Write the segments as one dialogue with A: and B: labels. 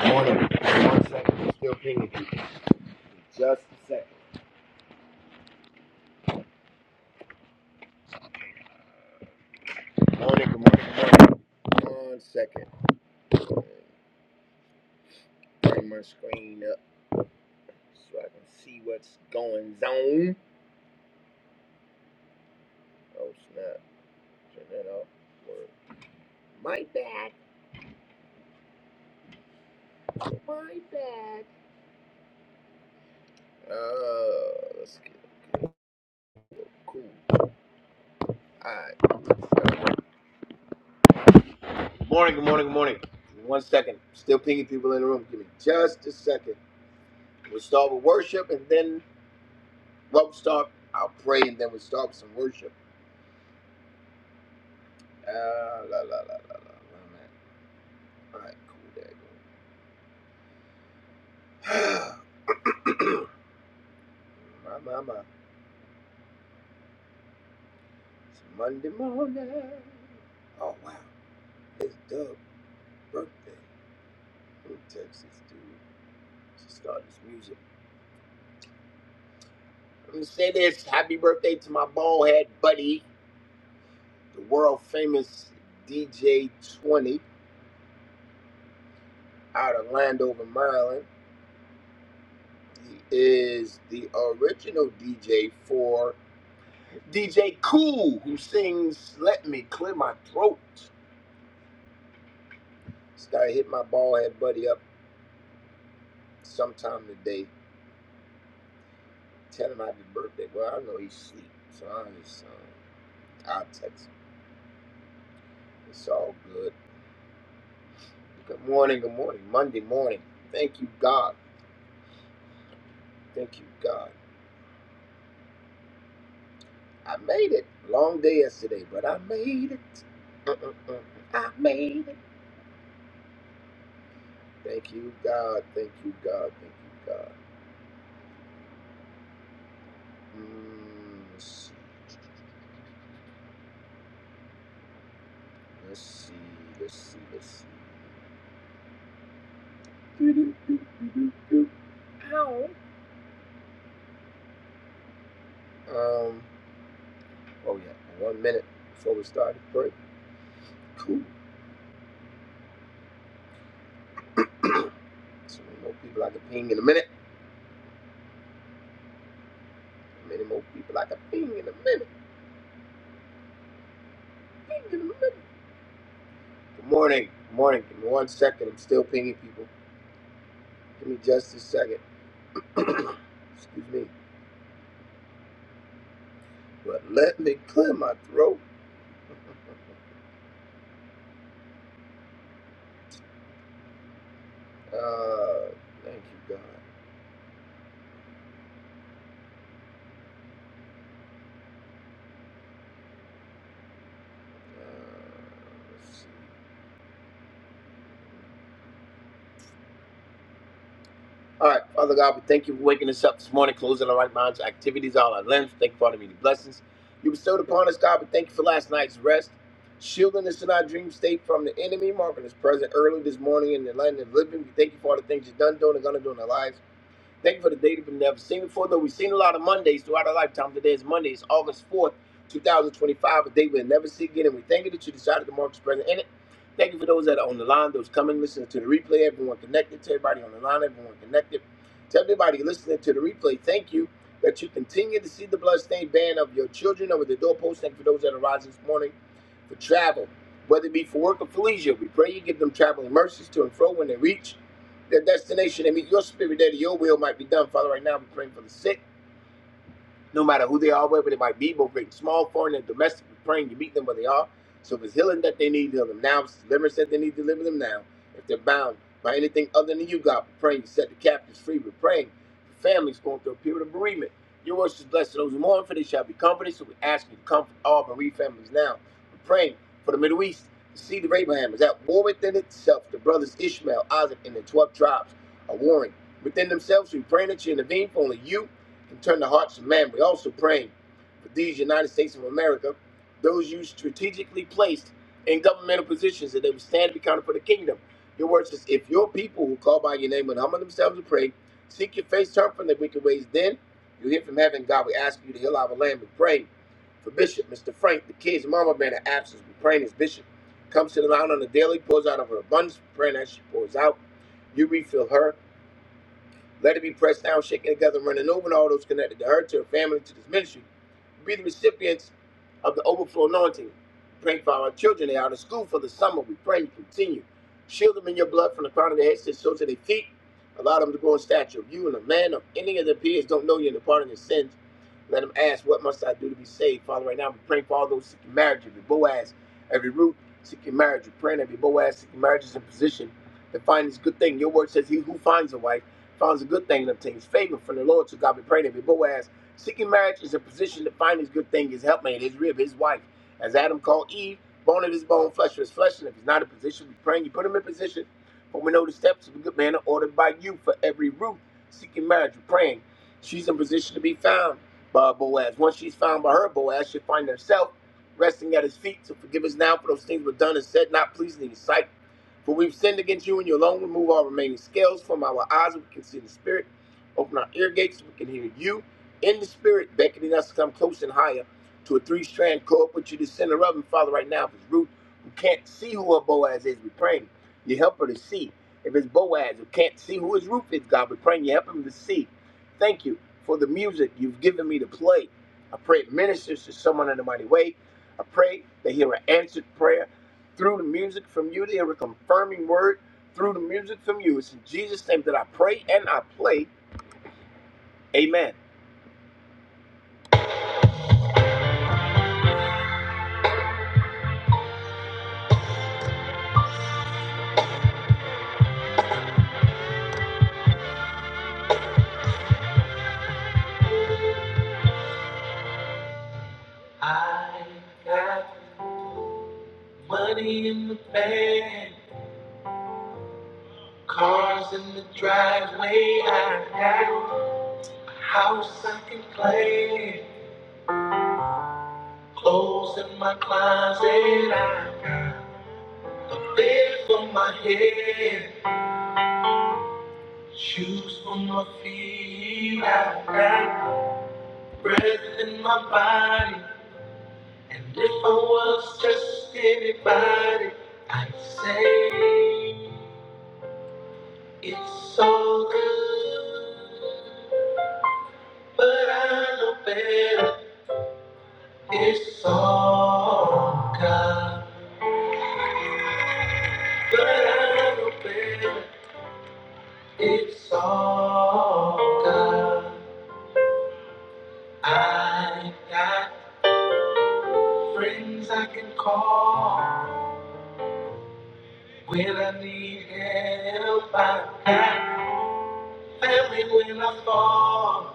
A: Good morning. One second. I'm still pinging people. Just a second. Morning. Good morning. Good morning. One second. Bring my screen up so I can see what's going on. Oh snap! Turn that off. Word. My bad. My bad. Uh, let's get cool. All right. Good morning. Good morning. Good morning. Give me One second. Still pinging people in the room. Give me just a second. We'll start with worship and then we'll start. I'll pray and then we'll start with some worship. Uh, la, la, la, la, la. Where i All right, cool, there you go. my, my, my. It's Monday morning. Oh, wow. It's Doug's birthday. From Texas, dude. She started this music. Let me say this. Happy birthday to my ballhead buddy, the world famous DJ 20 out of Landover, Maryland. He is the original DJ for DJ Cool, who sings Let Me Clear My Throat. So I hit my ball head buddy up sometime today, tell him happy birthday. Well, I know he's asleep, so I just um, I'll text him. It's all good. Good morning, good morning. Monday morning. Thank you, God. Thank you, God. I made it. Long day yesterday, but I made it. Mm-mm-mm. I made it. Thank you, God. Thank you, God. Thank you, God. Mm, let's see. Let's see. Let's see. Let's see. Do, do, do, do, do, do. Ow. Um. Oh yeah, one minute before we start the break. Cool. So many more people I can ping in a minute. Many more people I can ping in a minute. Ping in a minute. Good morning. Good morning. Give me one second. I'm still pinging people. Give me just a second. Excuse me. But let me clear my throat. Uh, thank you, God. Uh, let's see. All right, Father God, we thank you for waking us up this morning, closing our right minds, activities, all our limbs. Thank you for all the many blessings you bestowed upon us, God. We thank you for last night's rest, shielding us in our dream state from the enemy, marking us present early this morning in the land of living. We thank you for all the things you've done, doing, and going to do in our lives. Thank you for the day that we've never seen before, though we've seen a lot of Mondays throughout our lifetime. Today is Monday, it's August 4th, 2025, a day we'll never see again. And we thank you that you decided to mark this present in it. Thank you for those that are on the line, those coming, listening to the replay, everyone connected, to everybody on the line, everyone connected. To everybody listening to the replay, thank you that you continue to see the bloodstained band of your children over the doorpost. Thank you for those that are rising this morning for travel, whether it be for work or for leisure. We pray you give them traveling mercies to and fro when they reach their destination. They meet your spirit there. that Your will might be done, Father. Right now, we're praying for the sick no matter who they are, wherever they might be, both great small, foreign and domestic. We're praying you meet them where they are. So if it's healing that they need, heal them now. If it's deliverance that they need, deliver them now. If they're bound by anything other than you, God, we're praying you set the captives free. We're praying for families going through a period of bereavement. Your words is blessed to those who mourn, for they shall be comforted. So we ask you to comfort all bereaved families now. We're praying for the Middle East. The seed of Abraham is at war within itself. The brothers Ishmael, Isaac, and the 12 tribes are warring within themselves. So We pray that you intervene for only you and turn the hearts of man. We also pray for these United States of America, those you strategically placed in governmental positions, that they would stand and be counted for the kingdom. Your word says, if your people who call by your name would humble themselves and pray, seek your face, turn from their wicked ways, then you hear from heaven. God, we ask you to heal our land. We pray for Bishop, Mr. Frank, the kids, Mama Man, the absence. We praying as Bishop comes to the line on the daily, pours out of her abundance. We praying as she pours out. You refill her. Let it be pressed down, shaken together, and running over, and all those connected to her, to her family, to this ministry. Be the recipients of the overflow anointing. Praying for our children. They are out of school for the summer. We pray you continue. Shield them in your blood from the crown of their heads to the soles of their feet. Allow them to grow in stature of you and the man of any of their peers don't know you and the pardon of their sins. Let them ask, What must I do to be saved? Father, right now we praying for all those seeking marriage, every Boaz, every Ruth seeking marriage. We're praying every Boaz seeking marriage is in position to find this good thing. Your word says, He who finds a wife finds a good thing and obtains favor from the Lord. So God be praying him. But Boaz, seeking marriage is a position to find his good thing, his helpmate, his rib, his wife. As Adam called Eve, bone of his bone, flesh of his flesh. And if he's not in position, be praying you put him in position. For we know the steps of a good man are ordered by you for every root. Seeking marriage, we're praying. She's in position to be found by Boaz. Once she's found by her, Boaz should find herself resting at his feet. So forgive us now for those things we've done and said, not pleasing in his sight for we've sinned against you, and you alone remove all remaining scales from our eyes. We can see the spirit. Open our ear gates. so We can hear you in the spirit, beckoning us to come close and higher to a three strand cord. Put you the center of him, Father, right now. If it's Ruth, who can't see who her Boaz is, we are praying You help her to see. If it's Boaz, who can't see who his Ruth is, God, we are praying You help him to see. Thank you for the music you've given me to play. I pray it ministers to someone in a mighty way. I pray they hear an answered prayer through the music from you. They have a confirming word through the music from you. It's in Jesus' name that I pray and I play. Amen. I got money in the bank, cars in the driveway. I got a house I can play, clothes in my closet. I got a bed for my head, shoes for my feet. I got breath in my body. And if I was just anybody, I'd say it's all good. But I know better, it's all God. But I know better, it's all God. I got friends I can call when I need help. I got family when I fall.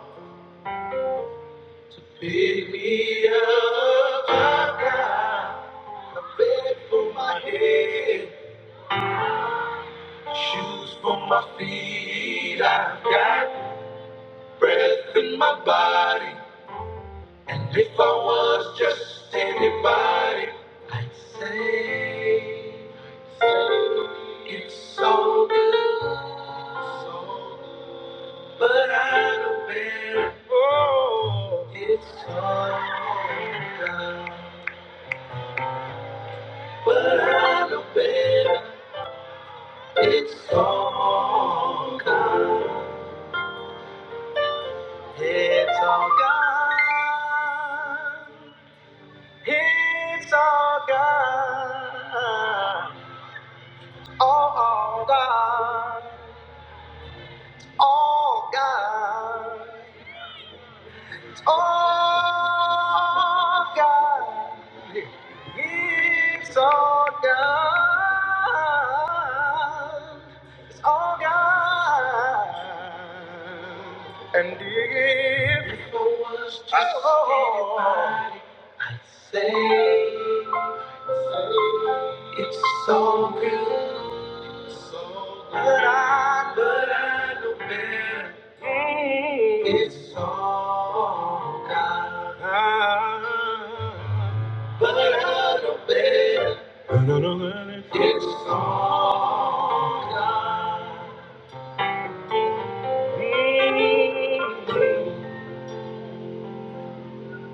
A: Pick me up, I've got a bed for my head, shoes for my feet. I've got breath in my body, and if I was just anybody, I'd say it's so good, but I know better. Oh, it's so good. But I know better. It's all gone. It's all gone. It's all gone. All gone. All gone. All gone. It's all gone. Oh God, and if it was just I- anybody, I'd say I'd say it's so good, so good. But I, but I know better. Mm. It's all God, Ah. but I know better. It's all God.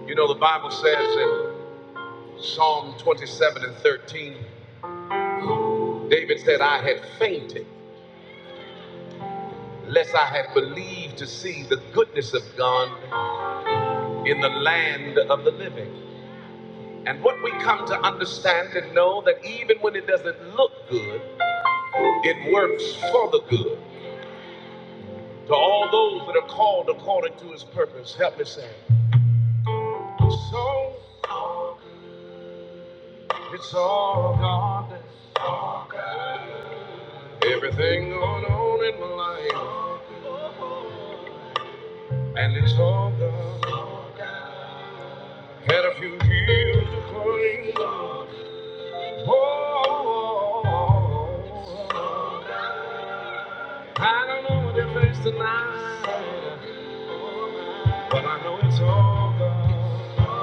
A: You know, the Bible says in Psalm 27 and 13, David said, I had fainted, lest I had believed to see the goodness of God in the land of the living. And what we come to understand and know that even when it doesn't look good, it works for the good. To all those that are called according to his purpose, help me say, So it's all God. It's all God. Everything going on in my life, and it's all gone. Had a few years to clean. Oh, oh, oh, oh. I don't know what they face tonight, but I know it's all gone.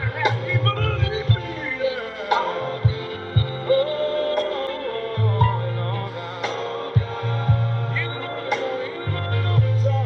A: I have People to leave me there. Oh, oh, oh, oh, oh. You know, you know. Yeah.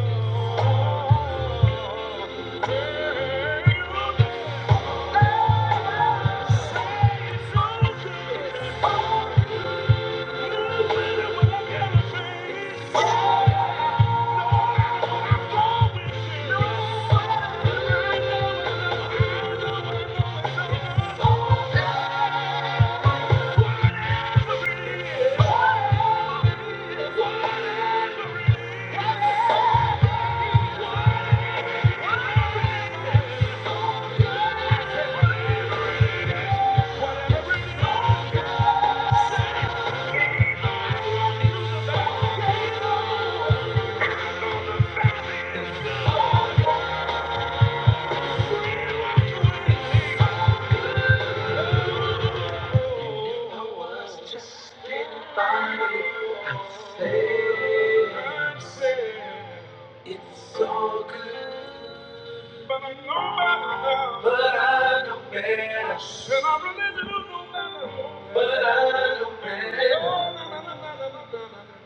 A: Whatever it is, say it through the barricade. Just getting by. I'm safe. It's so good. But I know better But I know better. And I really do know better. But I know better. Oh, na, na, na, na, na, na, na, na, na,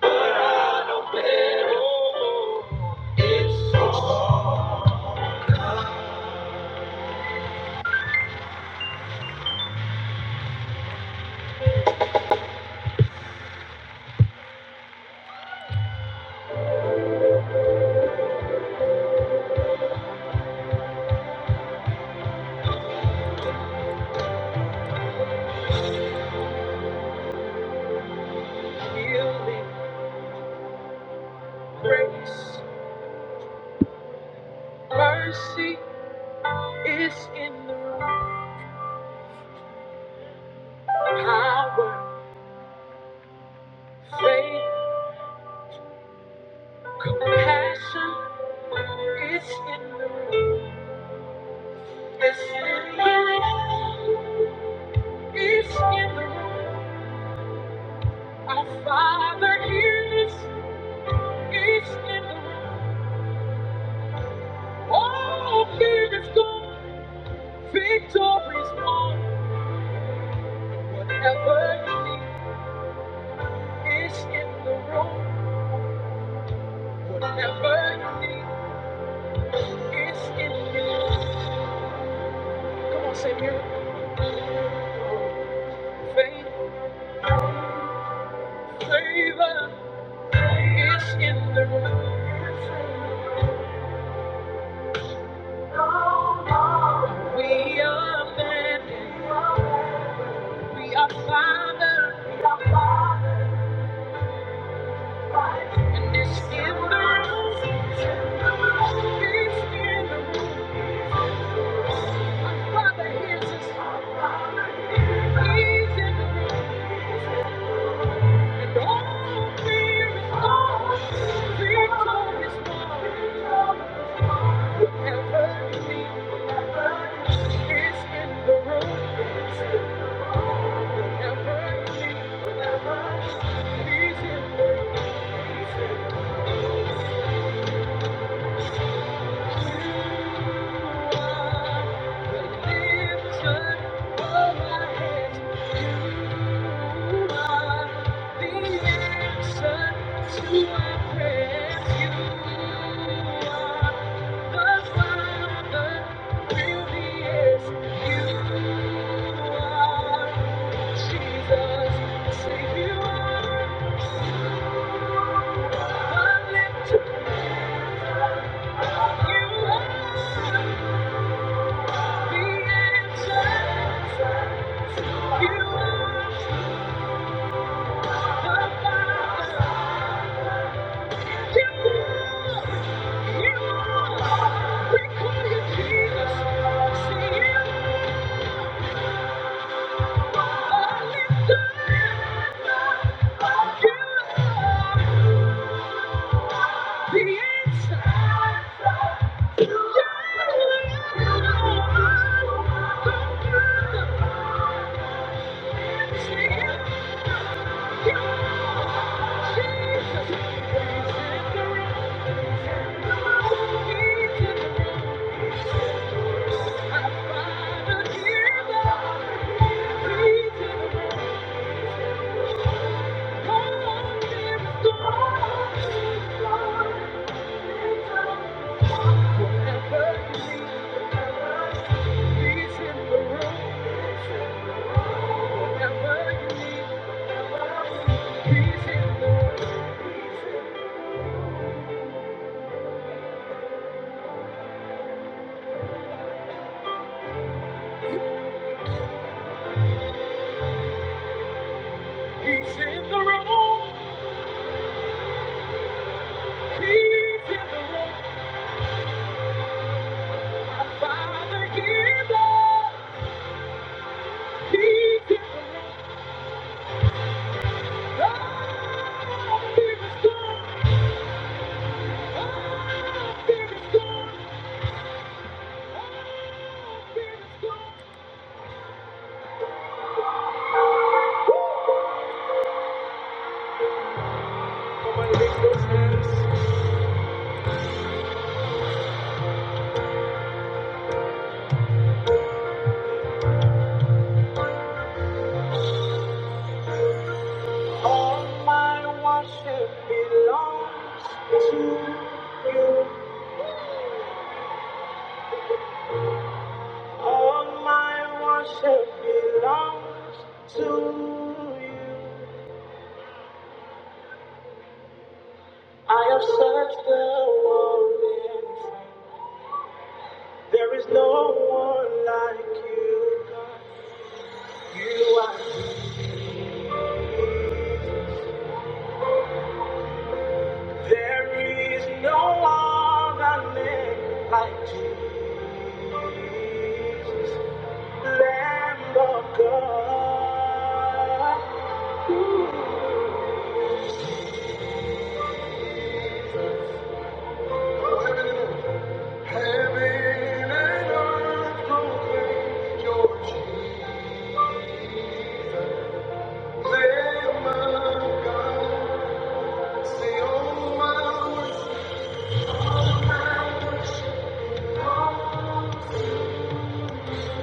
A: But I know better. Oh, it's all God's healing grace. Mercy is in the room. Power, faith, compassion. It's in the room. It's in the room. He's in the room. Our Father hears. He's in the room. All fear is gone. Victory's won. Whatever you need is in the room. Whatever you need is in the room. Come on, say miracle. Faith, favor is in the room. We are family. We are father. And it's in the room. It's in the room. Our father hears us. He's in the room. Thank you. Jesus, you are. Yeah. Thank you. He's in the room. He's in the room. My father hears us. He's in the room. Oh, he's in the room. All my worship belongs to you. All my worship belongs to you. I have searched the world and there is no one like you. God. You are. There is no other name like you.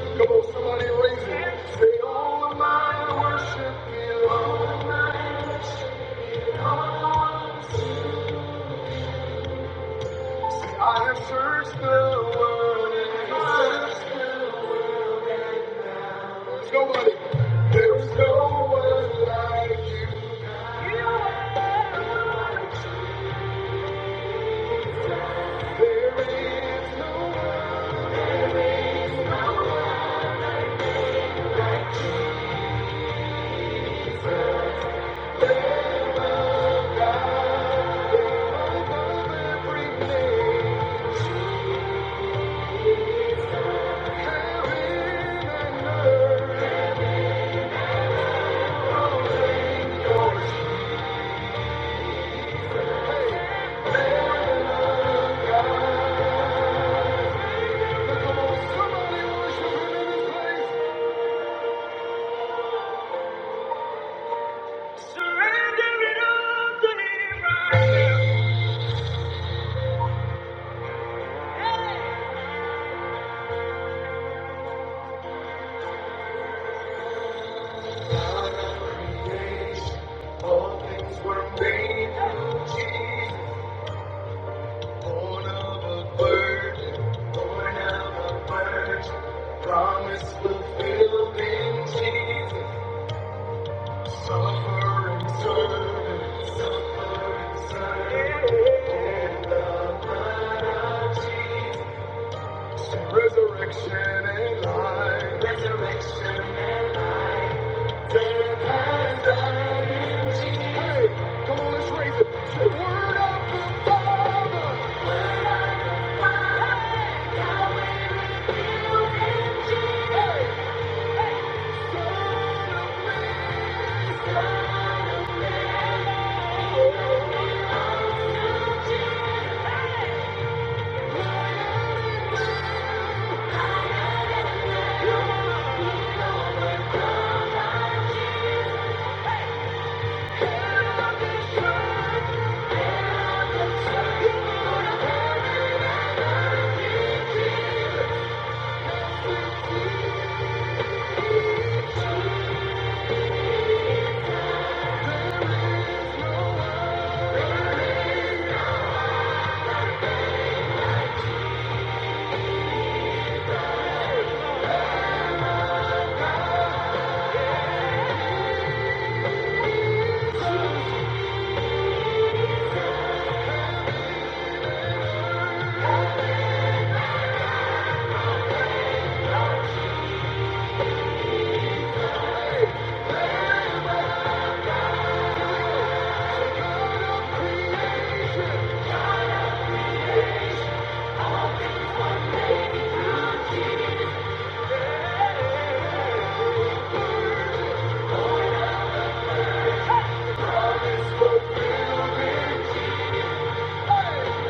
A: Come on, somebody raise it. Say, all my worship belongs. I have searched the world and I have searched the world and now there's nobody. There is no one like you. You are. the one. There is no one no one above God. Above everything, heaven and earth, only yours. Hey, there Promise fulfilled in Jesus, suffering servant, suffering servant. Hey, come on, let's raise Hey,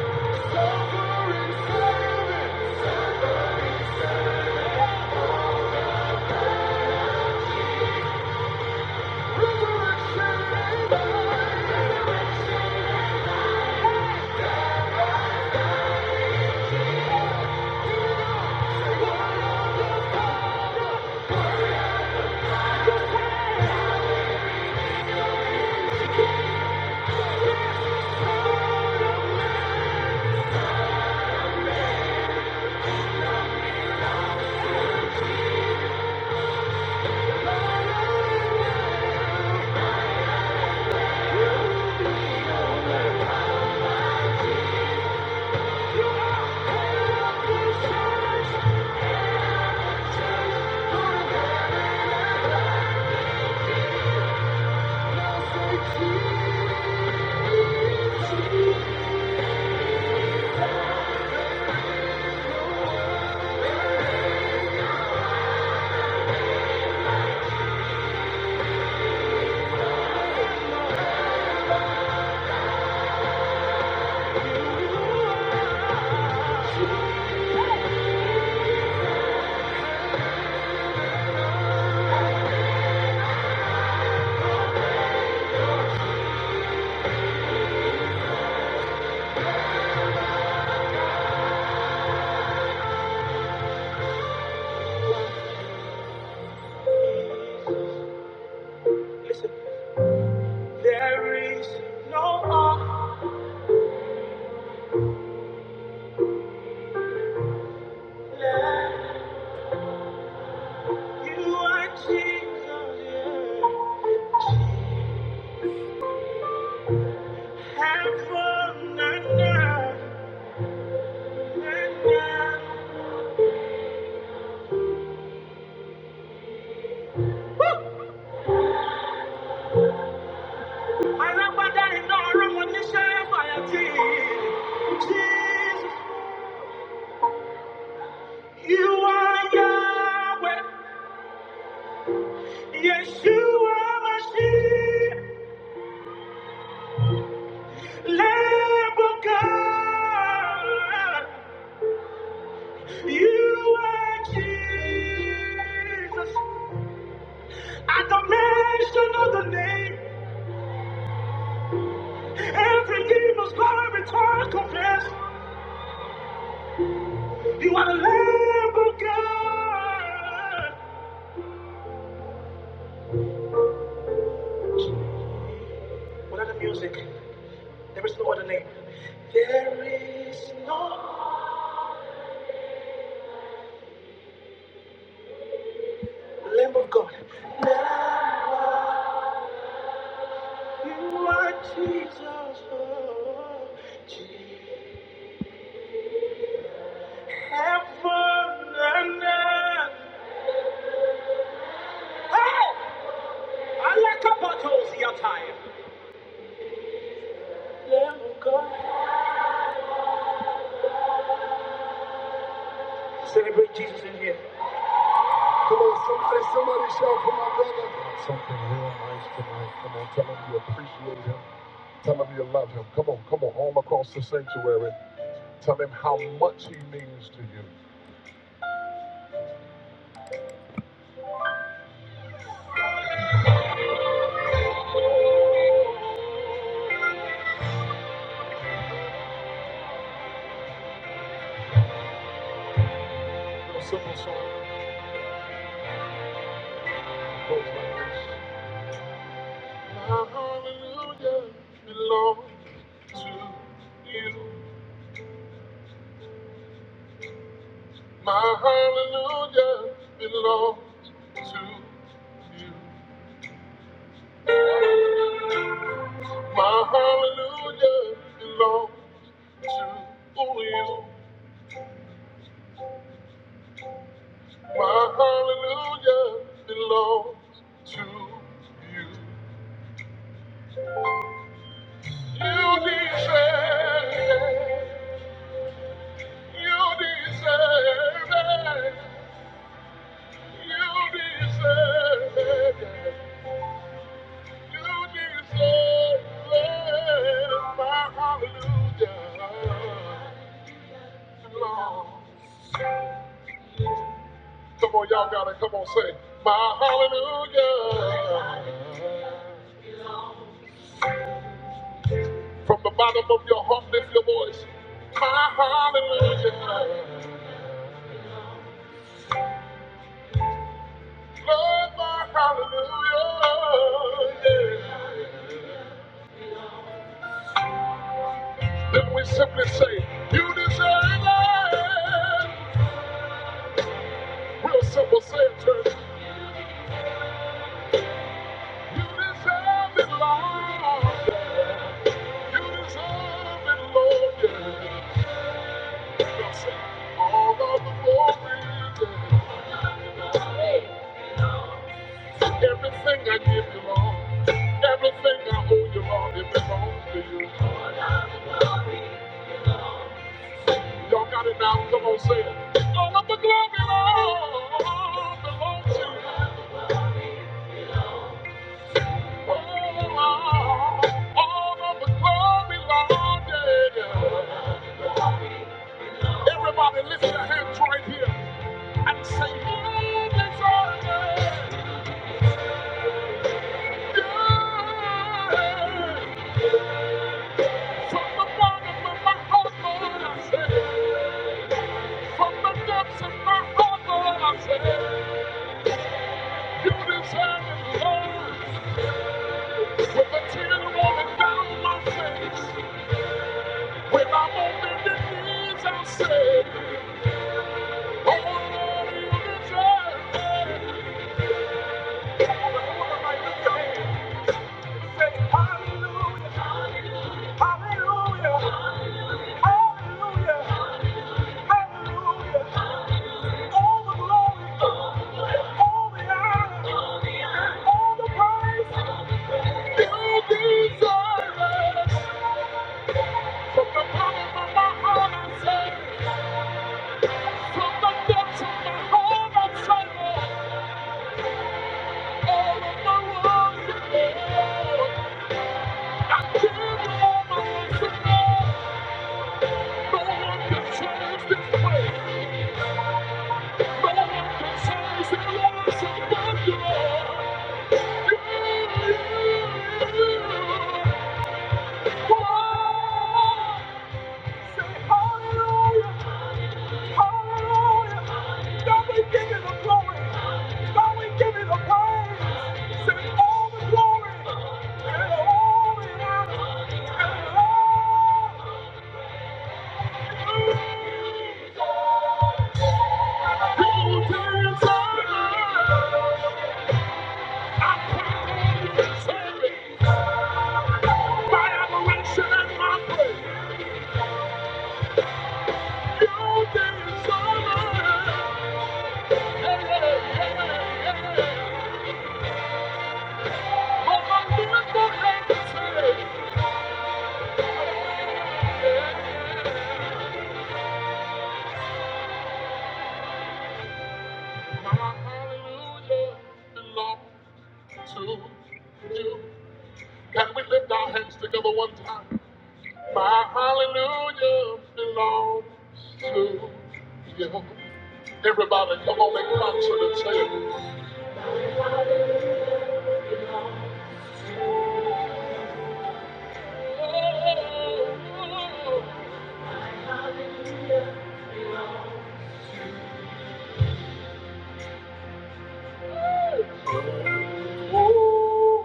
A: Listen, there is no other like you are Jesus. Heaven and earth and Alágbádá iná ọlọ́mọ níṣẹ́ fàyàtì. you are Yahweh. Yeshua Lamb of God. You are Jesus. At the mention of the name, every knee must bow, every tongue You are the Lamb of God. What are the music? There is no other name. There is no Lamb of God. Lamb You are Jesus. oh, Jesus. Heaven and earth. Hey! I like a battles your time. Lamb of God. Celebrate Jesus in here. Come on, somebody, somebody shout for my brother. Something real nice tonight. Come on, tell him you appreciate him. Tell him you love him. Come on, come on, all across the sanctuary. Tell him how much he means to you. We'll sing a song that goes like this. My hallelujah belongs to you. My hallelujah belongs to you. My hallelujah belongs to you. My hallelujah belongs to you. You deserve it. You deserve it. Come on, y'all gotta come on, say my hallelujah. From the bottom of your heart, lift your voice. My hallelujah. Lord, my hallelujah. Yeah. Then we simply say, You deserve it. Real simple, say it, church. You deserve it, Lord. You deserve it, Lord. Yeah. All of the glory. yeah. Everything I give you, Lord. Everything I owe you, Lord, it belongs to you. Y'all got it now. Come on, say it. All of the glory, Lord, belongs to you. Oh, Lord. All of the glory, Lord. Yeah. yeah. Everybody lift your hands right here. and say, "Lord, it's all From the bottom of my heart, Lord, I say, from the depths of my heart, Lord, I say, you deserve it all. With a tear rolling down my face, when I'm on bended knees, I say, Oh Lord, you deserve it. Come on, everybody, lift your hands. Say, Hallelujah, hallelujah, hallelujah. I Thank you. No one can change this way. No one can change the laws of God. You are. Say hallelujah, hallelujah. God, we give you the glory. God, we give you the praise. Say all the glory and all the honor and all Hallelujah Belongs to you. Can we lift our hands together one time? My hallelujah belongs to you. Everybody, come on in concert and say it. Oh,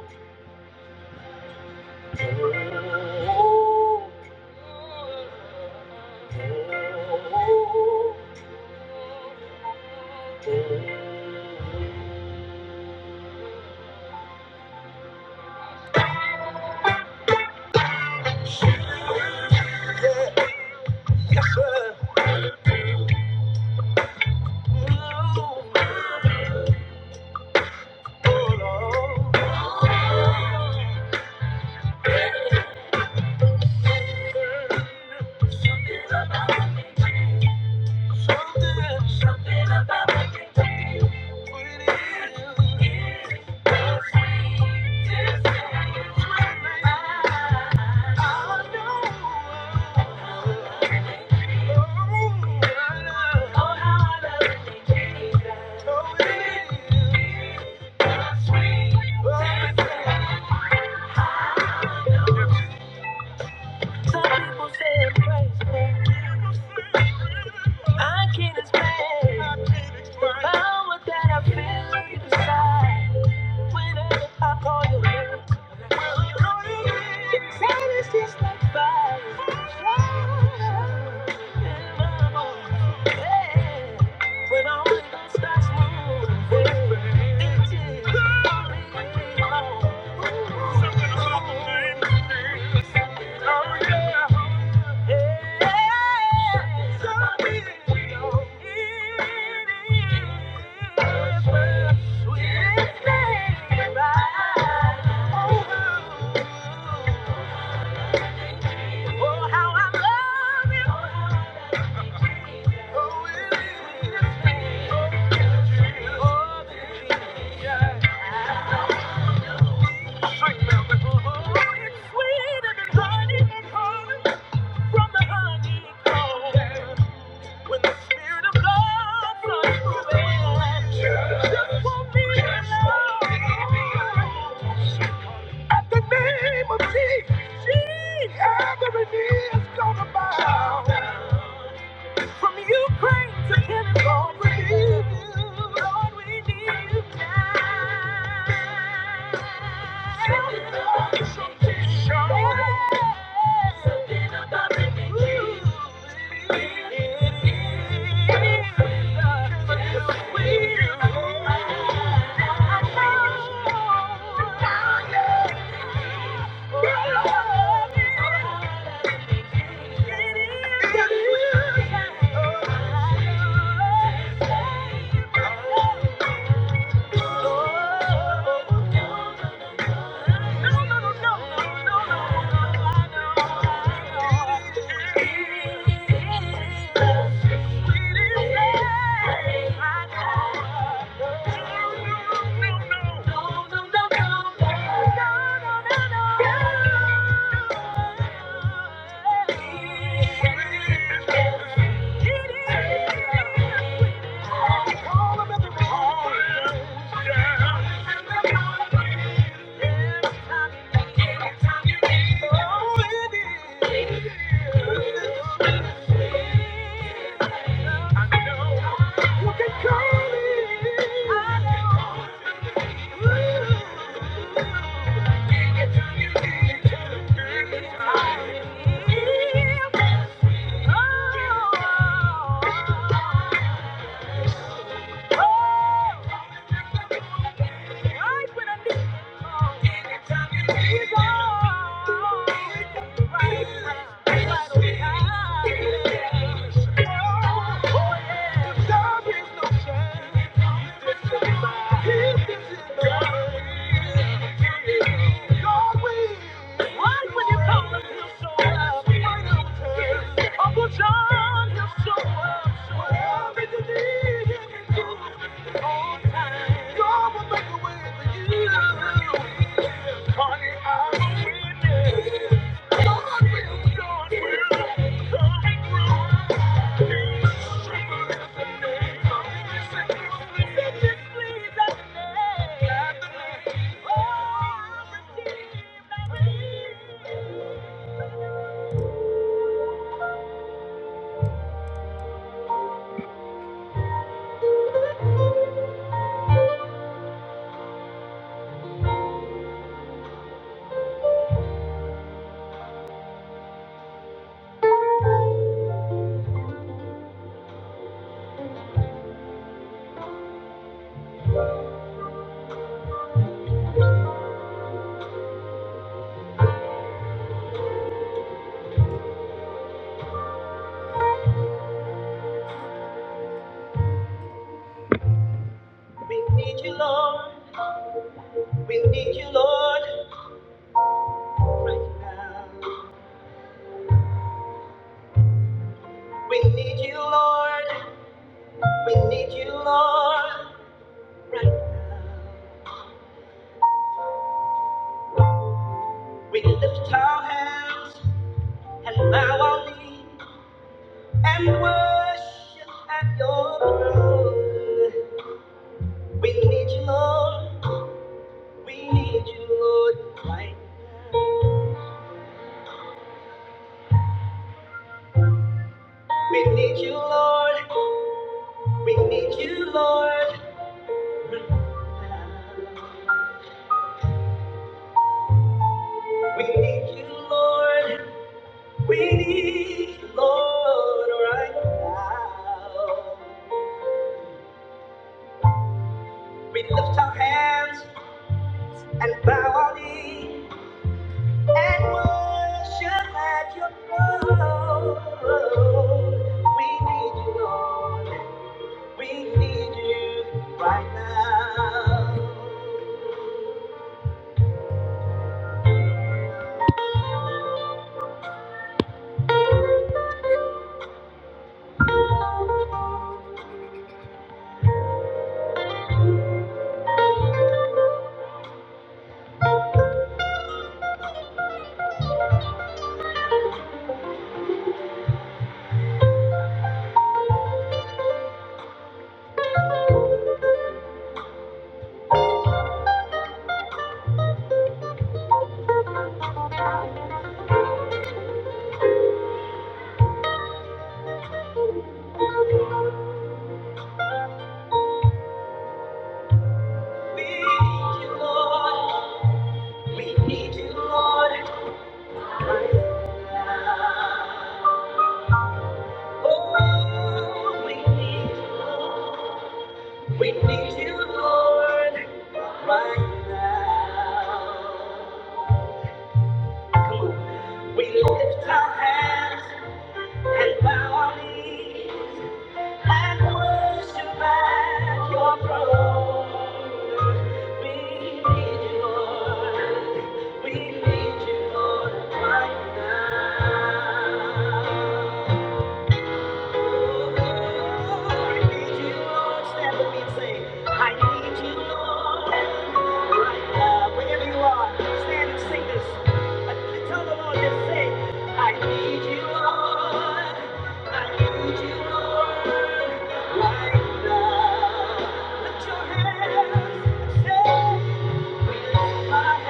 A: Some people say I'm crazy. I can't explain. power that I feel inside. Whenever I call your name, will you know it is? like fire. yeah. When all the starts moving, it is Oh, yeah. Yeah. So real. It is Oh, how I love you. It's sweeter than from the honey. When the spirit of God starts moving, just won't be alone. At the name of Jesus, every knee is gonna bow. From Ukraine to California, we need you. Lord, we need you now. Something, something something about the King. Thank you. No, no, no, no. I know. You can call me. I know. Oh, yeah. We need you, Lord. We need you, Lord, right now. We need you, Lord. We need you, Lord, right now. We lift our hands and bow our knee and worship at your throne. We need you, Lord. We need you, Lord, right now. We need you, Lord. We need you, Lord, right now. We need you, Lord. We need you, Lord, right now. We lift our hands and bow our knee and worship at your throne. We need you, Lord. We need you right now. Lord, we need you, Lord. Oh, we need you, Lord. We need you, Lord, right now. We lift our hands and bow our knees and worship at your throne. We need you, Lord. We need you, Lord, right now. Lift your hands, say I need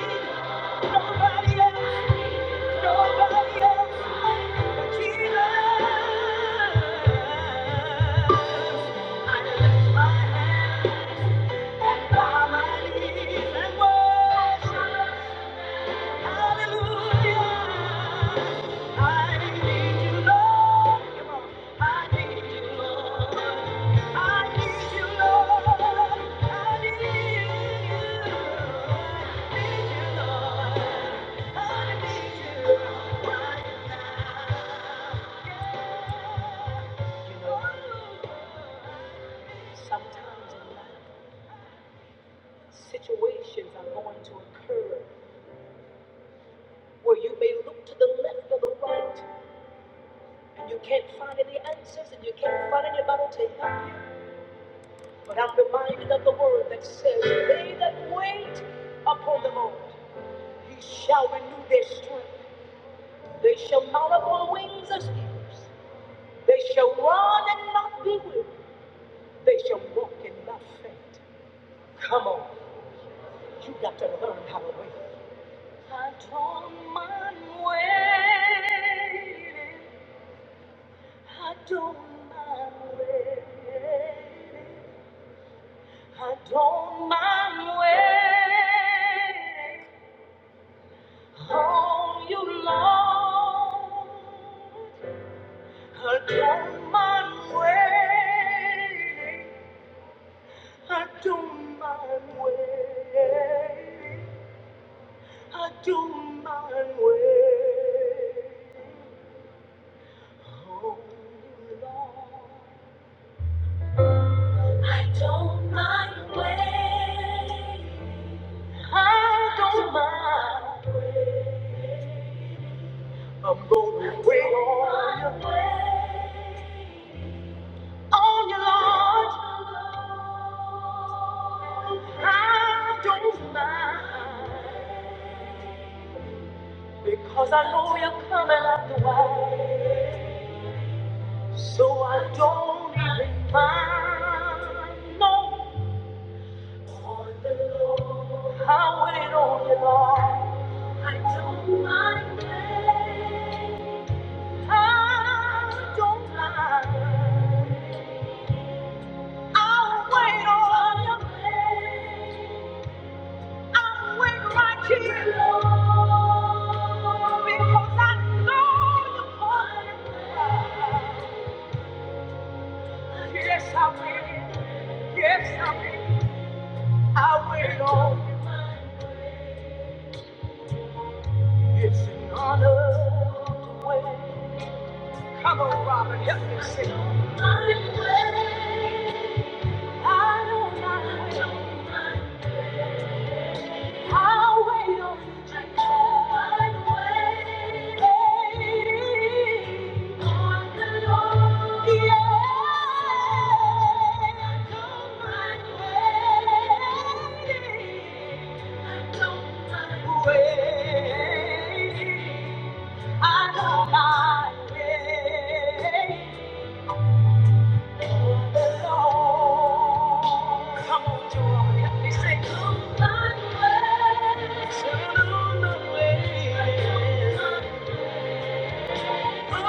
A: Oh! Nobody else, nobody else but Jesus. I lift my hands and bow my knees and worship. Sometimes in life, situations are going to occur where you may look to the left or the right and you can't find any answers and you can't find anybody to help you. But I'm reminded of the word that says, They that wait upon the Lord, he shall renew their strength. They shall mount up on wings as eagles. They shall run and not be weary. They shall walk and not faint. Come on, you got to learn how to wait. I don't mind waiting. I don't mind waiting. I don't mind waiting. I do my way. I do my way. Don't mind way. I don't mind way Wait on your way. on your Lord. I don't mind because I know you're coming after the way. So I don't even mind, no, how it all in all. I don't mind it. I don't mind. I'll wait on you. I'll wait right here, because I know you're the part. Yes, I will. Yes, I will. I wait on You, honor way. Come on, Robin, help me sing. My way, I don't mind. do i wait on the way. On the Lord. Yeah, don't mind waiting. I don't mind waiting. I know my way. Lord alone. Come on, Jerome, help me sing. I know my way. I know my way. Thank you.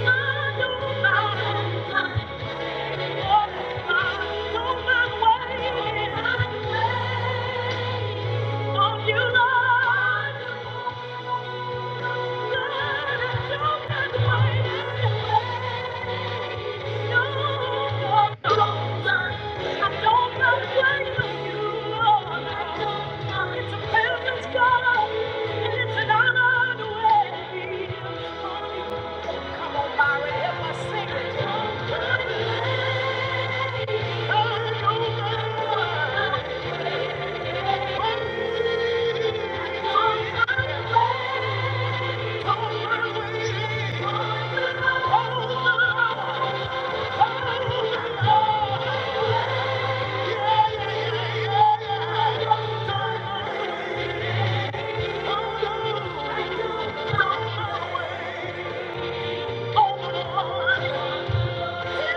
A: Come on, Byron, help us sing it. Oh, Thank you.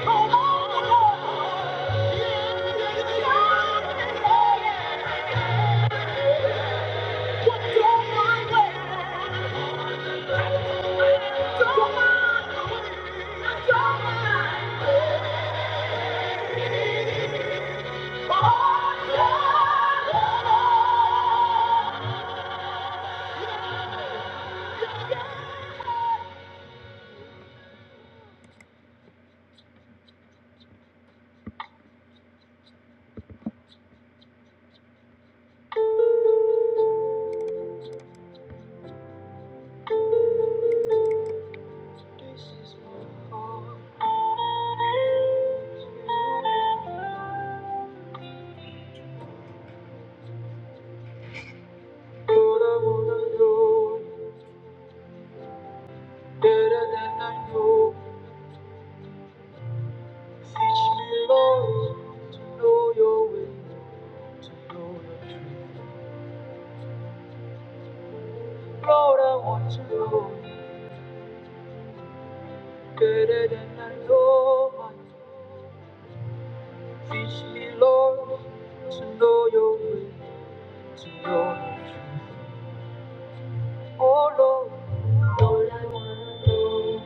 A: This is my heart, Lord, I wanna know you better I know. Teach me, Lord, to know your way, to know your truth. Lord, I want to know you better than I know myself. Teach me, Lord, to know your way, to know your truth. Oh, Lord, Lord, I want to know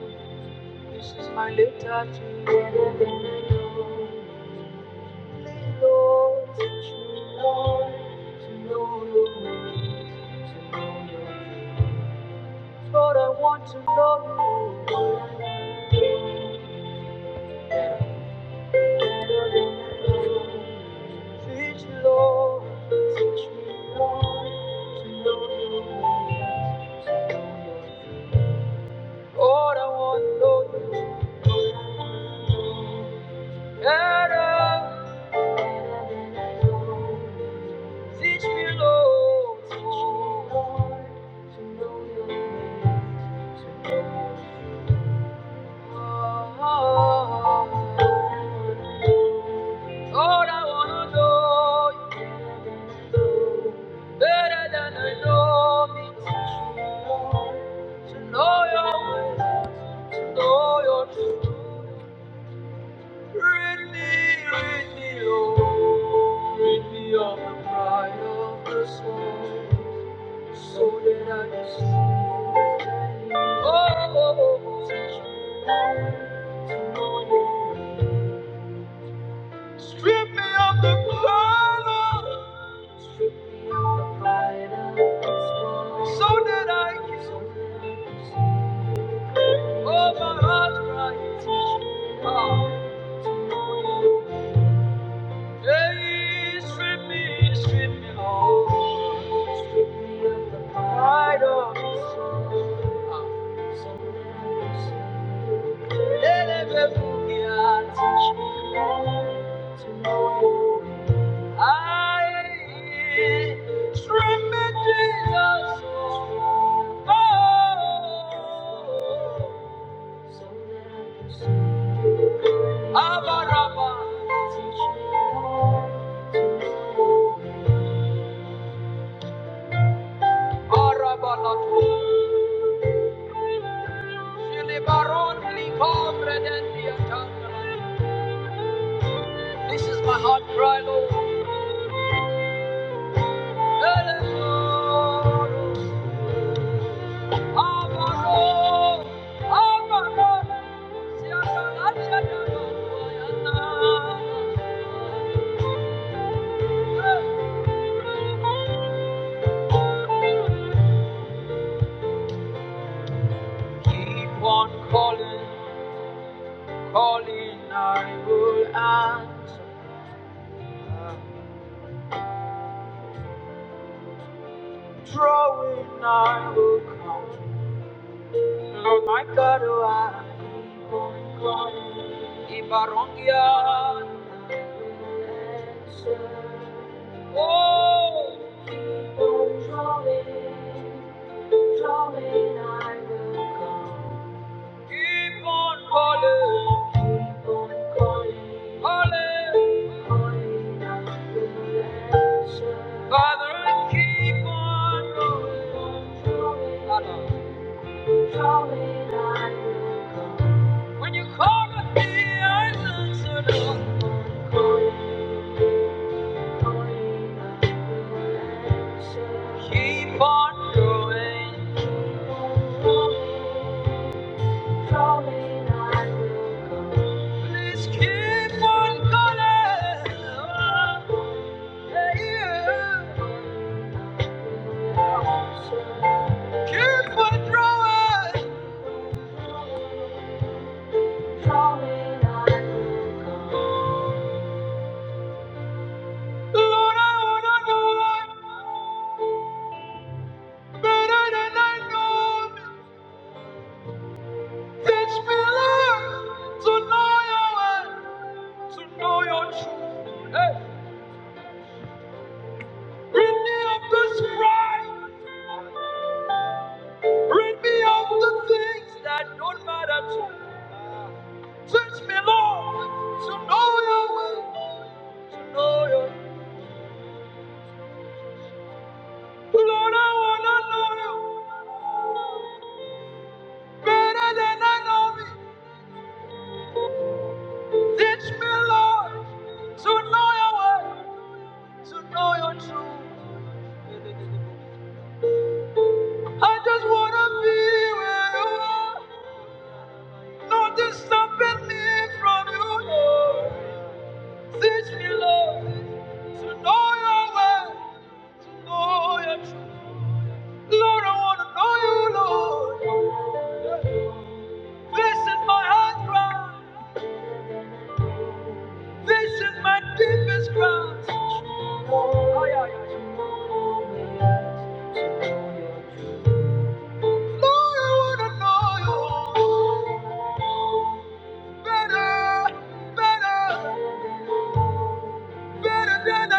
A: This is my letter to you better than I know. Please, Lord, teach me, Lord, to know your way, to know your truth. Lord, I want to know you. Lord, I want to know Teach Lord, I wanna know you better than I know me. To know your ways, to know your truth. Rid me, rid me, oh. Rid me of the pride of the soul. So that I can see. Oh, oh, oh, oh. Teach me to know you. So did I can. So Oh, my heart cries. Ah. Hey, strip me, strip me all. Strip me of the pride of this world. Ah. So that I can. Elebe me all. I remember Jesus. Oh, Abaraba, Arabalatu, Shilibaron, Likombre, Dendia, Tangala. This is my heart cry, Lord. Elevoro, Abaro, Abaro, Siakalatia, Yanana. Keep on calling, calling, I will answer. Drawing, I will come. Lord, my God, oh, I keep on calling. Ibarongia, answer. oh, keep on drawing, drawing, I will come. Keep on calling, calling, calling. Father, keep on rolling. I love you. When you call on me, I answer. Lord. Keep on going. Please keep on calling. Yeah. Keep on growing. Teach me love tonight. Rid me of this pride. Rid me of the things that don't matter to me. Lord, to know your will. to Know your Lord, I wanna know you better than I know me. Teach me, Lord, to know your way, to know your truth. I just wanna be where you are. Nothing stopping me from you. Lord. Teach me, love to know your way, to know your truth. Lord, I wanna know you, Lord. This is my heart cry. This is my deepest cry. Oh, yeah, yeah. Lord, I want to know you. Better than I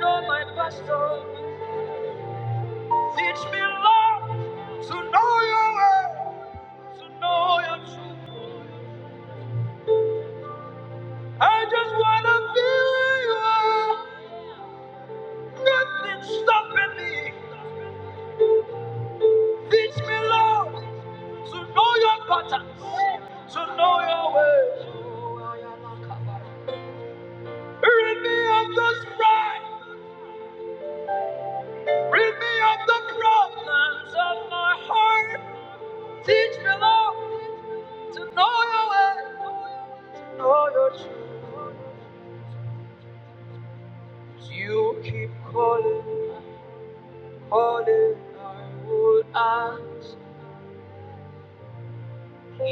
A: know my pastor. Teach me, Lord, to know your word, to know your truth. I just wanna feel you. Nothing stopping me. Teach me, Lord, to know your patterns, to know your ways. Rid me of the pride, rid me of the heart.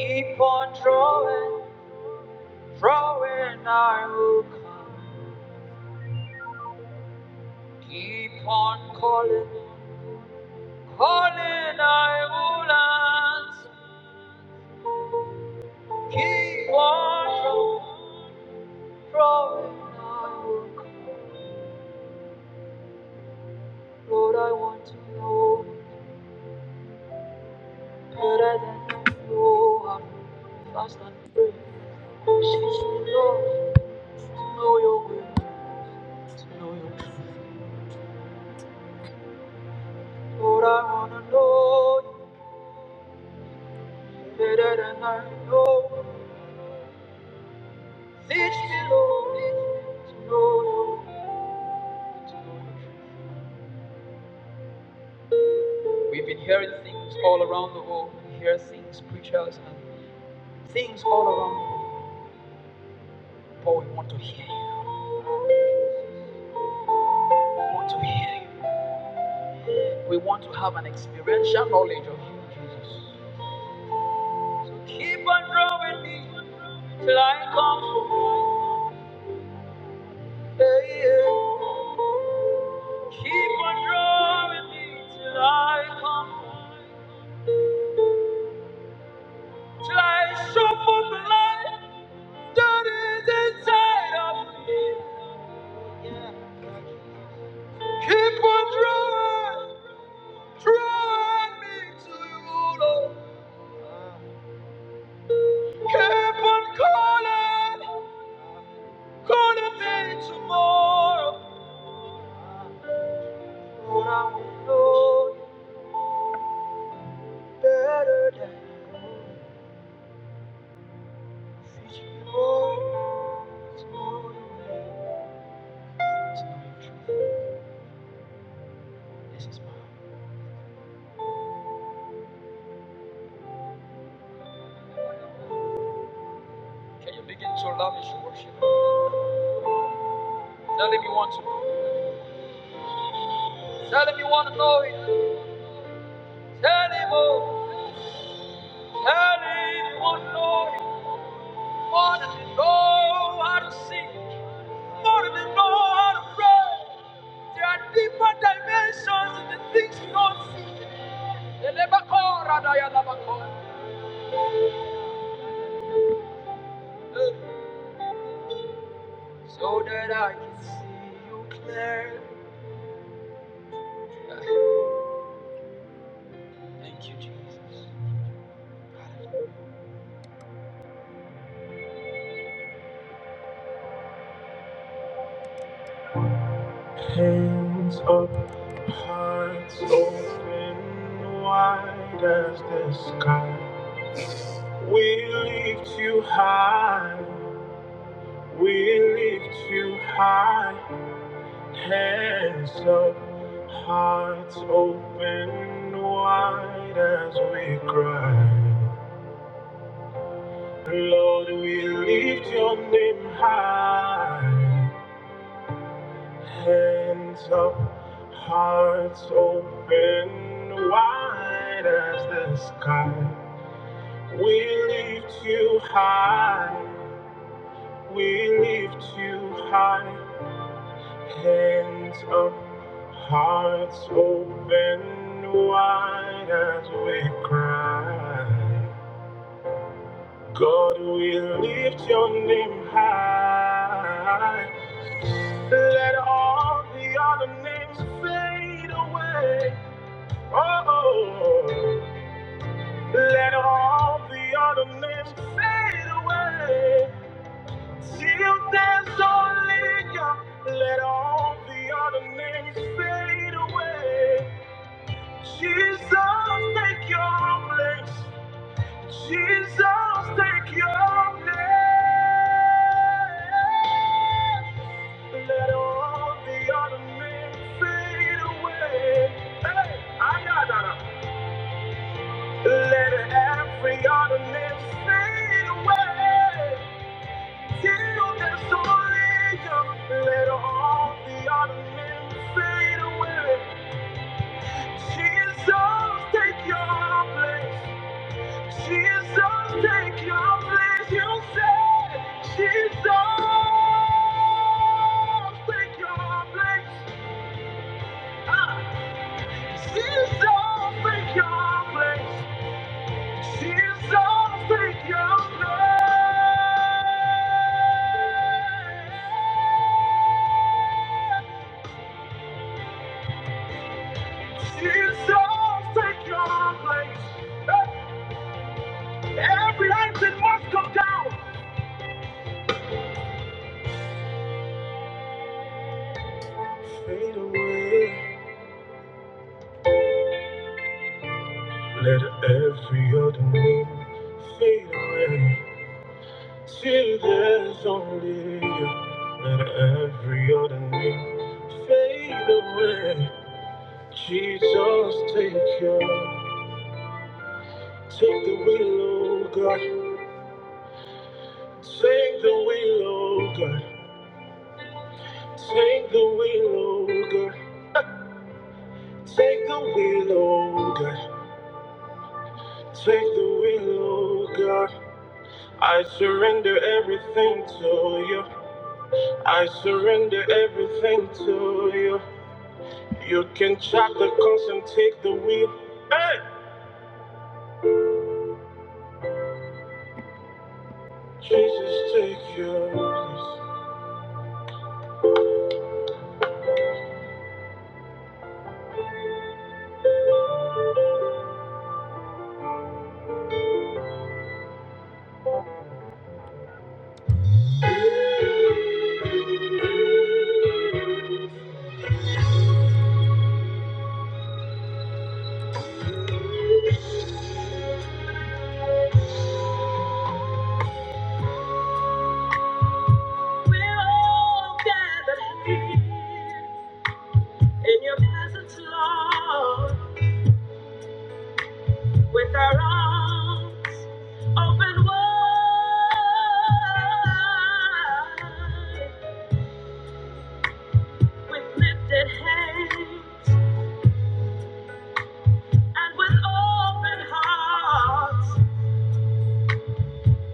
A: Keep on draw, drawing, I keep on calling, calling, I will answer. Keep on drawing, drawing, I will. come. Lord, I want to know. Better than I know how. Fast and free. Since you know, to know your will, to know your truth. Lord, I wanna know you better than I know. Teach me, Lord, teach me to know your will. to know your truth. We've been hearing things all around the world. We hear things, preachers, and things all around. But we want to hear you. We want to hear you. We want to have an experiential knowledge of you, Jesus. So Keep on drawing me till I come home. Hey, yeah. Keep on drawing me till I come home. Yeah, but I will know you that it's more, it's more than This is mine. Can you begin to love me to worship? Tell him you want to know. Tell him you want to know him. Tell him, oh, tell him you want to know him. More than you know how to sing, more than you know how to pray. There are deeper dimensions in the things you don't see. Eh, So that I can see you clear. Thank you, Jesus. Hands up, hearts open wide as the sky. We lift you high. We lift you high. Hands up, hearts open wide as we cry. Lord, we lift your name high. Hands up, hearts open wide as the sky. We lift you high, we lift you high. Hands up, hearts open wide as we cry. God, we lift your name high. Let all the other names fade away. Oh, let all the other names fade away. If there's only you, let all the other names fade away. Jesus, take your place. Jesus, take your place. Let all the other names fade away. Hey, I got that. Let every other name fade away. Quiero que soy ella, let all the other men fade away. Jesus, take your place. Jesus, take your place. You say, Jesus, take your place. Jesus, take your place. Ours, take your place. She Jesus, take your place. Every item must come down. Fade away. Let every other name fade away till there's only you. Let every other name fade away. Jesus, take your, take the wheel, oh God. Take the wheel, oh God. Take the wheel, oh God. Take the wheel, oh God. Take the wheel, oh God. I surrender everything to you. I surrender everything to you. You can chop the coast and take the wheel. Hey! Jesus, take yours. We're all gathered here in your presence, Lord, with our arms open wide, with lifted hands and with open hearts.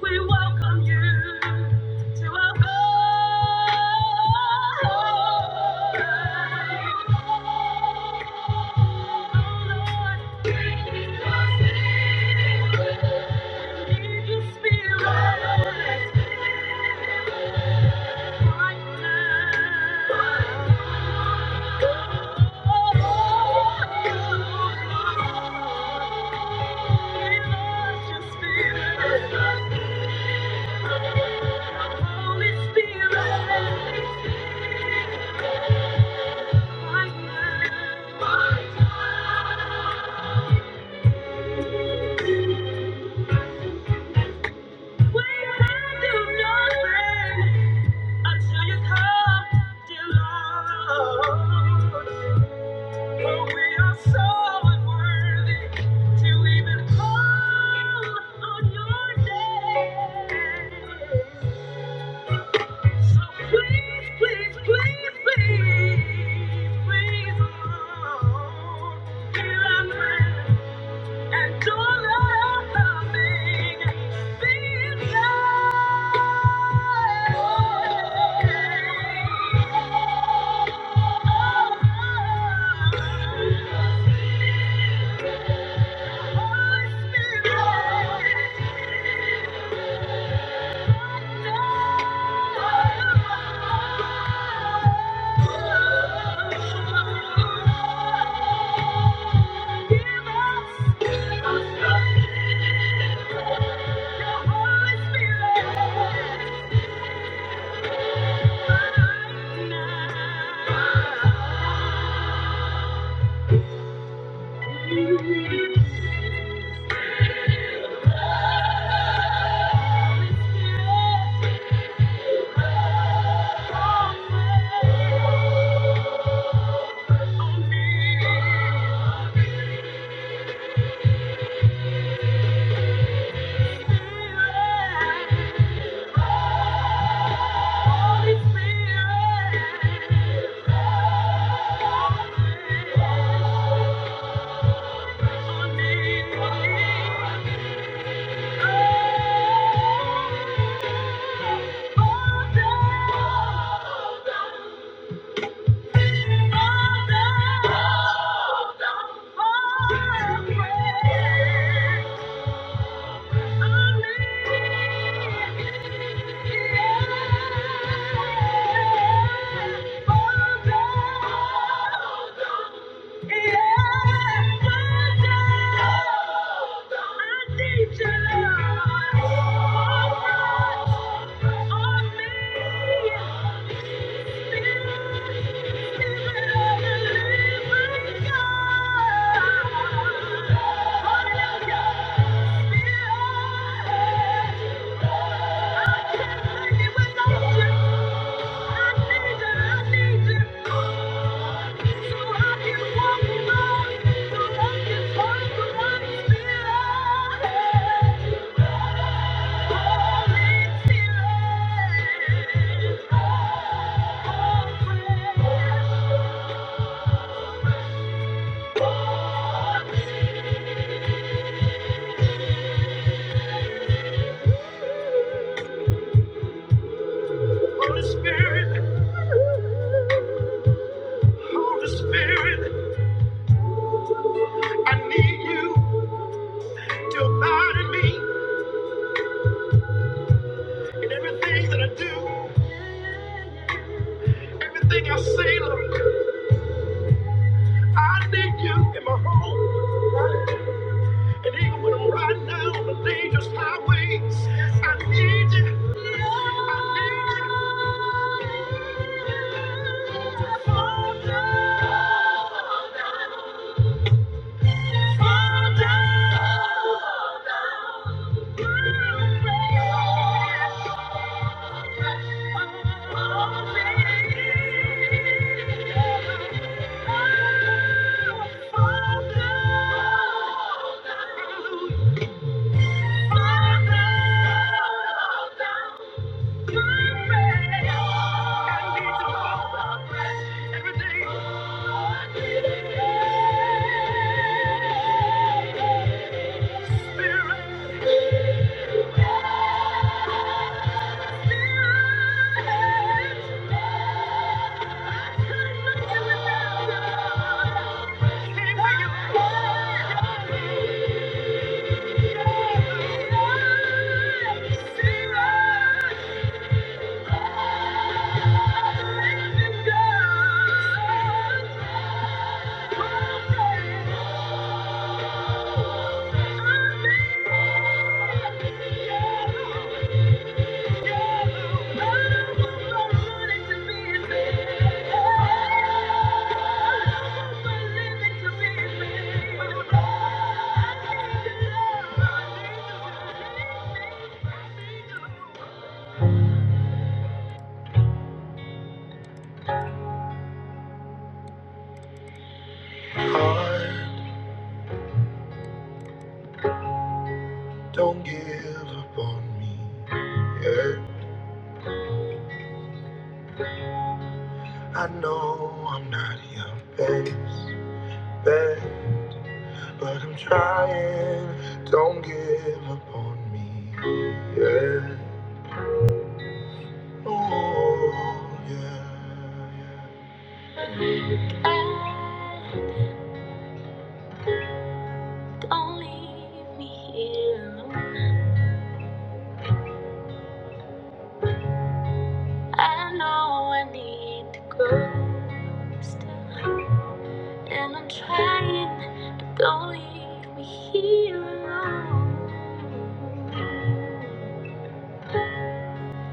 A: We welcome you to our Holy Spirit. Thank you. Thank you. Oh, Amen. Yeah. Everything I say, Lord, I do, and angels, I need you. I need you. Down. Spirit. Don't leave me here alone. I know I need to grow still. And I'm trying, but don't leave me here alone.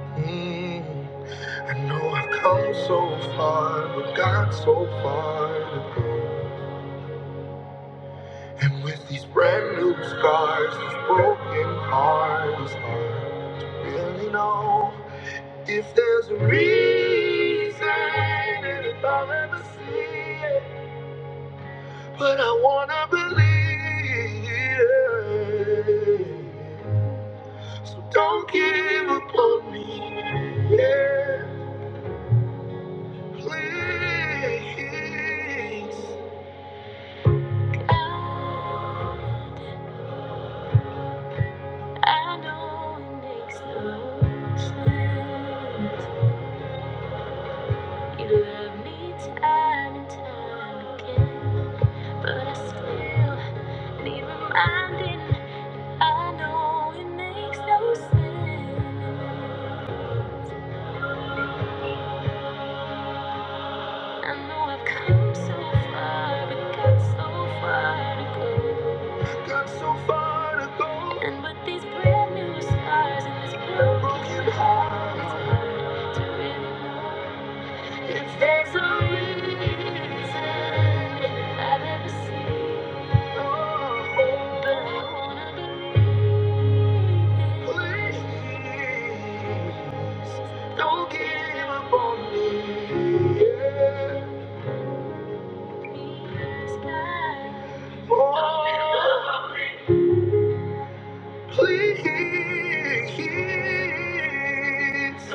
A: Mm, I know I've come so far, but got so far to go. And with these brand new scars, this broken heart is hard to really know if there's a reason. So don't give up on me, yeah, please. I I know it makes no sense. You love me time and time again, but I still need reminding. I know it makes no sense. I know I've come so far, but got so far to go. And with these brand new scars and this broken heart, it's hard to really know if there's a reason I've ever seen. Oh, but I wanna believe it. Please, don't give up on me. yeah. Sky. Oh, please.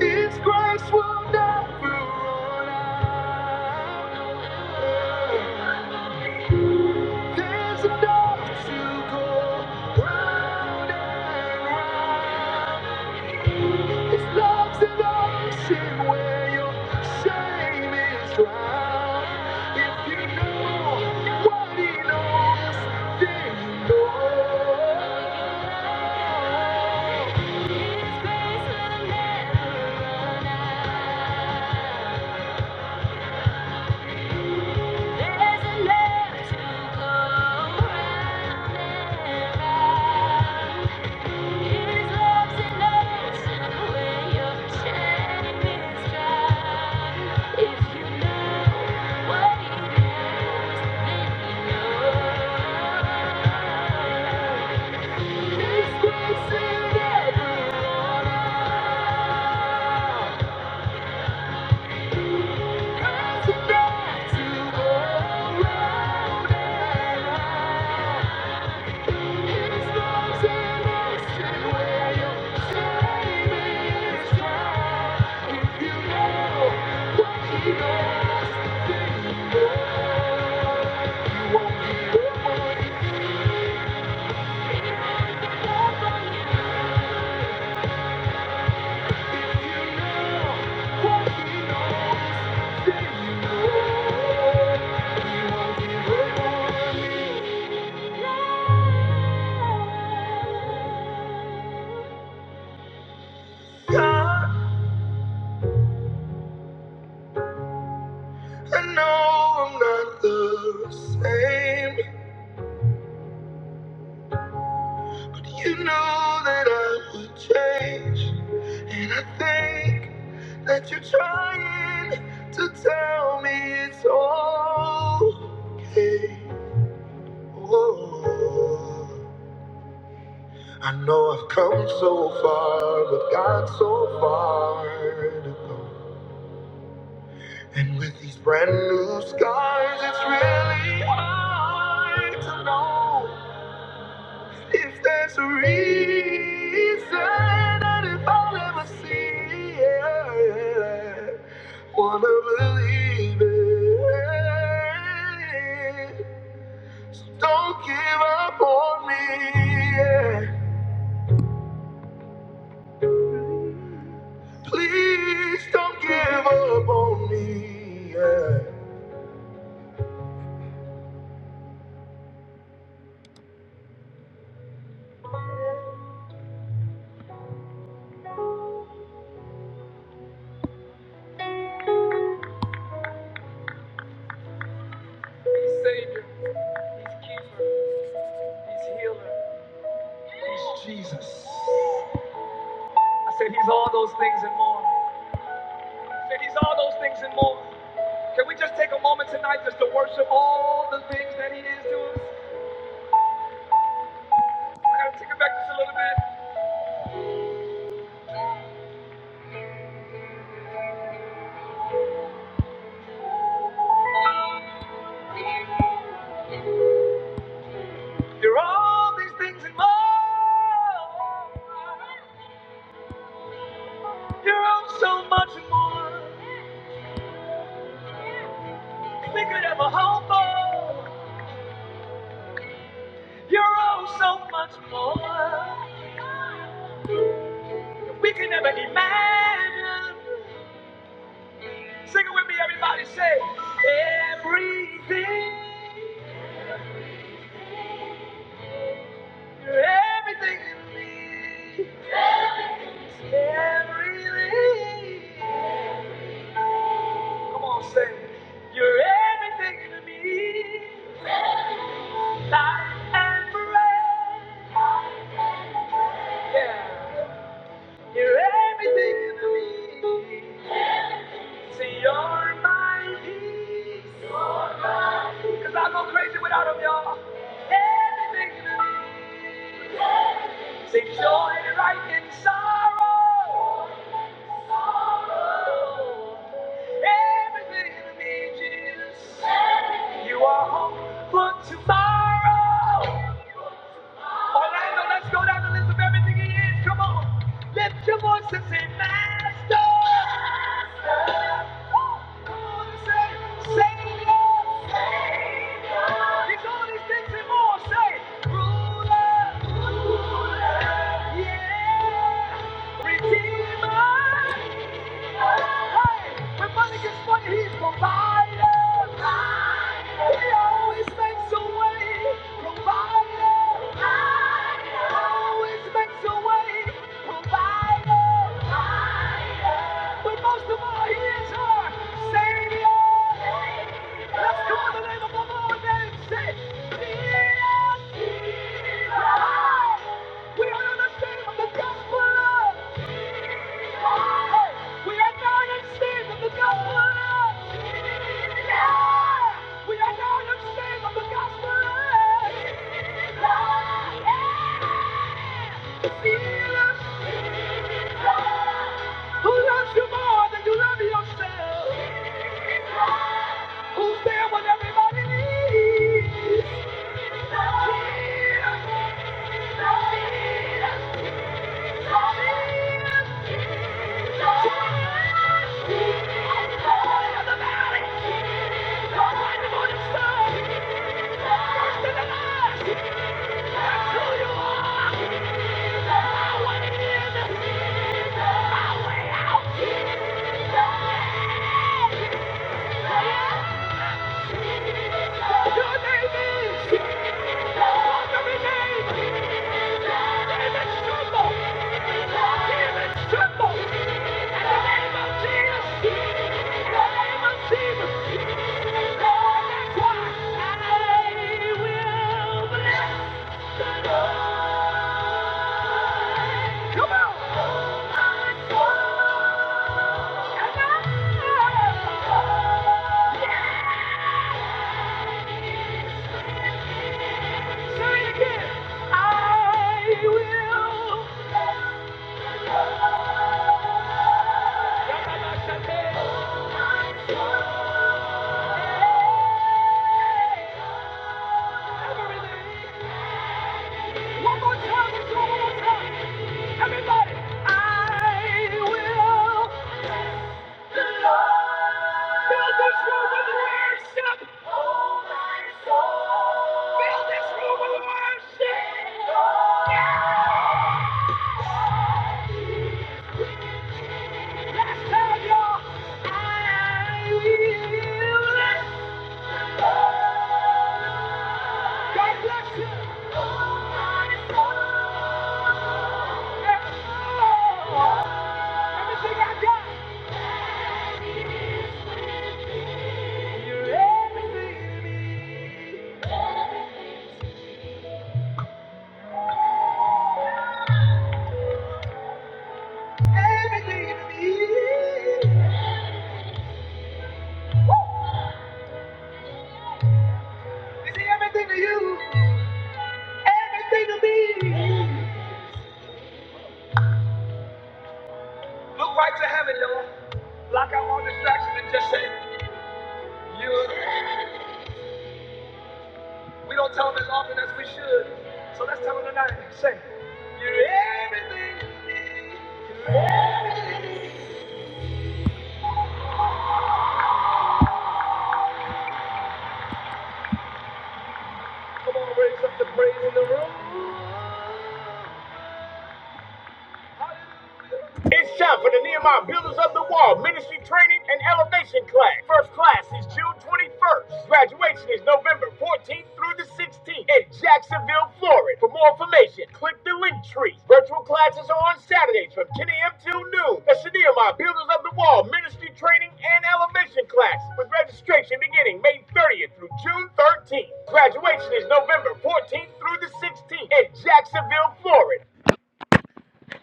A: His grace will never run out. There's enough to go round and round. His love's an ocean where your shame is drowned. If you know what he knows, then you know. His grace will never run out. There's enough to go round and round. His love's an ocean where your shame is drowned. If you know what he knows, then you know. His grace will never run out. I know I'm not the same, but you know that I would change. And I think that you're trying to tell me it's okay. Ooh, I know I've come so far, but got so far to go. And with these brand new scars, it's really hard to know if there's a reason and if I'll ever see it. Wanna believe it. So Don't give up on me. yeah. Please don't give up on me. Yeah. He's all those things. He's all those things and more. Can we just take a moment tonight just to worship all the things that he is to us? I gotta take it back just a little bit. You're all these things and more. You're all so much more. We could ever hope for. You're all so much more. We can never imagine. Sing it with me, everybody. Say, everything, you're everything in me. Everything. Come on, say, you're everything in me. Life and breath. Yeah. You're everything in me. See, you're my peace. You're my peace. Cause I go crazy without him, y'all. Everything in me. Sing joy right in sorrow. Everything in me, Jesus. You are hope for tomorrow. Orlando, let's go down the list of everything he is. Come on. Lift your voice and say, Master. Master. Woo! Come on and say, Savior. Savior. He's all these things and more. Say, Ruler. Ruler. Yeah. Redeemer. Hey, when money gets funny, he's provider. He always makes a way. Provider. Always makes a way. Provider. But most of all, he is our Savior. Let's call the name of the Lord and say, Jesus. We are on the stage of the gospel. We are not ashamed of the gospel. We are not ashamed of the gospel. Jesus, who loves you more than you love yourself, who's there when everybody needs. Your name is. Yeah! I will. One more time, let's do it one more time. Everybody, I will. The Lord. this room with worship. Oh, my soul. Fill this room with worship. Yeah.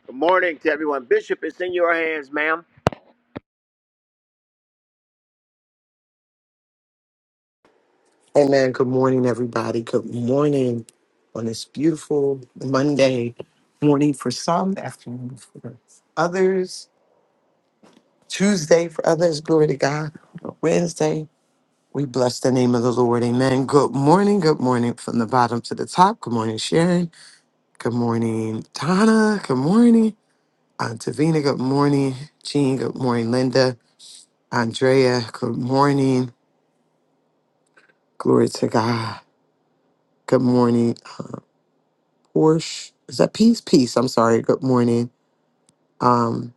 A: Good morning to everyone. Bishop, it's in your hands, ma'am.
B: Amen. Good morning, everybody. Good morning on this beautiful Monday morning for some, afternoon for others, Tuesday for others. Glory to God. Wednesday, we bless the name of the Lord. Amen. Good morning. Good morning from the bottom to the top. Good morning, Sharon. Good morning, Donna. Good morning, Aunt Tavina. Good morning, Jean. Good morning, Linda. Andrea. Good morning. Glory to God. Good morning. Porsche. Is that peace? Peace. I'm sorry. Good morning. Um,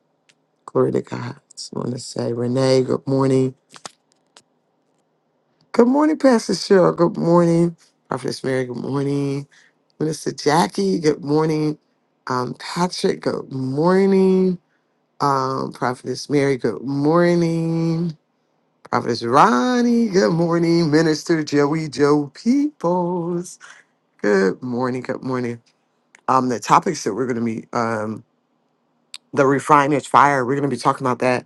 B: glory to God. Just want to say, Renee, good morning. Good morning, Pastor Cheryl. Good morning. Prophetess Mary, good morning. Minister Jackie, good morning. Um, Patrick, good morning. Um, Prophetess Mary, good morning. Prophetess Ronnie, good morning. Minister Joey Joe Peoples, good morning. Good morning. Um, the topics that we're going to be um, the refiner's fire. We're going to be talking about that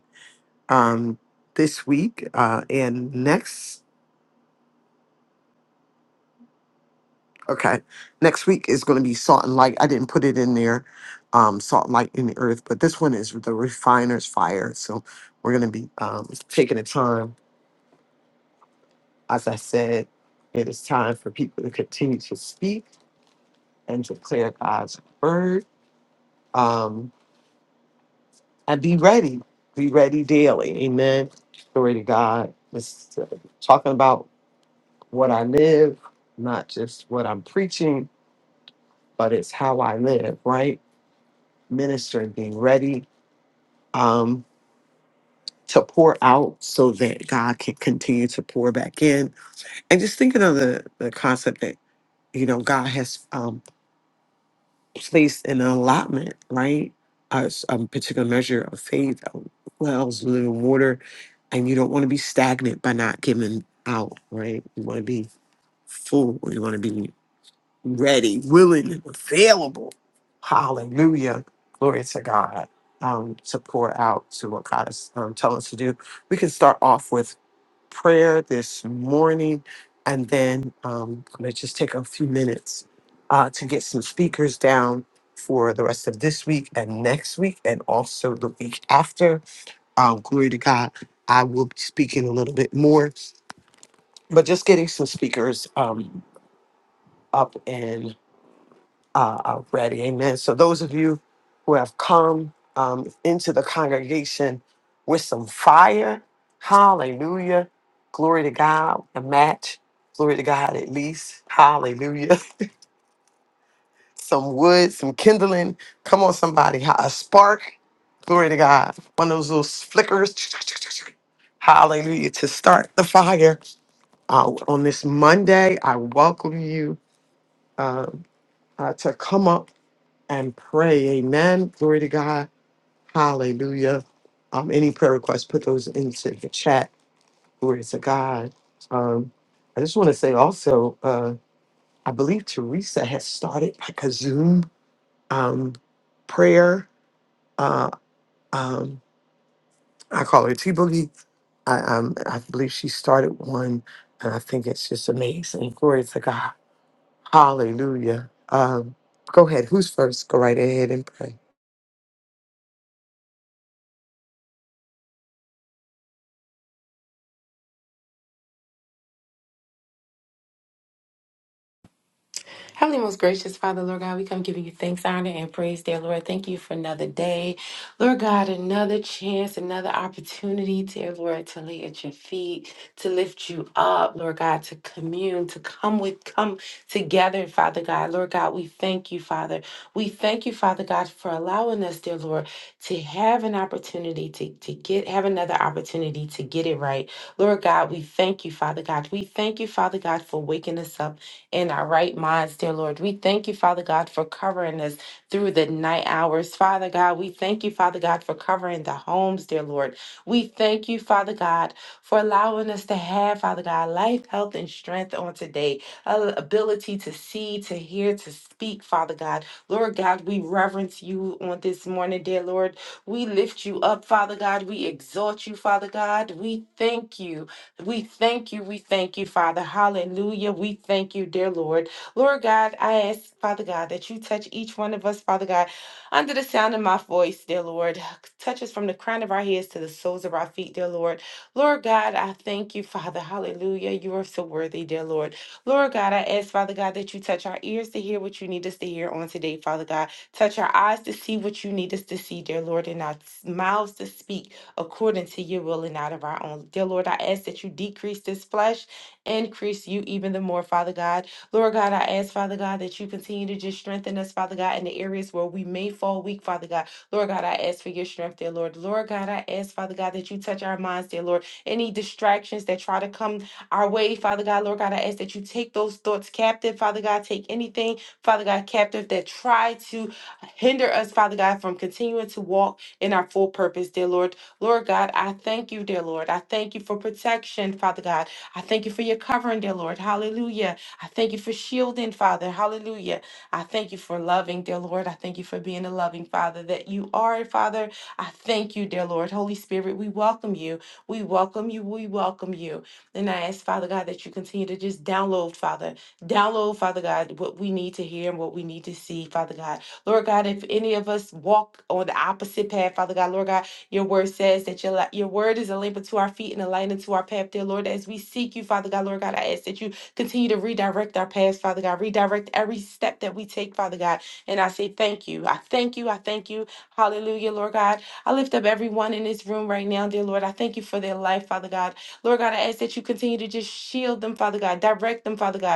B: um, this week uh, and next. Okay, next week is going to be salt and light. I didn't put it in there, um, salt and light in the earth, but this one is the refiner's fire. So we're going to be um, taking the time, as I said, it is time for people to continue to speak and to declare God's word um, and be ready. Be ready daily. Amen. Glory to God. This is, uh, talking about what I live, not just what I'm preaching, but it's how I live, right? Ministering, being ready um, to pour out so that God can continue to pour back in. And just thinking of the, the concept that, you know, God has um, placed an allotment, right? A, s- a particular measure of faith, of wells, living water. And you don't want to be stagnant by not giving out, right? You want to be full. You want to be ready, willing, and available. Hallelujah. Glory to God. Um, to pour out to what God is um, telling us to do. We can start off with prayer this morning, and then um, I'm going to just take a few minutes uh, to get some speakers down for the rest of this week and next week, and also the week after. Um, glory to God. I will be speaking a little bit more, but just getting some speakers um, up uh, are ready. Amen. So those of you who have come um, into the congregation with some fire, hallelujah. Glory to God, a match. Glory to God, at least. Hallelujah. some wood, some kindling. Come on, somebody. ha- A spark. Glory to God. One of those little flickers. Hallelujah. To start the fire uh, on this Monday, I welcome you um, uh, to come up. and pray. Amen. Glory to God. Hallelujah. Um, any prayer requests, put those into the chat. Glory to God. Um, I just want to say also, uh, I believe Teresa has started like a Zoom um, prayer. Uh, um, I call her T Boogie. I, um, I believe she started one, and I think it's just amazing. Glory to God. Hallelujah. Um, go ahead. Who's first? Go right ahead and pray.
C: Heavenly, most gracious Father, Lord God, we come giving you thanks, honor, and praise, dear Lord. Thank you for another day. Lord God, another chance, another opportunity, dear Lord, to lay at your feet, to lift you up, Lord God, to commune, to come with, come together, Father God. Lord God, we thank you, Father. We thank you, Father God, for allowing us, dear Lord, to have an opportunity to, to get, have another opportunity to get it right. Lord God, we thank you, Father God. We thank you, Father God, for waking us up in our right minds, dear Lord. We thank you, Father God, for covering us through the night hours. Father God, we thank you, Father God, for covering the homes, dear Lord. We thank you, Father God, for allowing us to have, Father God, life, health, and strength on today. Uh, ability to see, to hear, to speak, Father God. Lord God, we reverence you on this morning, dear Lord. We lift you up, Father God. We exalt you, Father God. We thank you. We thank you. We thank you, Father. Hallelujah. We thank you, dear Lord. Lord God, I ask, Father God, that you touch each one of us, Father God, under the sound of my voice, dear Lord. Touch us from the crown of our heads to the soles of our feet, dear Lord. Lord God, I thank you, Father. Hallelujah. You are so worthy, dear Lord. Lord God, I ask, Father God, that you touch our ears to hear what you need us to hear on today, Father God. Touch our eyes to see what you need us to see, dear Lord, and our mouths to speak according to your will and not of our own. Dear Lord, I ask that you decrease this flesh, increase you even the more, Father God. Lord God, I ask, Father God, that you continue to just strengthen us, Father God, in the areas where we may fall weak, Father God. Lord God, I ask for your strength, dear Lord. Lord God, I ask, Father God, that you touch our minds, dear Lord. Any distractions that try to come our way, Father God, Lord God, I ask that you take those thoughts captive, Father God. Take anything, Father God, captive that try to hinder us, Father God, from continuing to walk in our full purpose, dear Lord. Lord God, I thank you, dear Lord. I thank you for protection, Father God. I thank you for your covering, dear Lord. Hallelujah. I thank you for shielding, Father. Hallelujah. I thank you for loving, dear Lord. I thank you for being a loving Father that you are, Father. I thank you, dear Lord. Holy Spirit, we welcome you. We welcome you. We welcome you. And I ask, Father God, that you continue to just download, Father. Download, Father God, what we need to hear and what we need to see, Father God. Lord God, if any of us walk on the opposite path, Father God, Lord God, your word says that your, li- your word is a lamp unto our feet and a light unto our path, dear Lord. As we seek you, Father God, Lord God, I ask that you continue to redirect our paths, Father God. Redirect every step that we take, Father God. And I say thank you. I thank you. I thank you. Hallelujah, Lord God. I lift up everyone in this room right now, dear Lord. I thank you for their life, Father God. Lord God, I ask that you continue to just shield them, Father God. Direct them, Father God.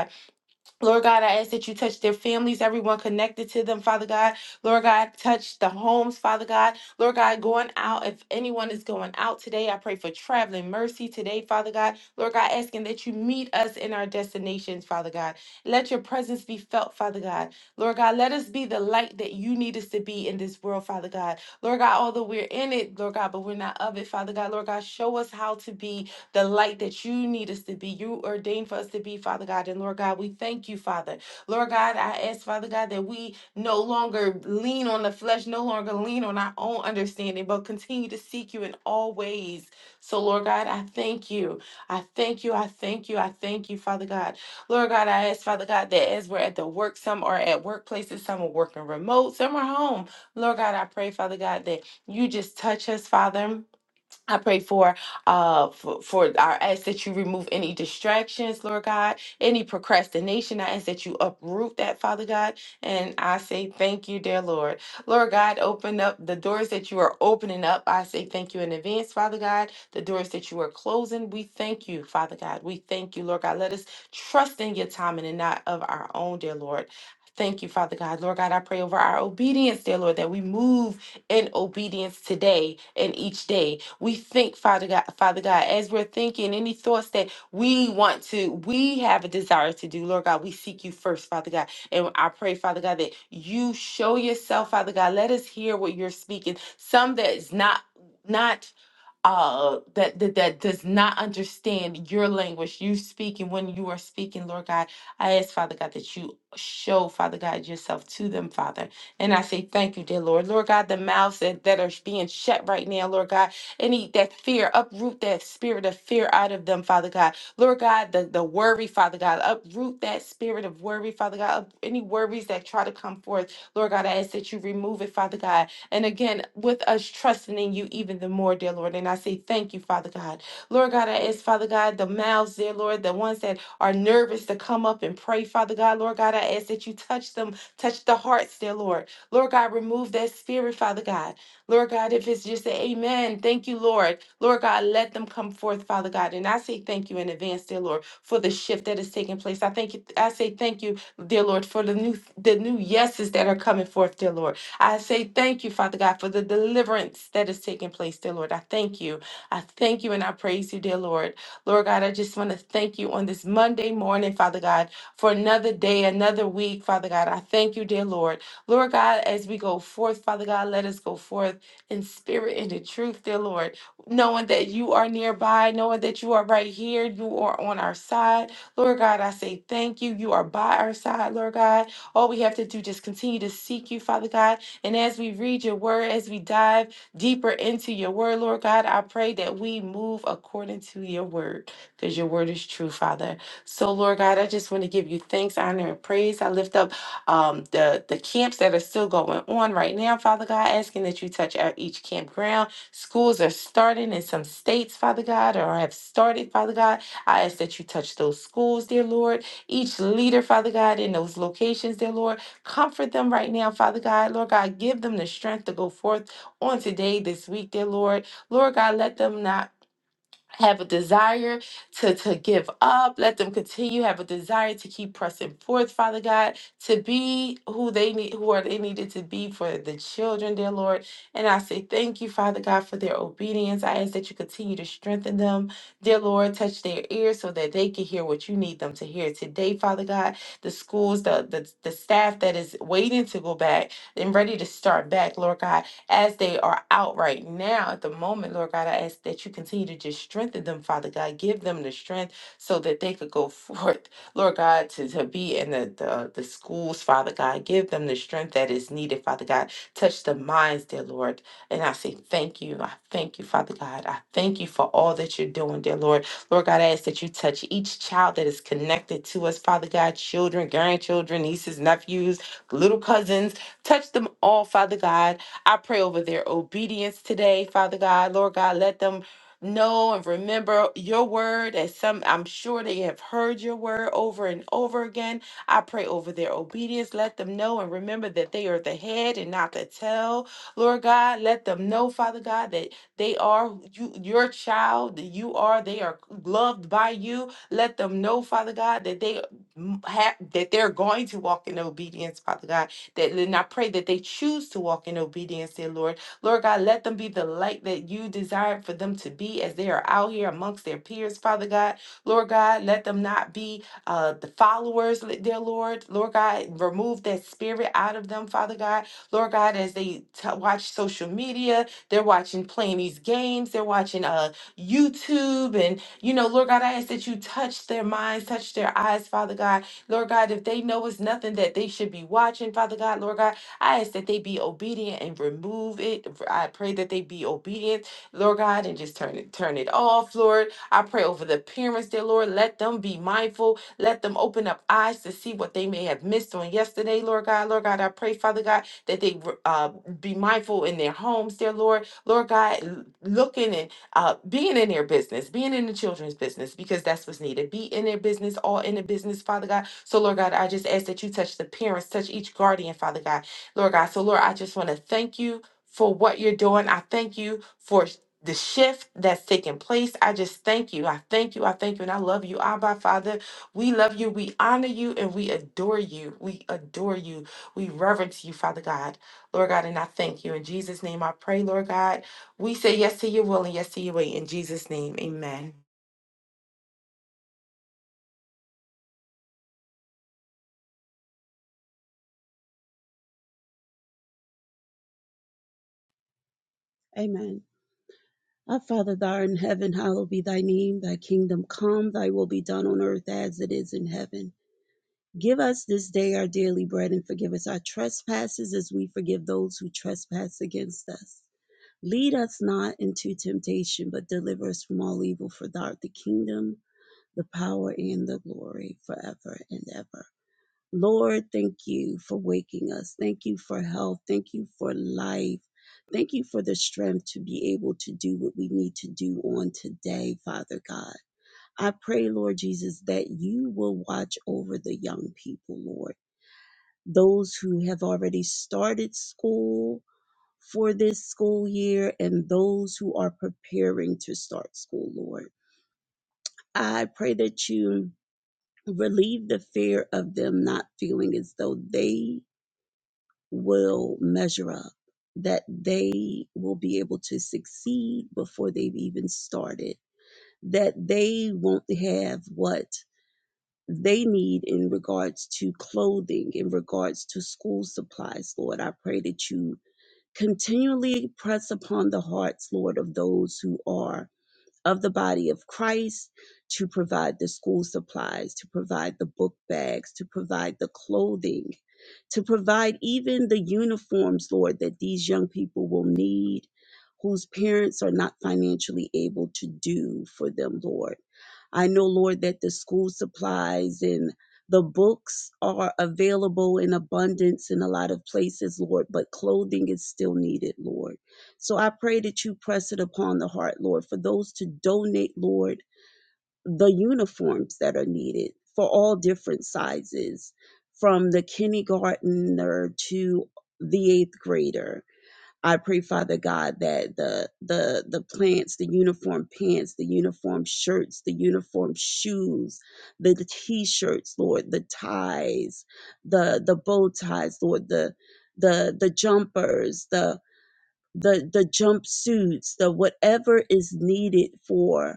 C: Lord God, I ask that you touch their families, everyone connected to them, Father God. Lord God, touch the homes, Father God. Lord God, going out, if anyone is going out today, I pray for traveling mercy today, Father God. Lord God, asking that you meet us in our destinations, Father God. Let your presence be felt, Father God. Lord God, let us be the light that you need us to be in this world, Father God. Lord God, although we're in it, Lord God, but we're not of it, Father God. Lord God, show us how to be the light that you need us to be. You ordained for us to be, Father God. And Lord God, we thank you, Father. Lord God, I ask, Father God, that we no longer lean on the flesh, no longer lean on our own understanding, but continue to seek you in all ways. So, Lord God, I thank you. I thank you. I thank you. I thank you, Father God. Lord God, I ask, Father God, that as we're at the work, some are at workplaces, some are working remote, some are home. Lord God, I pray, Father God, that you just touch us, Father. I pray for uh for, for our ask that you remove any distractions, Lord God, any procrastination. I ask that you uproot that, Father God. And I say thank you, dear Lord. Lord God, open up the doors that you are opening up. I say thank you in advance, Father God. The doors that you are closing, we thank you, Father God. We thank you, Lord God. Let us trust in your timing and not of our own, dear Lord. Thank you, Father God. Lord God, I pray over our obedience, dear Lord, that we move in obedience today and each day. We think, Father God, Father God, as we're thinking any thoughts that we want to, we have a desire to do, Lord God, we seek you first, Father God. And I pray, Father God, that you show yourself, Father God. Let us hear what you're speaking. Some that's not not uh that, that that does not understand your language you speak and when you are speaking lord god i ask father god that you show father god yourself to them father and i say thank you dear lord lord god the mouths that, that are being shut right now lord god any that fear uproot that spirit of fear out of them father god lord god the, the worry father god uproot that spirit of worry father god up, any worries that try to come forth lord god i ask that you remove it father god and again, with us trusting in you even the more, dear Lord. And I say thank you, Father God. Lord God, I ask, Father God, the mouths, dear Lord, the ones that are nervous to come up and pray, Father God. Lord God, I ask that you touch them, touch the hearts, dear Lord. Lord God, remove that spirit, Father God. Lord God, if it's just an amen, thank you, Lord. Lord God, let them come forth, Father God. And I say thank you in advance, dear Lord, for the shift that is taking place. I thank you, I say thank you, dear Lord, for the new the new yeses that are coming forth, dear Lord. I say thank you, Father God, for the deliverance that is taking place, dear Lord. I thank you. I thank you and I praise you, dear Lord. Lord God, I just want to thank you on this Monday morning, Father God, for another day, another week, Father God. I thank you, dear Lord. Lord God, as we go forth, Father God, let us go forth in spirit and in truth, dear Lord, knowing that you are nearby, knowing that you are right here, you are on our side. Lord God, I say thank you. You are by our side, Lord God. All we have to do just continue to seek you, Father God and as we read your word, as we dive deeper into your word, Lord God, I pray that we move according to your word because your word is true, Father. So, Lord God, I just want to give you thanks, honor, and praise. I lift up um, the, the camps that are still going on right now, Father God, asking that you touch out each campground. Schools are starting in some states, Father God, or have started, Father God. I ask that you touch those schools, dear Lord. Each leader, Father God, in those locations, dear Lord. Comfort them right now, Father God. Lord God, give them the strength to go forth on today, this week, dear Lord. Lord God, let them not have a desire to, to give up. Let them continue, have a desire to keep pressing forth, Father God, to be who they need, who are they needed to be for the children, dear Lord. And I say thank you, Father God, for their obedience. I ask that you continue to strengthen them, dear Lord. Touch their ears so that they can hear what you need them to hear today, Father God. The schools, the the, the staff that is waiting to go back and ready to start back, Lord God as they are out right now at the moment, Lord God, I ask that you continue to just strengthen them, Father God. Give them the strength so that they could go forth, Lord God, to, to be in the, the, the schools, Father God. Give them the strength that is needed, Father God. Touch the minds, dear Lord. And I say thank you. I thank you, Father God. I thank you for all that you're doing, dear Lord. Lord God, I ask that you touch each child that is connected to us, Father God, children, grandchildren, nieces, nephews, little cousins. Touch them all, Father God I pray over their obedience today, Father God. Lord God, let them know and remember your word as some I'm sure they have heard your word over and over again. I pray over their obedience. Let them know and remember that they are the head and not the tail. Lord God, let them know, Father God, that they are you your child, that you are, they are loved by you. Let them know, Father God, that they m- have that they're going to walk in obedience, Father God that and I pray that they choose to walk in obedience, dear Lord. Lord God, let them be the light that you desire for them to be as they are out here amongst their peers, Father God. Lord God, let them not be uh, the followers, li- dear Lord. Lord God, remove that spirit out of them, Father God. Lord God, as they t- watch social media, they're watching playing these games, they're watching uh, YouTube, and you know, Lord God, I ask that you touch their minds, touch their eyes, Father God Lord God, if they know it's nothing that they should be watching, Father God, Lord God, I ask that they be obedient and remove it. I pray that they be obedient, Lord God, and just turn it turn it off, Lord. I pray over the parents, dear Lord. Let them be mindful. Let them open up eyes to see what they may have missed on yesterday, Lord God. Lord God, I pray, Father God, that they uh, be mindful in their homes, dear Lord. Lord God, l- looking and uh, being in their business, being in the children's business, because that's what's needed. Be in their business, all in the business, Father God. So, Lord God, I just ask that you touch the parents, touch each guardian, Father God, Lord God. So, Lord, I just want to thank you for what you're doing. I thank you for the shift that's taking place. I just thank you. I thank you. I thank you. And I love you, Abba, Father. We love you. We honor you and we adore you. We adore you. We reverence you, Father God, Lord God. And I thank you. In Jesus' name, I pray, Lord God. We say yes to your will and yes to your way. In Jesus' name, amen.
D: Amen. Our Father, thou art in heaven, hallowed be thy name. Thy kingdom come, thy will be done on earth as it is in heaven. Give us this day our daily bread and forgive us our trespasses as we forgive those who trespass against us. Lead us not into temptation, but deliver us from all evil. For thou art the kingdom, the power, and the glory forever and ever. Lord, thank you for waking us. Thank you for health. Thank you for life. Thank you for the strength to be able to do what we need to do on today, Father God. I pray, Lord Jesus, that you will watch over the young people, Lord. Those who have already started school for this school year and those who are preparing to start school, Lord. I pray that you relieve the fear of them not feeling as though they will measure up, that they will be able to succeed before they've even started, that they won't have what they need in regards to clothing, in regards to school supplies, Lord. I pray that you continually press upon the hearts, Lord, of those who are of the body of Christ to provide the school supplies, to provide the book bags, to provide the clothing to provide even the uniforms, Lord, that these young people will need, whose parents are not financially able to do for them, Lord. I know, Lord, that the school supplies and the books are available in abundance in a lot of places, Lord, but clothing is still needed, Lord. So I pray that you press it upon the heart, Lord, for those to donate, Lord the uniforms that are needed for all different sizes, from the kindergartner to the eighth grader. I pray, Father God, that the the the plants, the uniform pants, the uniform shirts, the uniform shoes, the, the t-shirts, Lord, the ties, the the bow ties, Lord, the the the jumpers, the the the jumpsuits, the whatever is needed for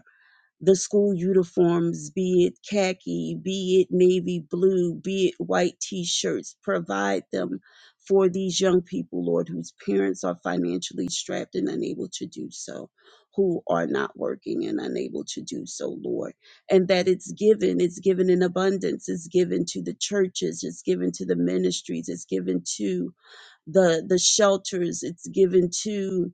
D: the school uniforms, be it khaki, be it navy blue, be it white t shirts, provide them for these young people, Lord, whose parents are financially strapped and unable to do so, who are not working and unable to do so, Lord. And that it's given, it's given in abundance, it's given to the churches, it's given to the ministries, it's given to the the shelters, it's given to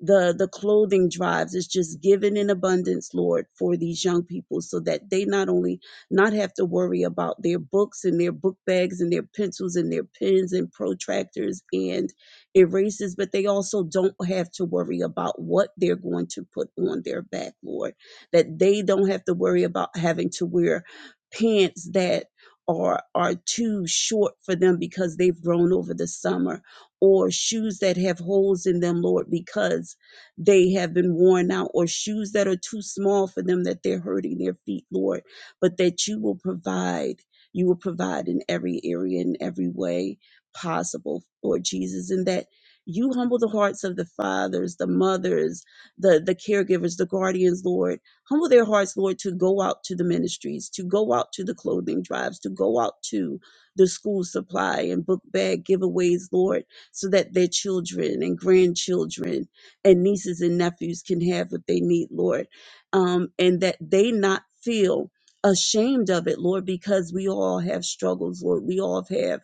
D: the the clothing drives is just given in abundance lord for these young people so that they not only not have to worry about their books and their book bags and their pencils and their pens and protractors and erasers but they also don't have to worry about what they're going to put on their back lord that they don't have to worry about having to wear pants that are are too short for them because they've grown over the summer or shoes that have holes in them, Lord, because they have been worn out, or shoes that are too small for them that they're hurting their feet, Lord, but that you will provide. You will provide in every area, in every way possible, Lord Jesus, and that you humble the hearts of the fathers, the mothers, the, the caregivers, the guardians, Lord. Humble their hearts, Lord, to go out to the ministries, to go out to the clothing drives, to go out to the school supply and book bag giveaways, Lord so that their children and grandchildren and nieces and nephews can have what they need, Lord. Um, and that they not feel ashamed of it, Lord, because we all have struggles, Lord. We all have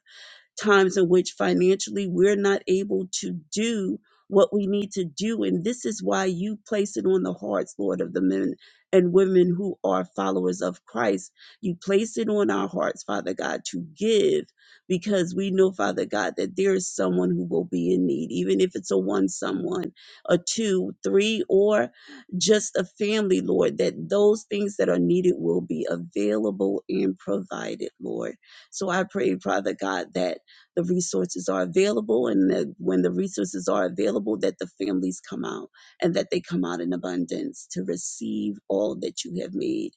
D: times in which financially we're not able to do what we need to do. And this is why you place it on the hearts, Lord, of the men and women who are followers of Christ. You place it on our hearts, Father God, to give because we know, Father God, that there is someone who will be in need, even if it's a one someone, a two, three, or just a family, Lord, that those things that are needed will be available and provided, Lord. So I pray, Father God, that the resources are available and that when the resources are available that the families come out and that they come out in abundance to receive all that you have made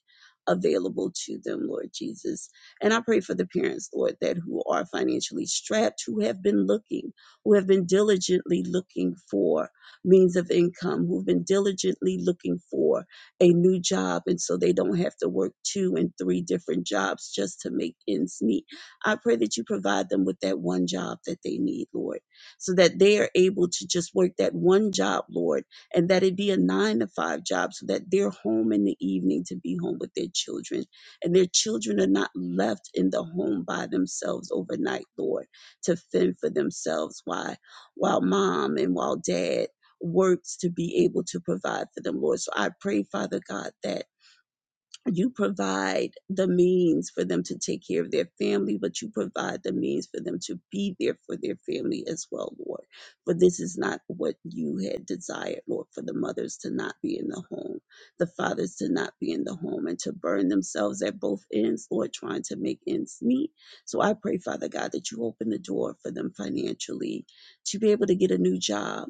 D: available to them lord jesus and i pray for the parents lord that who are financially strapped who have been looking who have been diligently looking for means of income who've been diligently looking for a new job and so they don't have to work two and three different jobs just to make ends meet I pray that you provide them with that one job that they need, Lord, so that they are able to just work that one job, Lord, and that it be a nine to five job so that they're home in the evening to be home with their children. And their children are not left in the home by themselves overnight, Lord, to fend for themselves while, while mom and while dad works to be able to provide for them, Lord. So I pray, Father God, that you provide the means for them to take care of their family, but you provide the means for them to be there for their family as well, Lord. For this is not what you had desired, Lord, for the mothers to not be in the home, the fathers to not be in the home, and to burn themselves at both ends, Lord, trying to make ends meet. So I pray, Father God, that you open the door for them financially to be able to get a new job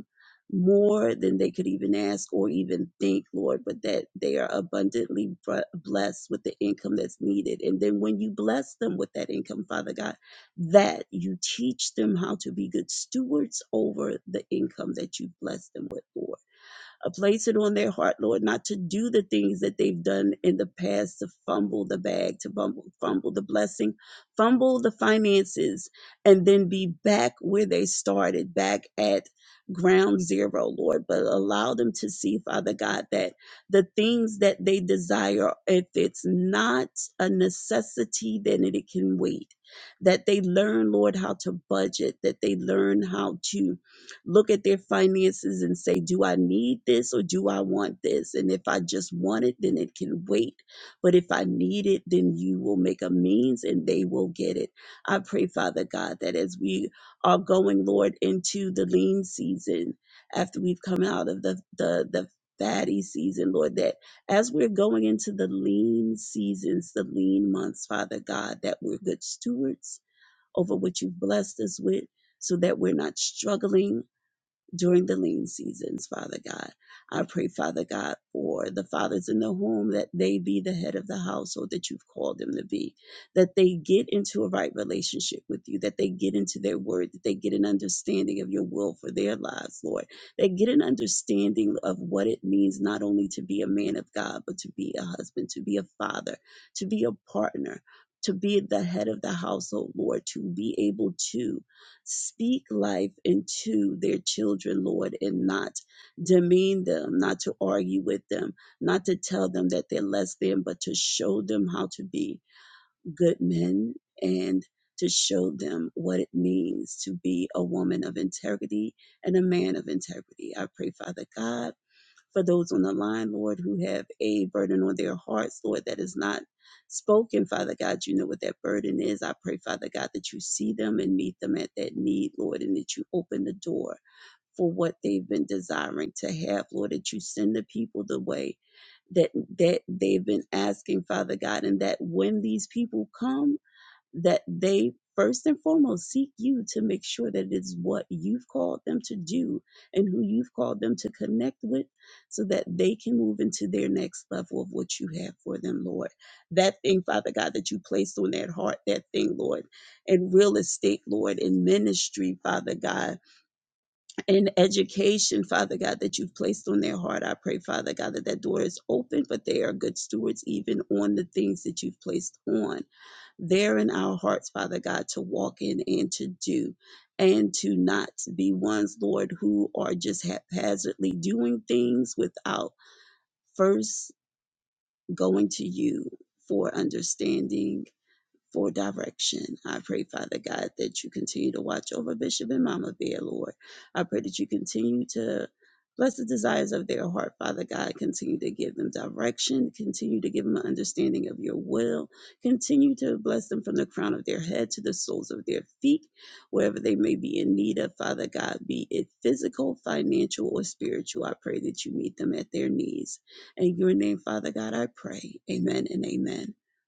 D: more than they could even ask or even think, Lord, but that they are abundantly br- blessed with the income that's needed. And then when you bless them with that income, Father God, that you teach them how to be good stewards over the income that you bless them with, Lord. Uh, place it on their heart, Lord, not to do the things that they've done in the past to fumble the bag, to fumble, fumble the blessing, fumble the finances, and then be back where they started, back at ground zero, Lord. But allow them to see, Father God, that the things that they desire, if it's not a necessity, then it can wait. That they learn, Lord, how to budget, that they learn how to look at their finances and say, Do I need this or do I want this? And if I just want it, then it can wait. But if I need it, then you will make a means and they will get it. I pray, Father God, that as we are going, Lord, into the lean season, after we've come out of the, the, the fatty season, Lord, that as we're going into the lean seasons, the lean months, Father God, that we're good stewards over what you've blessed us with so that we're not struggling during the lean seasons, Father God. I pray, Father God, for the fathers in the home that they be the head of the household that you've called them to be, that they get into a right relationship with you, that they get into their word, that they get an understanding of your will for their lives, Lord. They get an understanding of what it means not only to be a man of God, but to be a husband, to be a father, to be a partner. To be the head of the household, Lord, to be able to Speak life into their children, Lord, and not demean them, not to argue with them, not to tell them that they're less than, but to show them how to be good men and to show them what it means to be a woman of integrity and a man of integrity. I pray, Father God for those on the line, Lord, who have a burden on their hearts, Lord, that is not spoken, Father God. You know what that burden is. I pray, Father God, that you see them and meet them at that need, Lord, and that you open the door for what they've been desiring to have, Lord, that you send the people the way that that they've been asking, Father God, and that when these people come that they first and foremost seek you to make sure that it's what you've called them to do and who you've called them to connect with so that they can move into their next level of what you have for them, Lord. That thing, Father God, that you placed on that heart, that thing, Lord, in real estate, Lord, in ministry, Father God, in education, Father God, that you've placed on their heart. I pray, Father God, that that door is open, but they are good stewards even on the things that you've placed on there in our hearts, Father God, to walk in and to do and to not be ones, Lord, who are just haphazardly doing things without first going to you for understanding for direction. I pray, Father God, that you continue to watch over Bishop and Mama Bear, Lord. I pray that you continue to bless the desires of their heart, Father God. Continue to give them direction. Continue to give them an understanding of your will. Continue to bless them from the crown of their head to the soles of their feet, wherever they may be in need of, Father God, be it physical, financial, or spiritual. I pray that you meet them at their needs. In your name, Father God, I pray. Amen and amen.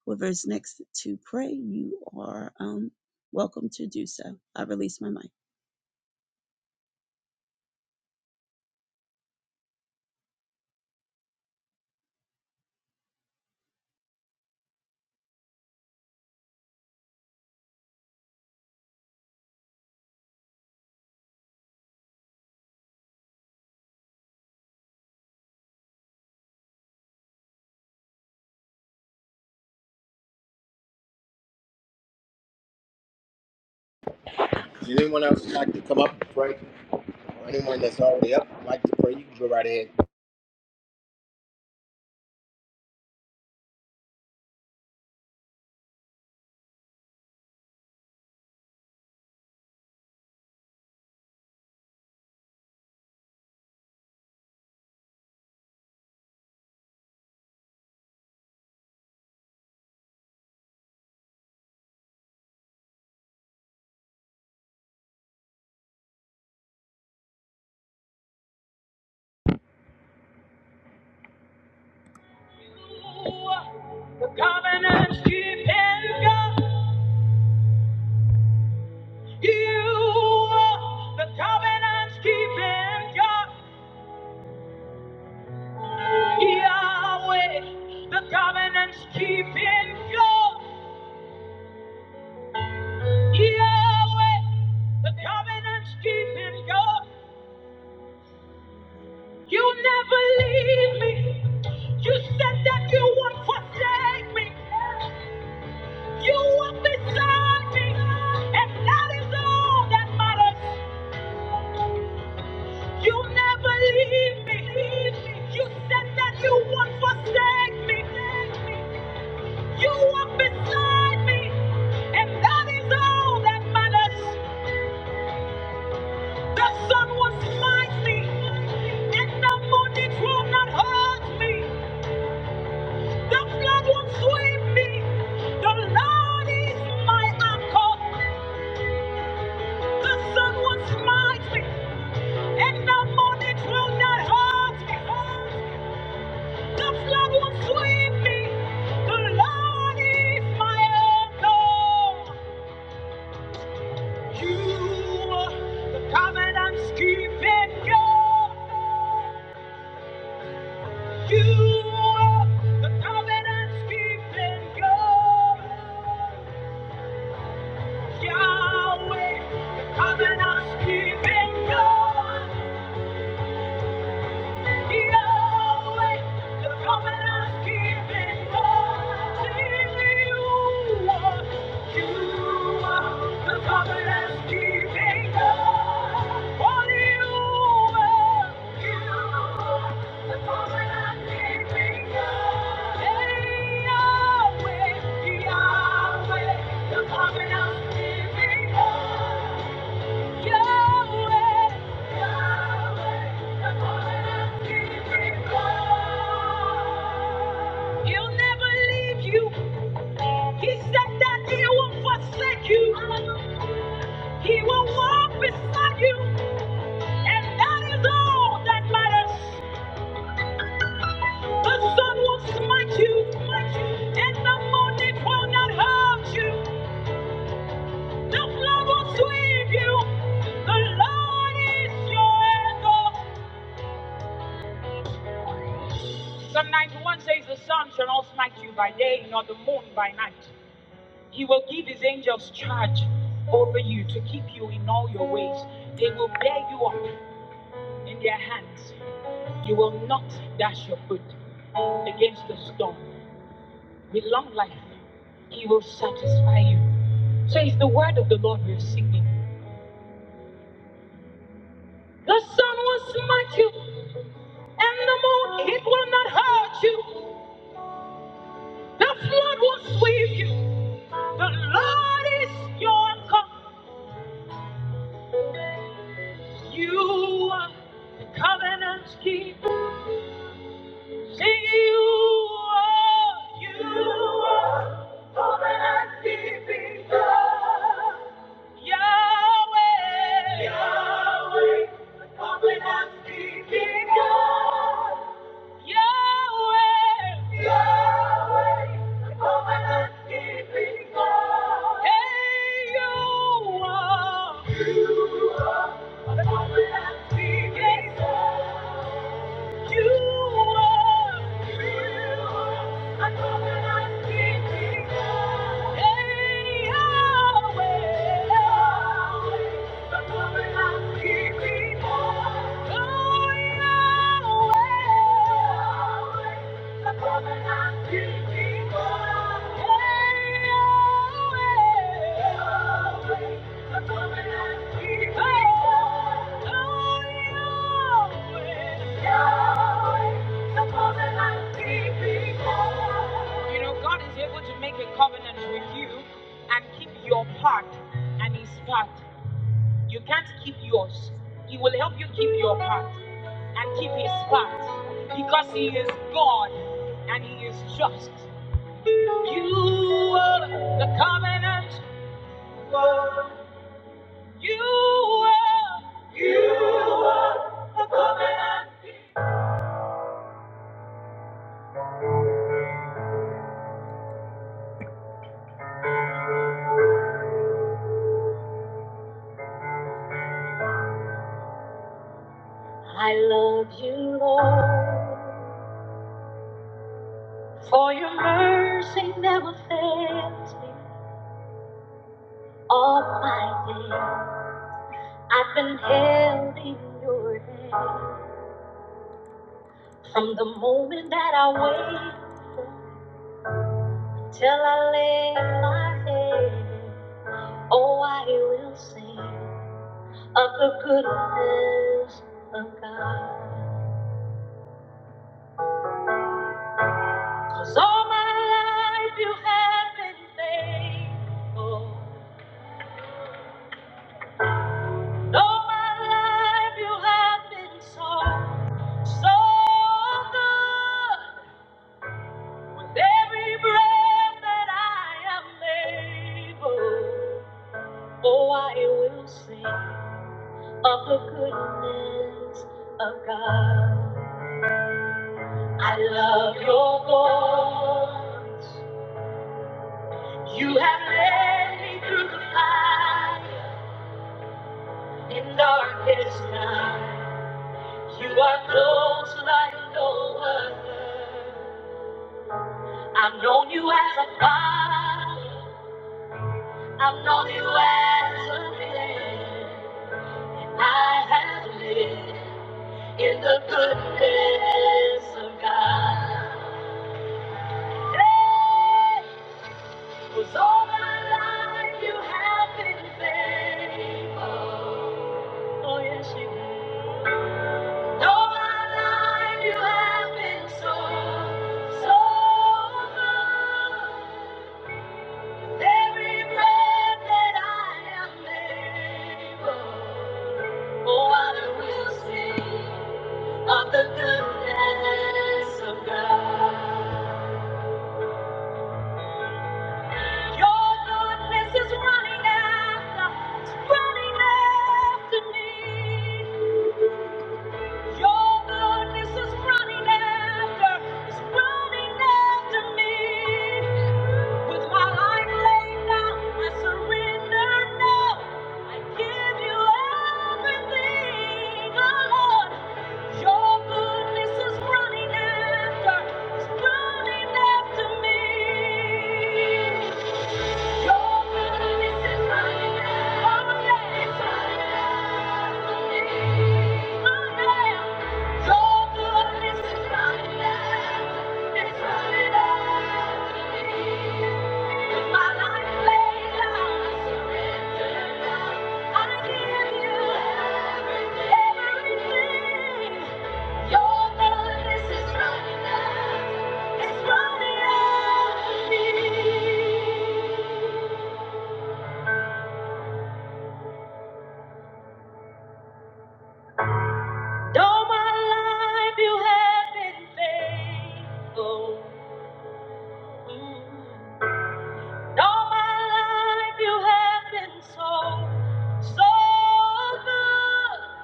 D: Whoever is next to pray, you are um, welcome to do so. I release my mic.
A: Does anyone else like to come up and pray? Or anyone that's already up like to pray, you can go right ahead. The covenant's keeping God. You are the covenant's keeping God. Yahweh. The covenant's keeping God. Yahweh. The covenant's keeping God. You never leave me. You said that you would forsake me. You were beside me. And that is all that matters. You never leave me. You said that you won't forsake me. You walk beside me. And that is all that matters. The sun will smite me. And the moon, it will not hurt me. The flood will sweep me. The Lord is my anchor. The sun will smite me. And the moon, it will not hurt me. The flood will sweep me. The Lord is my anchor. You are the covenant-keeping You are the covenant-keeping God. Yahweh, the covenant-keeping God. Yahweh, Yahweh, the covenant keeping God. He'll never leave you. He said that he will forsake you. He will walk beside you. And that is all that matters. The sun will smite you. And the moon it will not hurt you. The flood will sweep you. The Lord is your anchor. Psalm 91 says, The sun shall not smite you by day, nor the moon by night. He will give his angels charge over you to keep you in all your ways. They will bear you up in their hands. You will not dash your foot against the stone. With long life, he will satisfy you. So it's the word of the Lord we're singing. The sun will smite you, and the moon, it will not hurt you. The flood will sweep you. The Lord is your God. You are covenant keeping. You are You are covenant keeping. Yahweh. Yahweh. the Covenant keeping God. Yahweh. Yahweh. the Covenant keeping God. Hey, you are. You are the covenant keeping God. Thank you. You know, God is able to make a covenant with you and keep your part and his part. You can't keep yours. He will help you keep your part and keep his part because he is God and he is just. You are the covenant. You are the covenant. Love you, Lord, for your mercy never fails me all my days. I've been held in your hand from the moment that I wake till I lay my head. Oh, I will sing of the goodness of God, 'cause all my life you have been faithful. And all my life you have been so, so good. With every breath that I am able, oh, I will sing of the goodness of God. I love your voice. You have led me through the fire in darkest night. You are close like no other. I've known you as a father. I've known you as a friend. I have lived in the goodness of God. Hey, was all my life you have been faithful. Oh, yes, you have. All my life you have been so, so good. Every breath that I am able, oh, I will sing. of the goodness of God. Your goodness is running after, it's running after me. Your goodness is running after, is running after me. With my life laid down, I surrender now. I give you everything, oh Lord. Your goodness is running after, is running after me. It's running out of me. All my life you have been faithful. Mm. All my life you have been so, so good.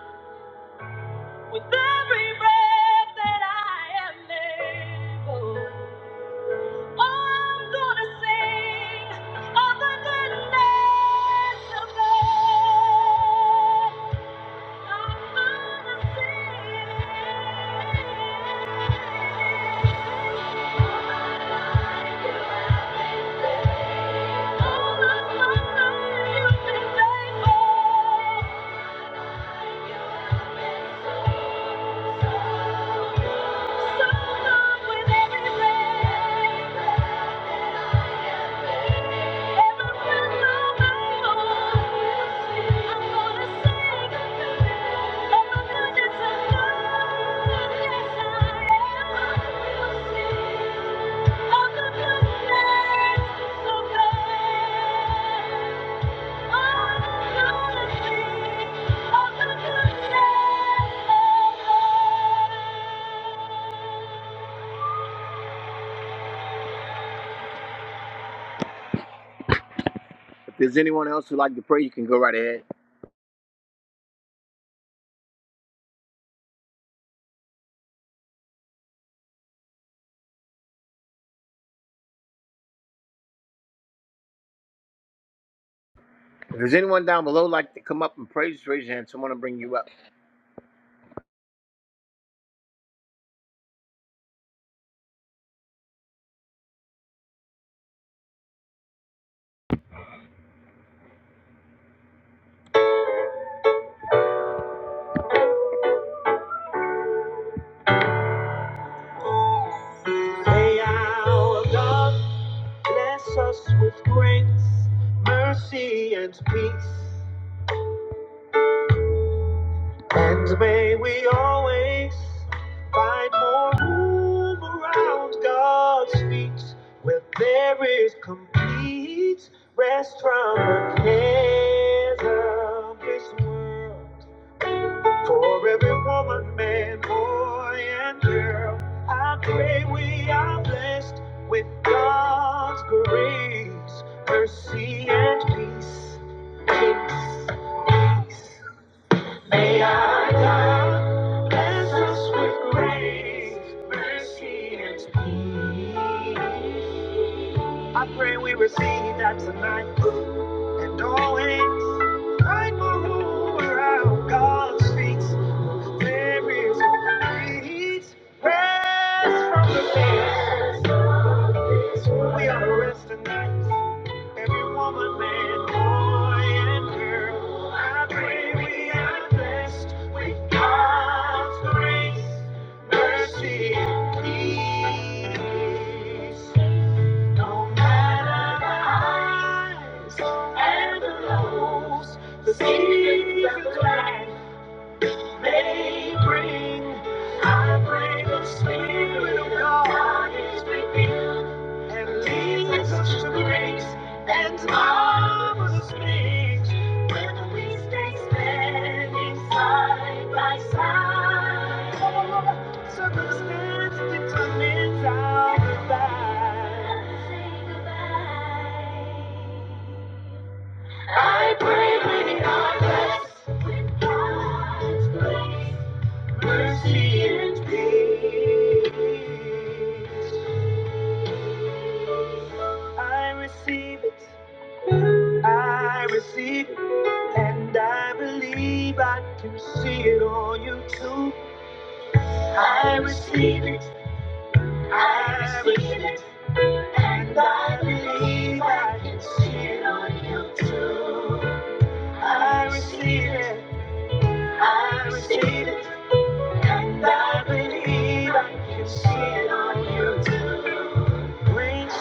A: With every breath that I am able, Oh, I'm gonna sing of the goodness of God. All You have been faithful. faithful. Thank you. If there's anyone else who'd like to pray, you can go right ahead. If there's anyone down below who'd like to come up and pray, just raise your hand. Someone will bring you up. May our God bless us with grace, mercy, and peace. And may we always find more room around God's feet where there is complete rest from the cares of this world. Woman, man, boy, and I pray we are blessed with God's grace, mercy, and peace. May I bless us with grace, mercy, and peace. boy and. And marvelous things when we stay standing side by side. I pray, believing God bless I receive it, I receive it, and I believe I can see it on you too. I receive it, I receive it, and I believe I can see it on you too. I receive it, I receive it, and I believe I can see it on you too. Grace,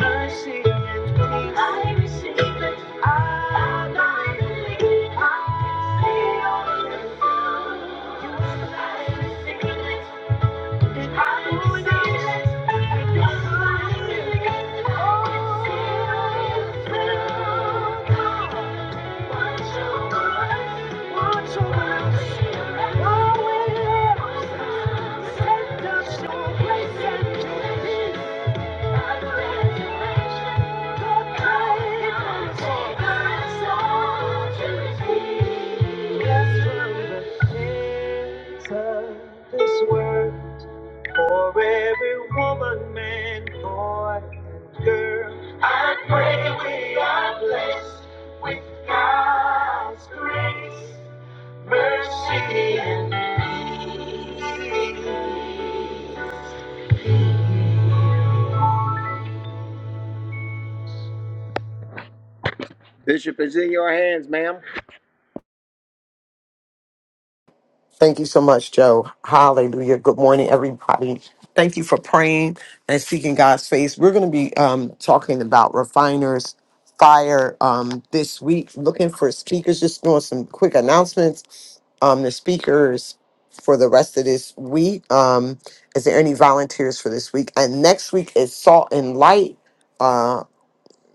A: mercy, and peace. I receive it. I believe. I see your You are the light. in the sickness. I pray we are blessed by grace. Bishop is in your hands, ma'am.
B: Thank you so much, Joe. Hallelujah. Good morning, everybody. Thank you for praying and seeking God's face. We're going to be um, talking about refiners fire um, this week. Looking for speakers. Just doing some quick announcements. Um, the speakers for the rest of this week. Um, is there any volunteers for this week? And next week is Salt and Light. Uh,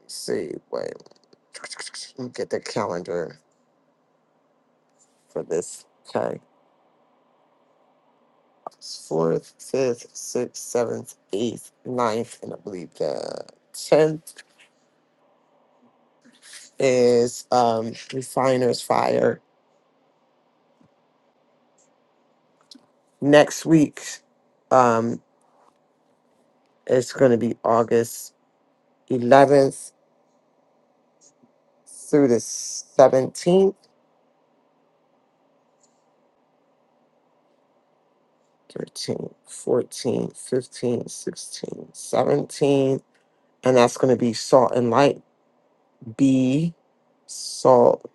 B: let's see, wait, let me get the calendar for this. Okay. fourth, fifth, sixth, seventh, eighth, ninth, and I believe the tenth is um refiners fire. Next week, um, it's gonna be August eleventh through the seventeenth, 13, 14, 15, 16, 17. And that's gonna be salt and light B salt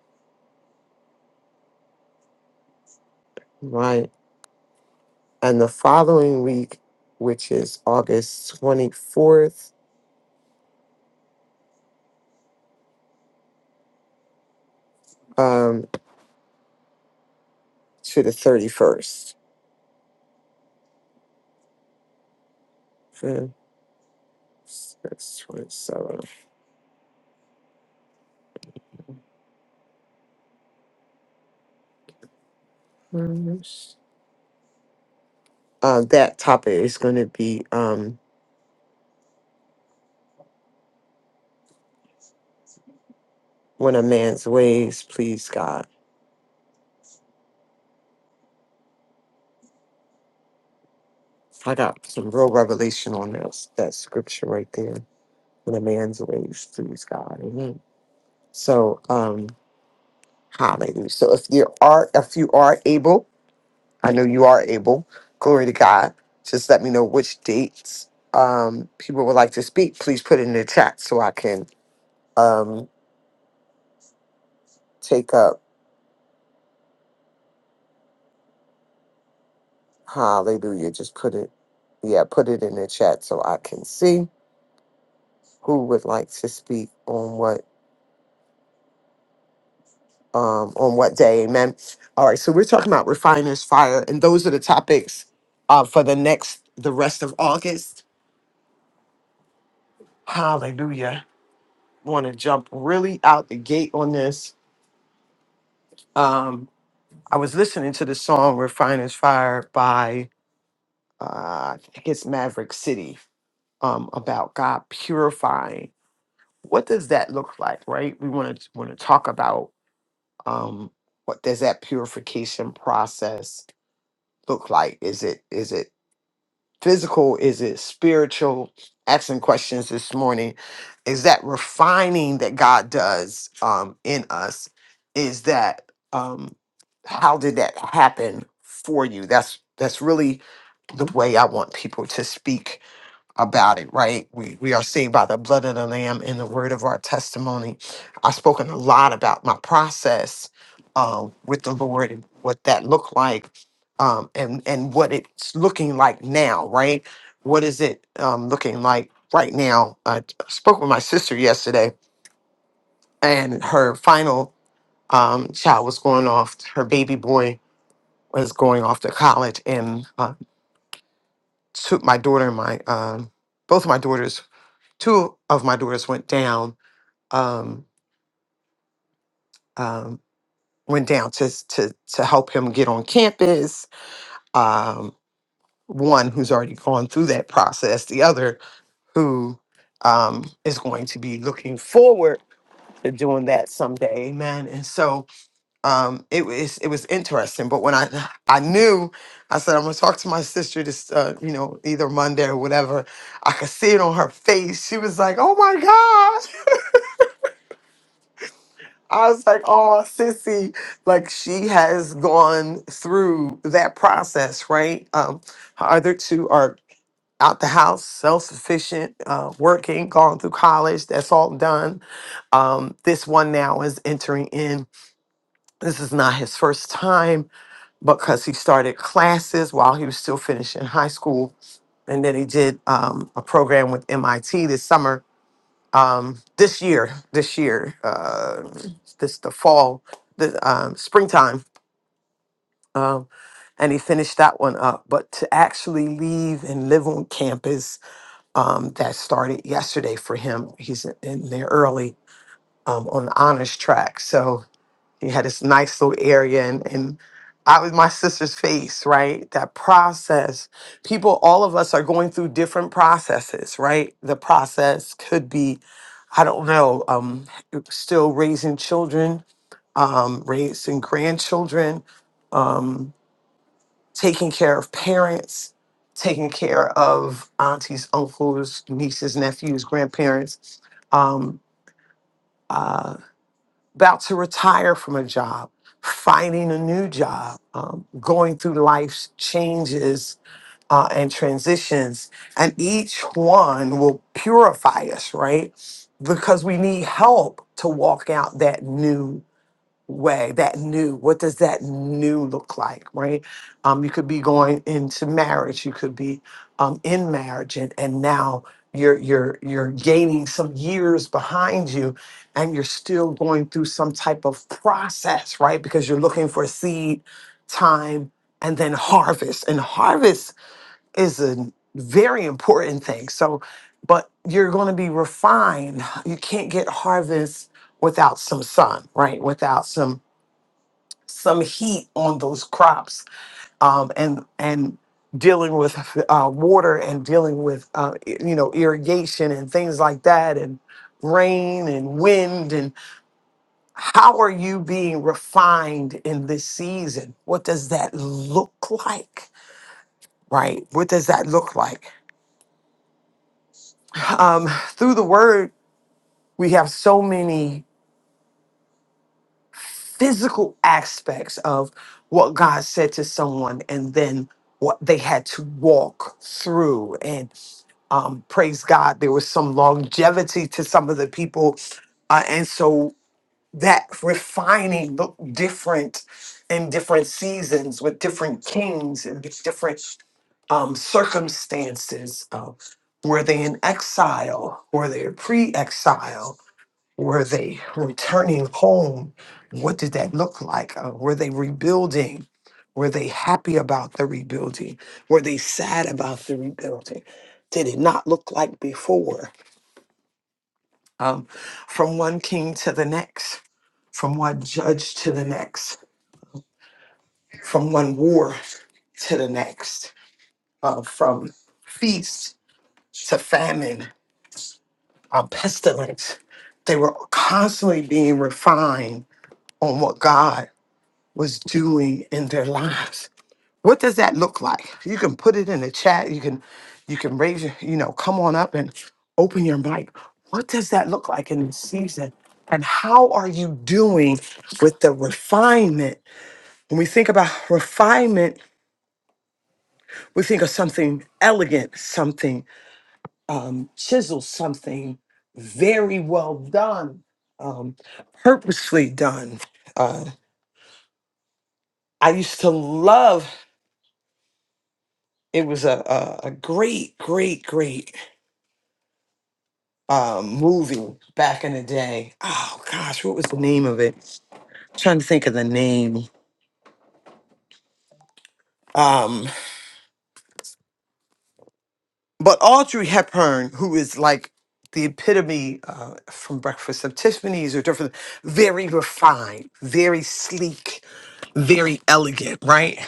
B: light. And the following week, which is August twenty fourth um, to the 31st. Fifth, sixth, 27th. Mhm. Uh, that topic is going to be um, When a Man's Ways Please God. I got some real revelation on that, that scripture right there. When a man's ways please God. Amen. So, um, hallelujah. So if you are if you are able, I know you are able, glory to God. Just let me know which dates um people would like to speak. Please put it in the chat so I can um take up hallelujah just put it yeah put it in the chat so i can see who would like to speak on what um on what day amen all right so we're talking about refiners fire and those are the topics uh for the next the rest of august hallelujah want to jump really out the gate on this um i was listening to the song refiners fire by uh i think it's maverick city um about god purifying what does that look like right we want to want to talk about um what does that purification process look like is it is it physical is it spiritual asking questions this morning is that refining that god does um in us is that um how did that happen for you that's that's really the way i want people to speak about it, right? We we are saved by the blood of the Lamb and the word of our testimony. I've spoken a lot about my process um, with the Lord and what that looked like, um, and and what it's looking like now, right? What is it um, looking like right now? I t- spoke with my sister yesterday, and her final um, child was going off. Her baby boy was going off to college, and uh, took my daughter and my um, both of my daughters two of my daughters went down um, um, went down to, to to help him get on campus um, one who's already gone through that process the other who um, is going to be looking forward to doing that someday amen and so um, it was it was interesting but when i i knew i said i'm going to talk to my sister this uh, you know either monday or whatever i could see it on her face she was like oh my I was like, oh, sissy, like she has gone through that process, right? Um, her other two are out the house, self sufficient, uh, working, gone through college. That's all done. Um, this one now is entering in. This is not his first time because he started classes while he was still finishing high school. And then he did um, a program with MIT this summer um, this year, this year, uh, this the fall, the um, springtime, um, and he finished that one up. But to actually leave and live on campus, um, that started yesterday for him. He's in there early um, on the honors track, so he had this nice little area, and, and I was my sister's face, right? That process. People, all of us are going through different processes, right? The process could be, I don't know, um, still raising children, um, raising grandchildren, um, taking care of parents, taking care of aunties, uncles, nieces, nephews, grandparents. Um, uh, about to retire from a job, finding a new job, um, going through life's changes uh, and transitions. And each one will purify us, right? Because we need help to walk out that new way that new what does that new look like right um you could be going into marriage you could be um in marriage and and now you're you're you're gaining some years behind you and you're still going through some type of process right because you're looking for seed time and then harvest and harvest is a very important thing so but you're going to be refined you can't get harvest without some sun right without some some heat on those crops um, and and dealing with uh, water and dealing with uh, i- you know irrigation and things like that and rain and wind and how are you being refined in this season what does that look like right what does that look like um, through the word we have so many physical aspects of what god said to someone and then what they had to walk through um, praise God, there was some longevity to some of the people. Uh, and so that refining looked different in different seasons with different kings and with different um, circumstances. Uh, were they in exile? Were they pre exile? Were they returning home? What did that look like? Uh, were they rebuilding? Were they happy about the rebuilding? Were they sad about the rebuilding? Did it not look like before? Um, from one king to the next, from one judge to the next, from one war to the next, uh, from feast to famine, uh, pestilence. They were constantly being refined on what God was doing in their lives. What does that look like? You can put it in the chat. You can you can raise your, you know, come on up and open your mic. What does that look like in this season? And how are you doing with the refinement? When we think about refinement, we think of something elegant, something um, chiseled, something very well done, um, purposely done. Uh, I used to love It was a, a, a great, great, great uh, movie back in the day. Oh gosh, what was the name of it? trying to think of the name. Um, but Audrey Hepburn, who is like the epitome uh, from Breakfast of Tiffany's or different, very refined, very sleek, very elegant, right?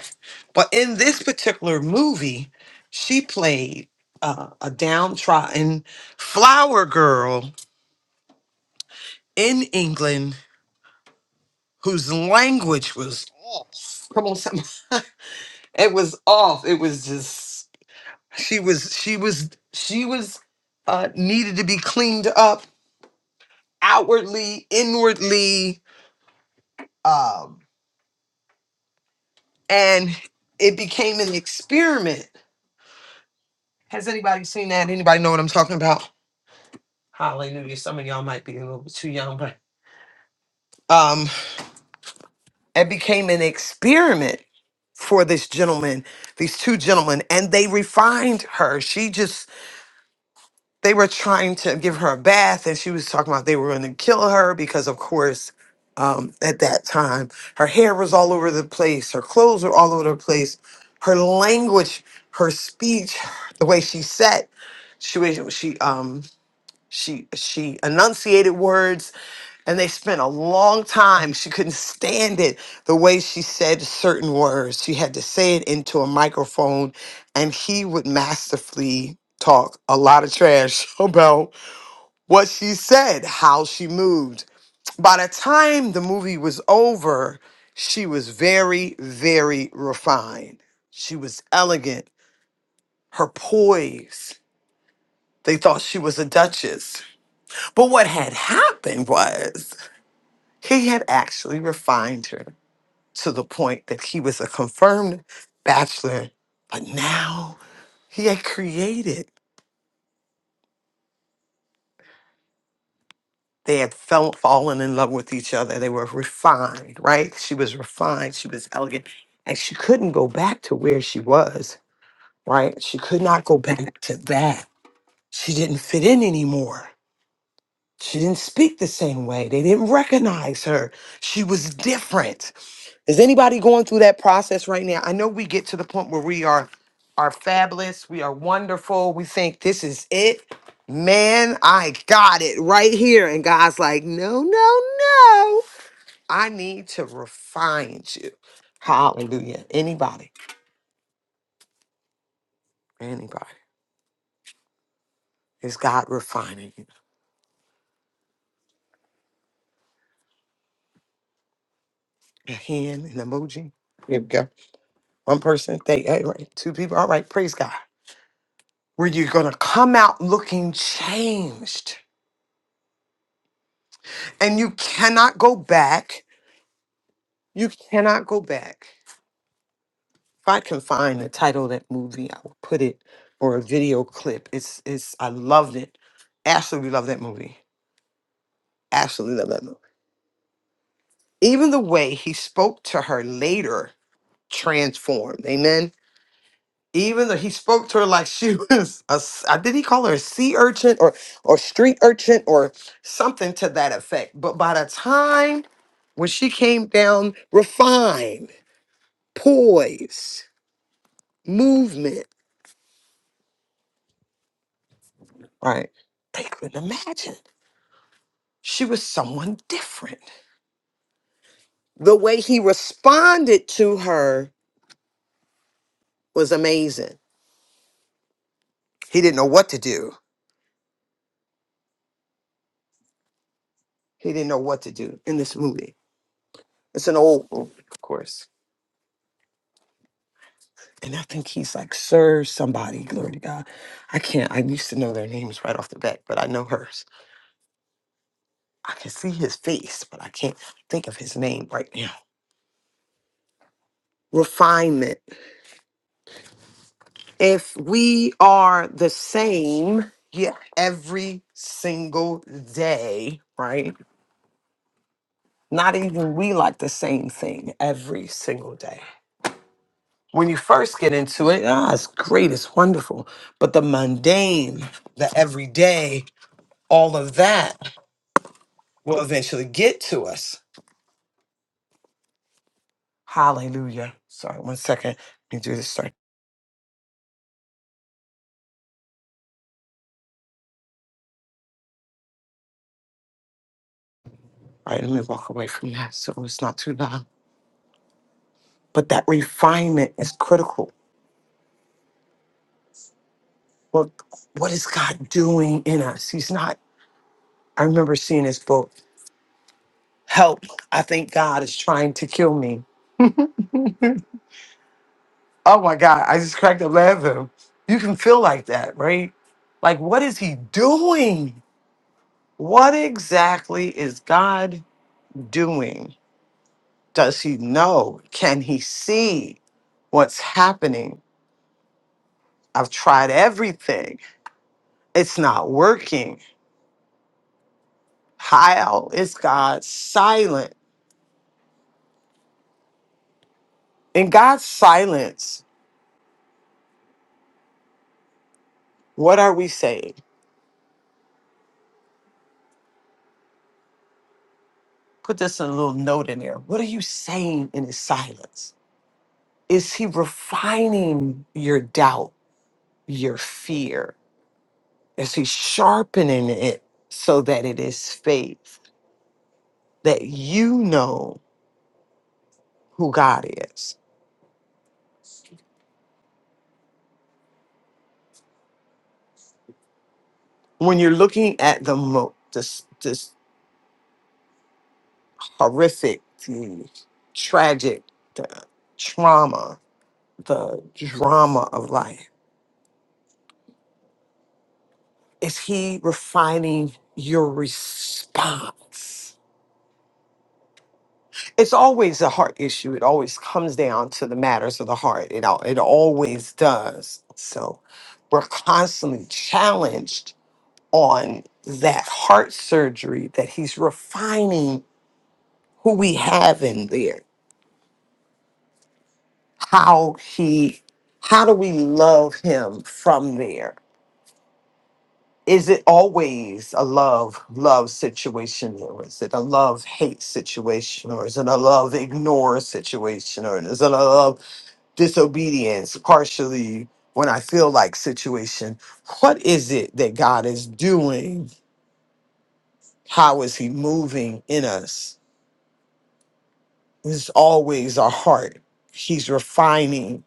B: But in this particular movie, she played uh, a downtrodden flower girl in England whose language was off. Come on, some it was off. It was just she was she was she was uh needed to be cleaned up outwardly, inwardly, um, and it became an experiment. Has anybody seen that? Anybody know what I'm talking about? Hallelujah. Some of y'all might be a little bit too young, but um it became an experiment for this gentleman, these two gentlemen, and they refined her. She just they were trying to give her a bath and she was talking about they were going to kill her because of course um, at that time her hair was all over the place her clothes were all over the place her language her speech the way she sat she was she um she she enunciated words and they spent a long time. She couldn't stand it the way she said certain words. She had to say it into a microphone, and he would masterfully talk a lot of trash about what she said, how she moved. By the time the movie was over, she was very, very refined. She was elegant. Her poise. They thought she was a duchess. But what had happened was he had actually refined her to the point that he was a confirmed bachelor, but now he had created. They had fell, fallen in love with each other. They were refined, right? She was refined. She was elegant. And she couldn't go back to where she was, right? She could not go back to that. She didn't fit in anymore. She didn't speak the same way. They didn't recognize her. She was different. Is anybody going through that process right now? I know we get to the point where we are are fabulous, we are wonderful. We think this is it. Man, I got it right here. And God's like, no, no, no. I need to refine you. Hallelujah. Anybody, anybody. Is God refining you? A hand, an emoji. Here we go. One person, they, all right, two people. All right, praise God. where you're going to come out looking changed. And you cannot go back. You cannot go back. If I can find the title of that movie, I will put it or a video clip. It's it's I loved it. Absolutely love that movie. Absolutely love that movie. Even the way he spoke to her later transformed. Amen Even though he spoke to her like she was a, s- uh, did he call her a sea urchin or or street urchin or something to that effect. But by the time when she came down, refined, poise, movement, right? They couldn't imagine she was someone different. The way he responded to her was amazing. He didn't know what to do. He didn't know what to do in this movie. It's an old movie, of course And I think he's like Sir somebody, glory to God. I can't, I used to know their names right off the bat, but I know hers. I can see his face, but I can't think of his name right now. Refinement. If we are the same, yeah, every single day, right? Not even we like the same thing every single day. When you first get into it, ah, it's great, it's wonderful. But the mundane, the everyday, all of that will eventually get to us. Hallelujah. Sorry, one second. Let me do this. Sorry. All right, let me walk away from that so it's not too loud. But that refinement is critical. What what is God doing in us? He's not. I remember seeing this book. Help. I think God is trying to kill me. Oh my God. I just cracked up laughing. You can feel like that, right? Like, what is he doing? What exactly is God doing? Does he know? Can he see what's happening? I've tried everything. It's not working. How is God silent? In God's silence, what are we saying? Put this in a little note in there. What are you saying in his silence? Is he refining your doubt, your fear? Is he sharpening it so that it is faith that you know who God is? when you're looking at the mo- this this horrific, the tragic, the trauma, the drama of life, is he refining your response? It's always a heart issue. It always comes down to the matters of the heart. It all, it always does. So we're constantly challenged on that heart surgery that he's refining who we have in there how he how do we love him from there is it always a love love situation or is it a love hate situation or is it a love ignore situation or is it a love disobedience partially when i feel like situation what is it that god is doing how is he moving in us it's always our heart he's refining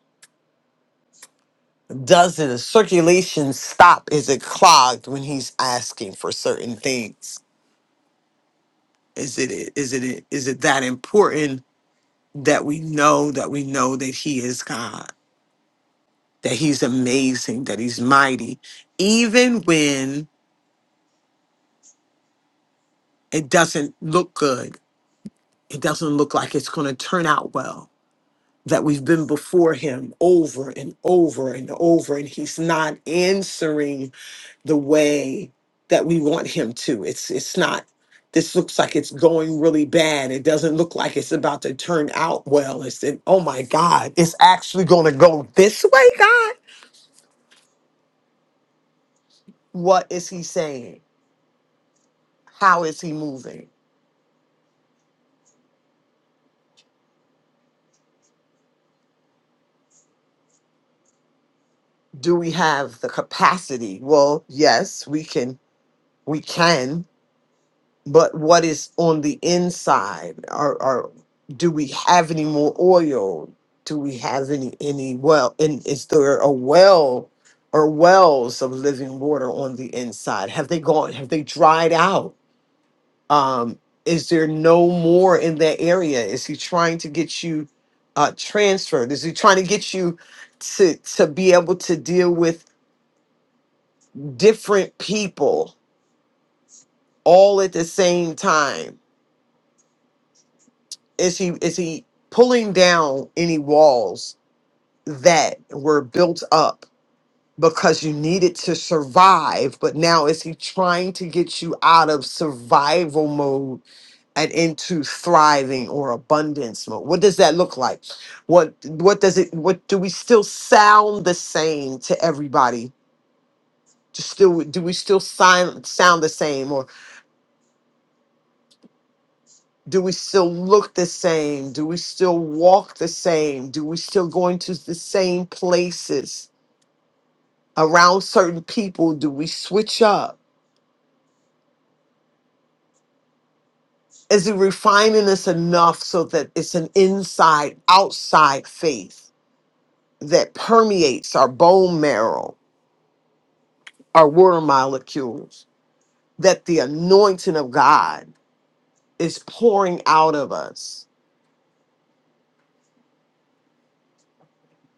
B: does his circulation stop? Is it clogged when he's asking for certain things? Is it is it is it that important that we know that we know that he is God, that he's amazing, that he's mighty, even when it doesn't look good, it doesn't look like it's going to turn out well. That we've been before him over and over and over, and he's not answering the way that we want him to. It's it's not this looks like it's going really bad. It doesn't look like it's about to turn out well. It's it, oh my God, it's actually going to go this way, God. What is he saying? How is he moving? Do we have the capacity? Well, yes, we can. We can. but what is on the inside or, or do we have any more oil do we have any any well and is there a well or wells of living water on the inside have they gone have they dried out um is there no more in that area is he trying to get you uh transferred is he trying to get you to to be able to deal with different people all at the same time is he is he pulling down any walls that were built up because you needed to survive but now is he trying to get you out of survival mode and into thriving or abundance mode what does that look like what what does it what do we still sound the same to everybody just still do we still sign, sound the same Do we still look the same? Do we still walk the same? Do we still go into the same places around certain people? Do we switch up? Is it refining us enough so that it's an inside outside faith that permeates our bone marrow, our water molecules, that the anointing of God is pouring out of us?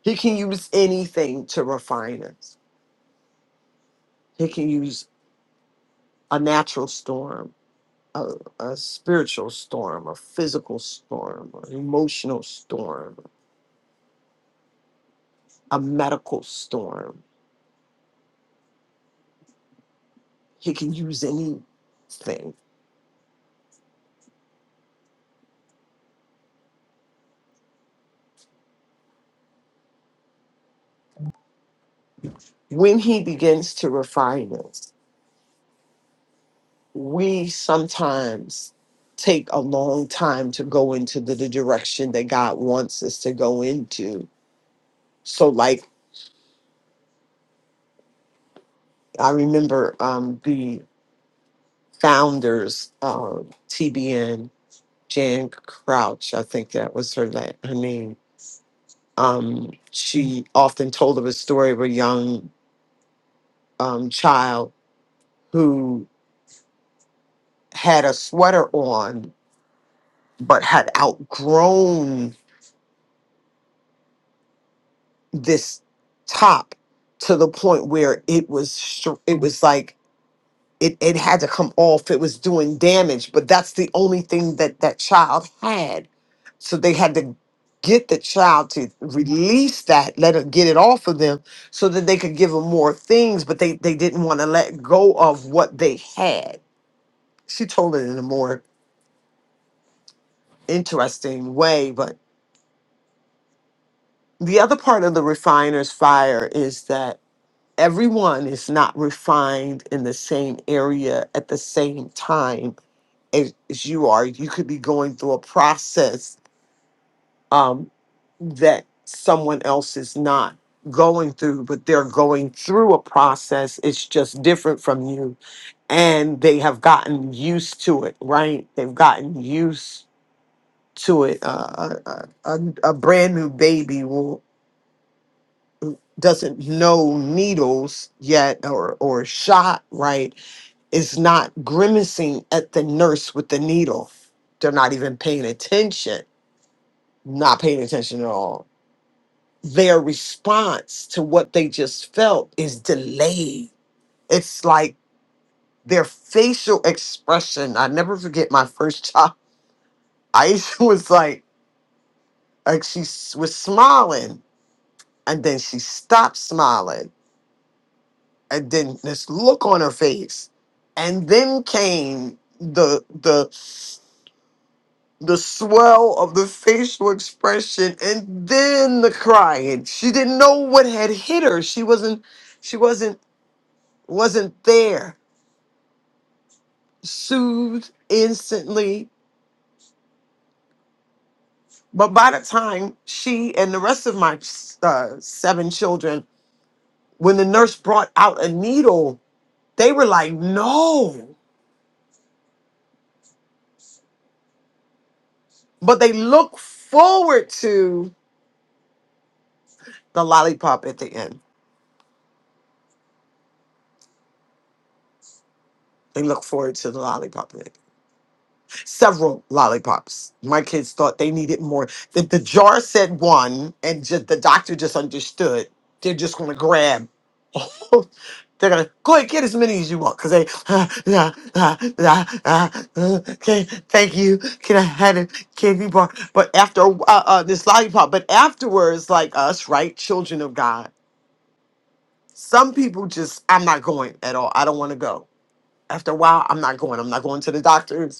B: He can use anything to refine us, He can use a natural storm a, a spiritual storm, a physical storm, an emotional storm, a medical storm. He can use anything. When he begins to refine us, we sometimes take a long time to go into the, the direction that God wants us to go into. So, like, I remember um, the founders of TBN, Jan Crouch, I think that was her, la- her name Um, she often told of a story of a young um, child who had a sweater on but had outgrown this top to the point where it was str- it was like it, it had to come off. It was doing damage, but that's the only thing that that child had. So they had to get the child to release that, let it get it off of them so that they could give them more things, but they, they didn't want to let go of what they had. She told it in a more interesting way. But the other part of the refiner's fire is that everyone is not refined in the same area at the same time as, as you are. You could be going through a process um, that someone else is not going through, but they're going through a process. It's just different from you. And they have gotten used to it, right? They've gotten used to it. Uh, a, a, a a brand new baby will doesn't know needles yet or or a shot right is not grimacing at the nurse with the needle they're not even paying attention not paying attention at all. Their response to what they just felt is delayed. It's like their facial expression. I never forget my first child. Aisha was like, like she s- was smiling, and then she stopped smiling, and then this look on her face, and then came the the the swell of the facial expression and then the crying she didn't know what had hit her she wasn't she wasn't wasn't there soothed instantly but by the time she and the rest of my uh, seven children when the nurse brought out a needle they were like no but they look forward to the lollipop at the end they look forward to the lollipop several lollipops. My kids thought they needed more. The, the jar said one, and just the doctor just understood. They're just gonna grab. They're gonna go ahead get as many as you want because they ah, ah, ah, yeah, ah, ah, okay. Thank you. Can I have a candy bar? But after a wh- uh, uh, this lollipop, but afterwards, like us, right, children of God. Some people just I'm not going at all. I don't want to go. After a while, I'm not going. I'm not going to the doctor.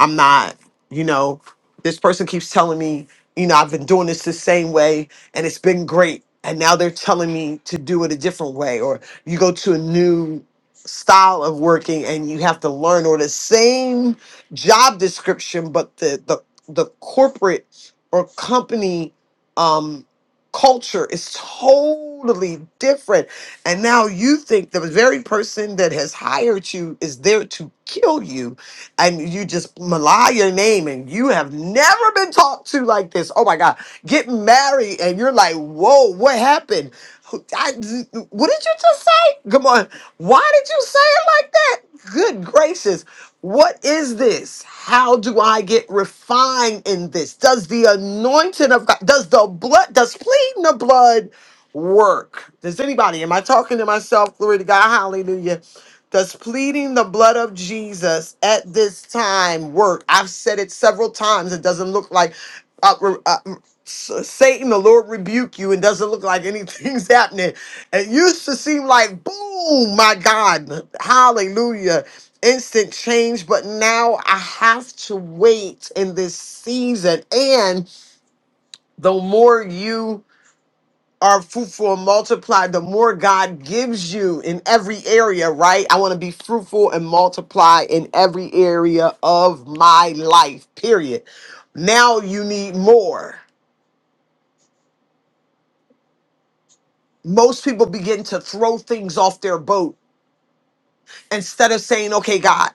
B: I'm not, you know, this person keeps telling me, you know, I've been doing this the same way and it's been great. And now they're telling me to do it a different way. Or you go to a new style of working and you have to learn, or the same job description, but the the, the corporate or company um culture is totally different. And now you think the very person that has hired you is there to kill you and you just malign your name and you have never been talked to like this. Oh my God. Get married and you're like, whoa, what happened? Who- I, what did you just say? Right? Come on. Why did you say it like that? Good gracious. What is this? How do I get refined in this? Does the anointing of God, does the blood, does pleading the blood work? Does anybody, am I talking to myself? Glory to God. Hallelujah. Does pleading the blood of Jesus at this time work? I've said it several times. It doesn't look like. Uh, uh, S- Satan, the Lord rebuke you, and doesn't look like anything's happening. It used to seem like, boom, my God, hallelujah, instant change. But now I have to wait in this season. And the more you are fruitful and multiply, the more God gives you in every area, right? I want to be fruitful and multiply in every area of my life, period. Now you need more. most people begin to throw things off their boat instead of saying, okay, God,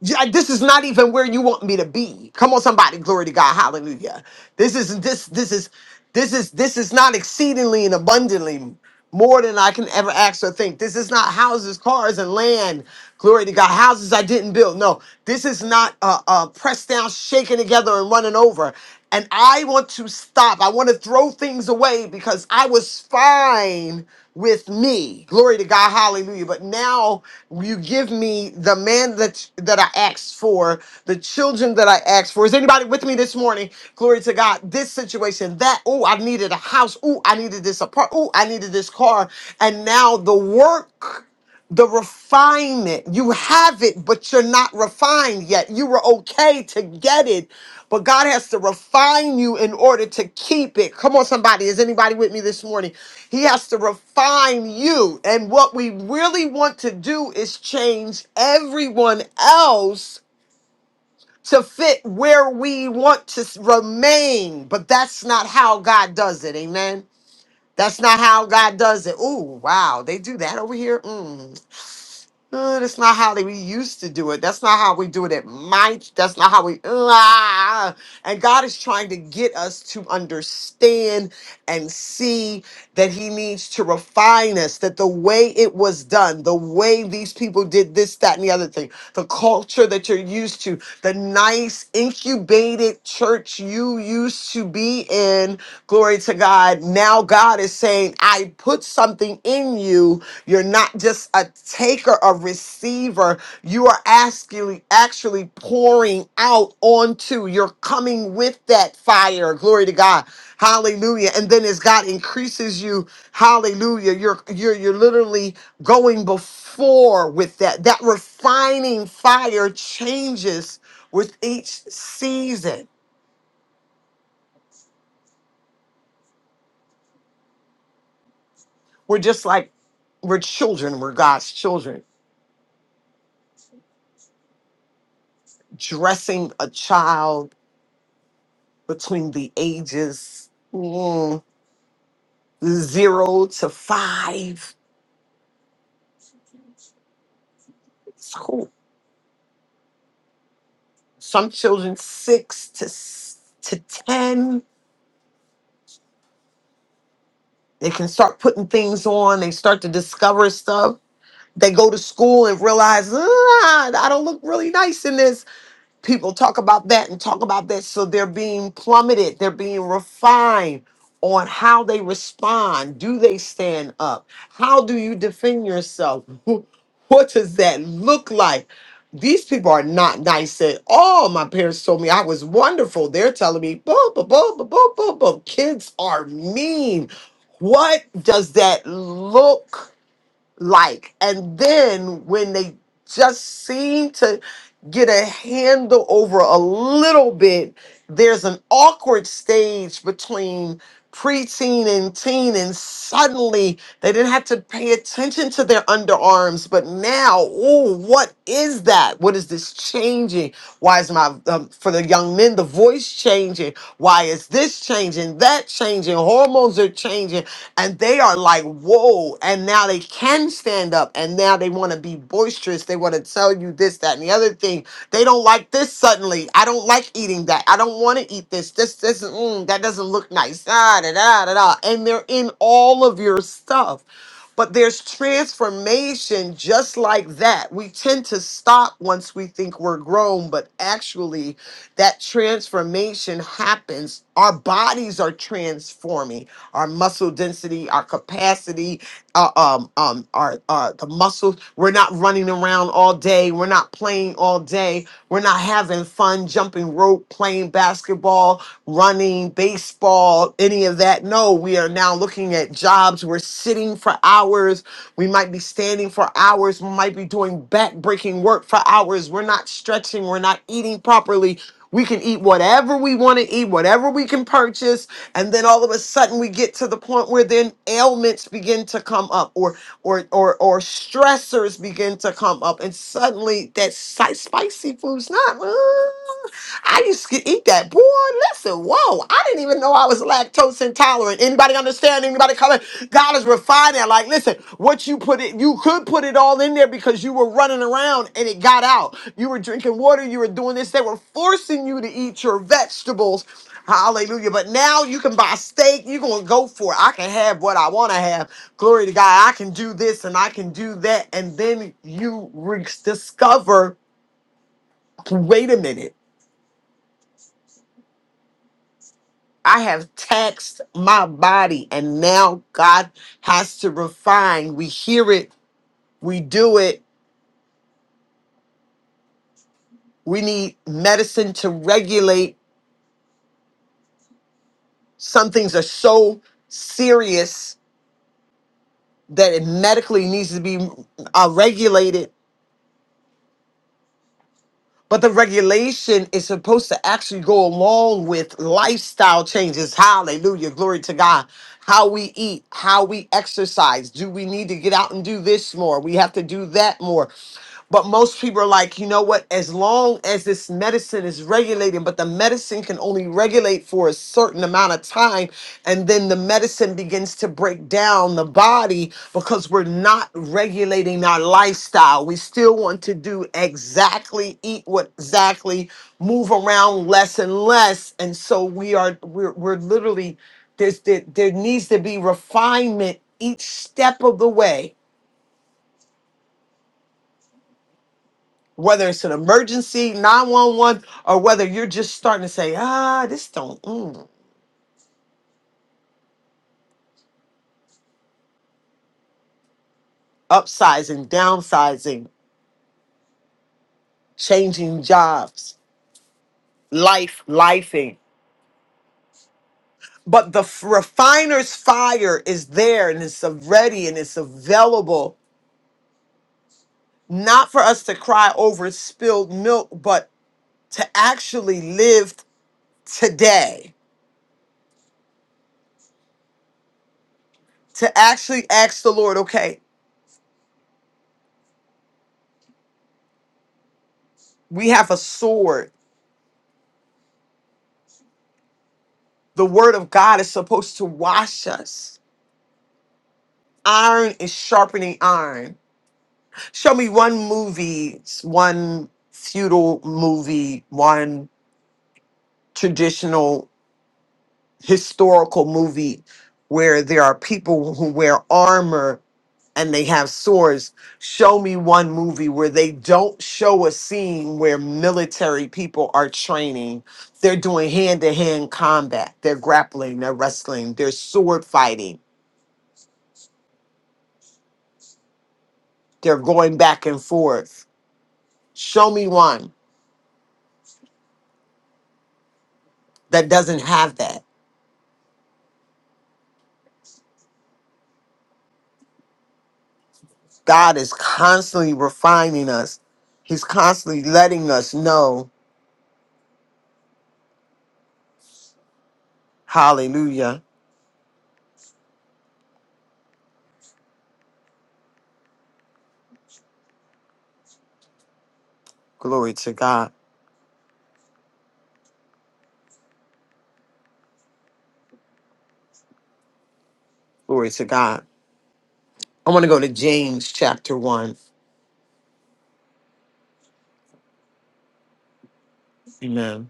B: yeah, this is not even where you want me to be. Come on, somebody, glory to God, hallelujah. This is this this is this is this is not exceedingly and abundantly more than I can ever ask or think. This is not houses, cars, and land. Glory to God. Houses I didn't build. No, this is not uh, uh, pressed down, shaken together, and running over. And I want to stop. I want to throw things away because I was fine with me. Glory to God, hallelujah. But now you give me the man that that I asked for, the children that I asked for. Is anybody with me this morning? Glory to God. This situation, that, oh, I needed a house. Oh, I needed this apartment. Oh, I needed this car. And now the work the refinement. You have it, but you're not refined yet. You were okay to get it, but God has to refine you in order to keep it. Come on, somebody. Is anybody with me this morning? He has to refine you. And what we really want to do is change everyone else to fit where we want to s- remain. But that's not how God does it. Amen. That's not how God does it. Ooh, wow. They do that over here. Mm. Uh, that's not how they- we used to do it. That's not how we do it at my. That's not how we. Ah. and God is trying to get us to understand and see that He needs to refine us. That the way it was done, the way these people did this, that, and the other thing, the culture that you're used to, the nice incubated church you used to be in. Glory to God uh, now God is saying, I put something in you. You're not just a taker, a receiver. You are asking, actually pouring out onto. You're coming with that fire. Glory to God. Hallelujah. And then as God increases you, hallelujah, you're you're you're literally going before with that. That refining fire changes with each season. We're just like we're children, we're God's children dressing a child between the ages mm, zero to five. It's cool. Some children six to s- to ten. They can start putting things on. They start to discover stuff. They go to school and realize, ah, I don't look really nice in this. People talk about that and talk about that. So they're being plummeted, they're being refined on how they respond. Do they stand up? How do you defend yourself? Wh- What does that look like? These people are not nice at all. My parents told me I was wonderful. They're telling me, boo, boo, boo, boo, boo, boo, boo. Kids are mean. What does that look like. And then when they just seem to get a handle over a little bit, there's an awkward stage between preteen and teen, and suddenly they didn't have to pay attention to their underarms, but now, oh, what is that? What is this changing? Why is my um, for the young men the voice changing? Why is it's this changing, that changing, hormones are changing, and they are like, whoa. And now they can stand up, and now they want to be boisterous. They want to tell you this, that, and the other thing. They don't like this suddenly. I don't like eating that. I don't want to eat this. This, this, mm, that doesn't look nice. Da, da, da, da, da. And they're in all of your stuff. But there's transformation just like that. We tend to stop once we think we're grown, but actually, that transformation happens. Our bodies are transforming. Our muscle density, our capacity, uh, um, um, our, our the muscles. We're not running around all day. We're not playing all day. We're not having fun jumping rope, playing basketball, running baseball about any of that. No, we are now looking at jobs. We're sitting for hours. We might be standing for hours. We might be doing back breaking work for hours. We're not stretching. We're not eating properly. We can eat whatever we want to eat, whatever we can purchase, and then all of a sudden we get to the point where then ailments begin to come up, or or or or stressors begin to come up, and suddenly that si- spicy food's not. uh, I used to eat that. Boy, listen, whoa. I didn't even know I was lactose intolerant. Anybody understand? Anybody coming? God is refining. Like, listen, what you put it, you could put it all in there because you were running around and it got out. You were drinking water, you were doing this. They were forcing you to eat your vegetables. Hallelujah. But now you can buy steak. You're going to go for it. I can have what I want to have. Glory to God. I can do this and I can do that. And then you re- discover wait a minute. I have taxed my body, and now God has to refine. We hear it, we do it. We need medicine to regulate. Some things are so serious that it medically needs to be uh, regulated But the regulation is supposed to actually go along with lifestyle changes. Hallelujah. Glory to God. How we eat, how we exercise. Do we need to get out and do this more? We have to do that more. But most people are like, you know what? As long as this medicine is regulating, but the medicine can only regulate for a certain amount of time and then the medicine begins to break down the body because we're not regulating our lifestyle we still want to do exactly eat what exactly move around less and less and so we are we're, we're literally there's there, there needs to be refinement each step of the way whether it's an emergency 911 or whether you're just starting to say ah this don't mm, upsizing downsizing changing jobs life lifing but the f- refiner's fire is there and it's ready and it's available not for us to cry over spilled milk but to actually live today to actually ask the lord okay we have a sword the word of god is supposed to wash us iron is sharpening iron show me one movie one feudal movie one traditional historical movie where there are people who wear armor and they have swords. Show me one movie where they don't show a scene where military people are training. They're doing hand to hand combat, they're grappling, they're wrestling, they're sword fighting, they're going back and forth. Show me one that doesn't have that. God is constantly refining us, He's constantly letting us know. Hallelujah. Glory to God Glory to God. I want to go to James chapter 1. Amen.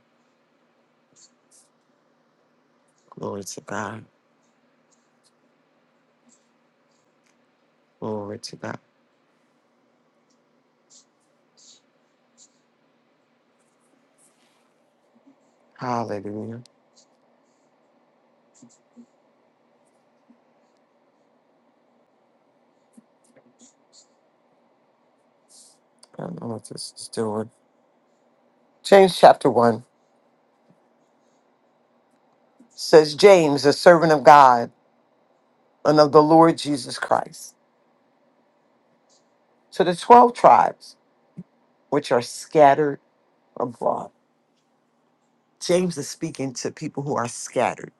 B: Glory to God. Glory to God. Hallelujah. I don't know what this is doing. James chapter 1 says, James, a servant of God and of the Lord Jesus Christ, to the 12 tribes which are scattered abroad. James is speaking to people who are scattered.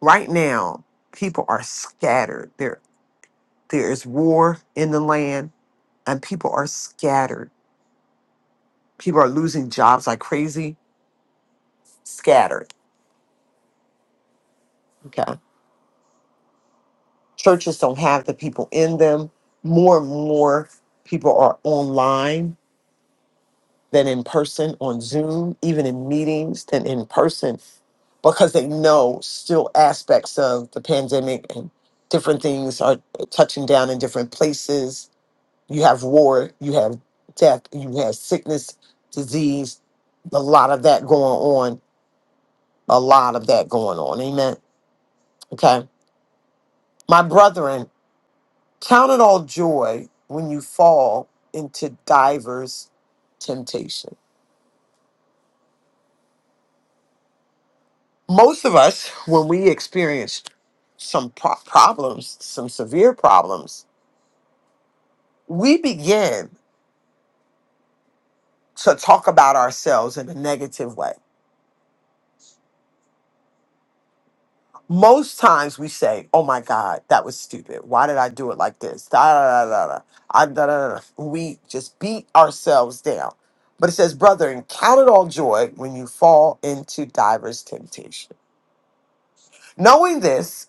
B: Right now, people are scattered. There, there is war in the land, and people are scattered. People are losing jobs like crazy scattered. Okay. Churches don't have the people in them. More and more people are online than in person, on Zoom, even in meetings than in person, because they know still aspects of the pandemic and different things are touching down in different places. You have war, you have death, you have sickness, disease, a lot of that going on, a lot of that going on. Amen. Okay. My brethren, Count it all joy when you fall into divers temptation. Most of us, when we experience some pro- problems, some severe problems, we begin to talk about ourselves in a negative way. Most times we say, "Oh my God, that was stupid. Why did I do it like this?" Da da da da. da. I, da, da, da. da." We just beat ourselves down. But it says, "Brethren, count it all joy when you fall into divers temptation." Knowing this,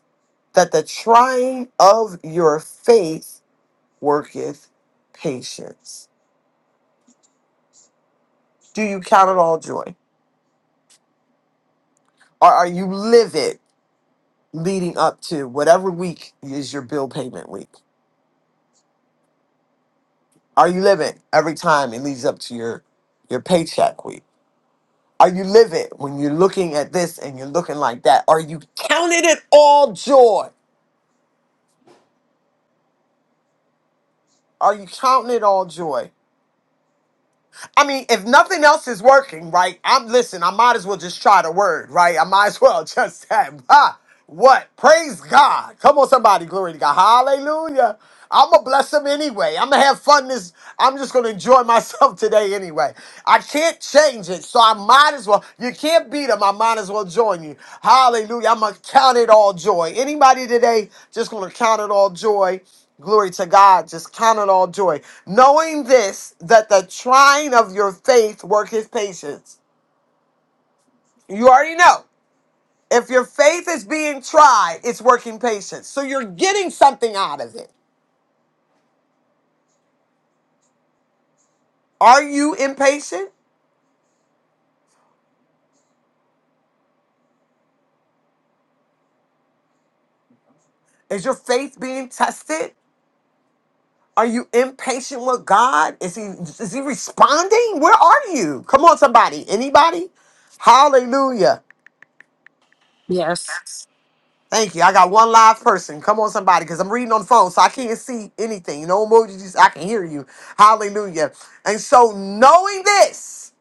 B: that the trying of your faith worketh patience. Do you count it all joy? Or are you livid leading up to whatever week is your bill payment week? Are you livid every time it leads up to your, your paycheck week? Are you livid when you're looking at this and you're looking like that? Are you counting it all joy? Are you counting it all joy? I mean, if nothing else is working, right? I'm listen. I might as well just try the word, right? I might as well just have ah, what? Praise God! Come on, somebody, glory to God, Hallelujah! I'm gonna bless him anyway. I'm gonna have fun. This I'm just gonna enjoy myself today anyway. I can't change it, so I might as well. You can't beat him. I might as well join you. Hallelujah! I'm gonna count it all joy. Anybody today just gonna count it all joy? Glory to God. Just count it all joy. Knowing this, that the trying of your faith worketh patience. You already know. If your faith is being tried, it's working patience. So you're getting something out of it. Are you impatient? Is your faith being tested? Are you impatient with God? Is he is he responding? Where are you? Come on, somebody. Anybody? Hallelujah.
E: Yes.
B: Thank you. I got one live person. Come on, somebody, because I'm reading on the phone, so I can't see anything. No emojis. I can hear you. Hallelujah. And so, knowing this,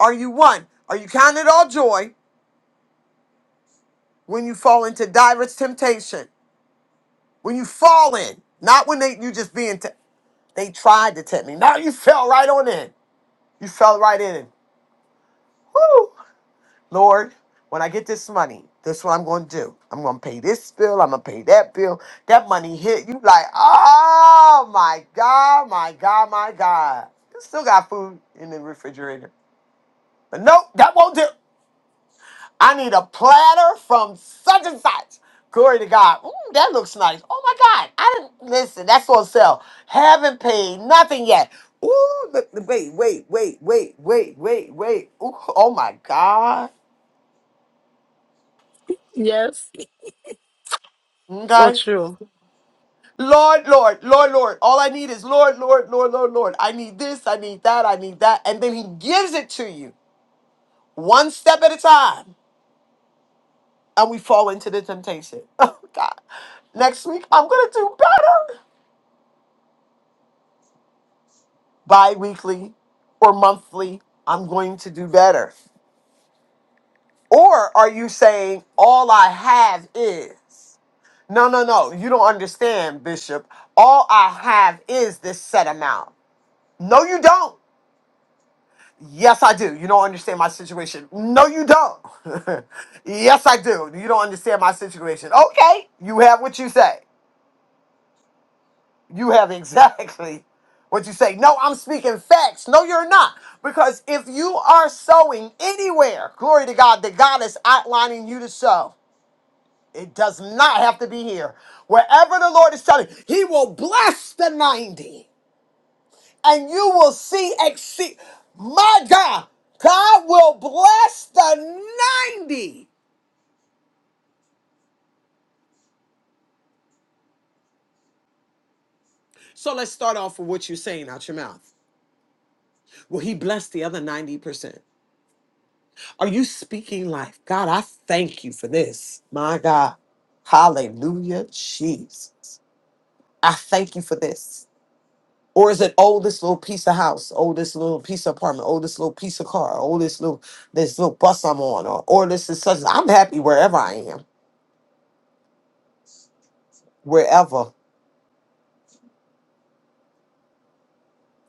B: are you one? Are you counted all joy when you fall into diverse temptation? When you fall in, not when they you just being te- they tried to tempt me. Now you fell right on in. You fell right in. Woo! Lord, when I get this money, this is what I'm going to do. I'm going to pay this bill. I'm going to pay that bill. That money hit you like, oh my God, my God, my God. You still got food in the refrigerator. But nope, that won't do. I need a platter from such and such. Glory to God. Ooh, that looks nice. Oh my God. I didn't listen. That's on sale. Haven't paid nothing yet. Ooh, look, wait, wait, wait, wait, wait, wait, wait. Ooh, oh my God.
E: Yes. So
B: Okay.
E: true.
B: Lord, Lord, Lord, Lord. All I need is Lord, Lord, Lord, Lord, Lord. I need this, I need that, I need that. And then he gives it to you one step at a time. And we fall into the temptation. Oh, God. Next week, I'm going to do better. Bi weekly or monthly, I'm going to do better. Or are you saying, all I have is? No, no, no. You don't understand, Bishop. All I have is this set amount. No, you don't. Yes, I do. You don't understand my situation. No, you don't. yes, I do. You don't understand my situation. Okay, you have what you say. You have exactly what you say. No, I'm speaking facts. No, you're not. Because if you are sowing anywhere, glory to God, that God is outlining you to sow, it does not have to be here. Wherever the Lord is telling, He will bless the 90. and you will see exceed. My God, God will bless the 90. So let's start off with what you're saying out your mouth. Will He bless the other 90%? Are you speaking life? God, I thank you for this. My God. Hallelujah, Jesus. I thank you for this. Or is it oh, this little piece of house, oh, this little piece of apartment, oh, this little piece of car, oh, this little this little bus I'm on, or, or this is such I'm happy wherever I am, wherever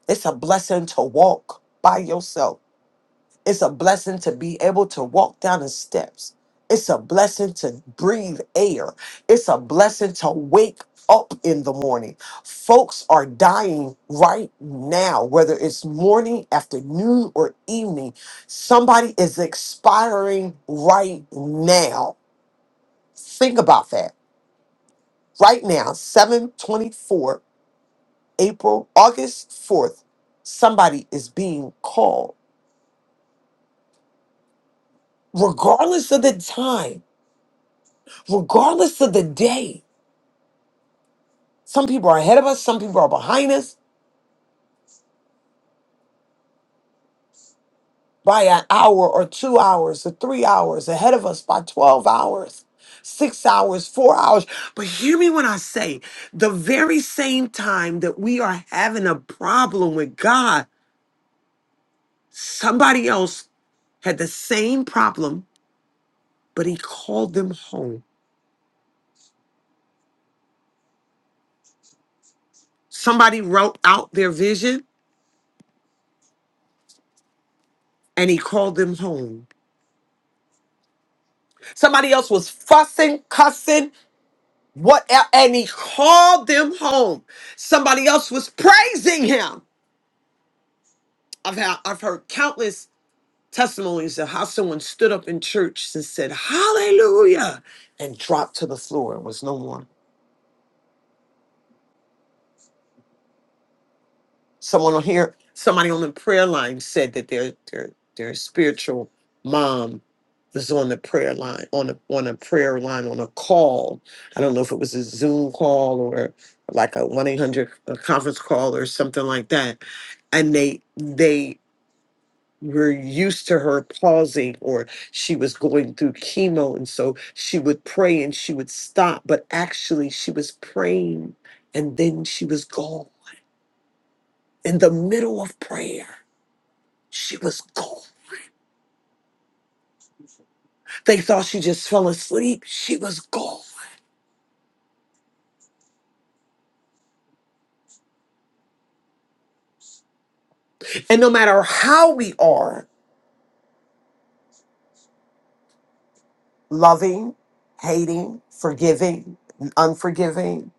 B: It's a blessing to walk by yourself. It's a blessing to be able to walk down the steps. It's a blessing to breathe air. It's a blessing to wake up in the morning. Folks are dying right now, whether it's morning, afternoon, or evening. Somebody is expiring right now. Think about that. Right now, 724 April, August 4th, somebody is being called regardless of the time, regardless of the day. Some people are ahead of us, some people are behind us by an hour or two hours or three hours, ahead of us by 12 hours, six hours, four hours. But hear me when I say the very same time that we are having a problem with God, somebody else had the same problem, but he called them home. Somebody wrote out their vision and he called them home. Somebody else was fussing, cussing, What el- and he called them home. Somebody else was praising him. I've had I've heard countless testimonies of how someone stood up in church and said, Hallelujah, and dropped to the floor and was no more. someone on here, somebody on the prayer line said that their their their spiritual mom was on the prayer line on a on a prayer line on a call. I don't know if it was a Zoom call or like a one eight hundred conference call or something like that. And they they were used to her pausing or she was going through chemo and so she would pray and she would stop but actually she was praying and then she was gone in the middle of prayer she was gone. They thought she just fell asleep. She was gone. And no matter how we are loving, hating, forgiving, unforgiving,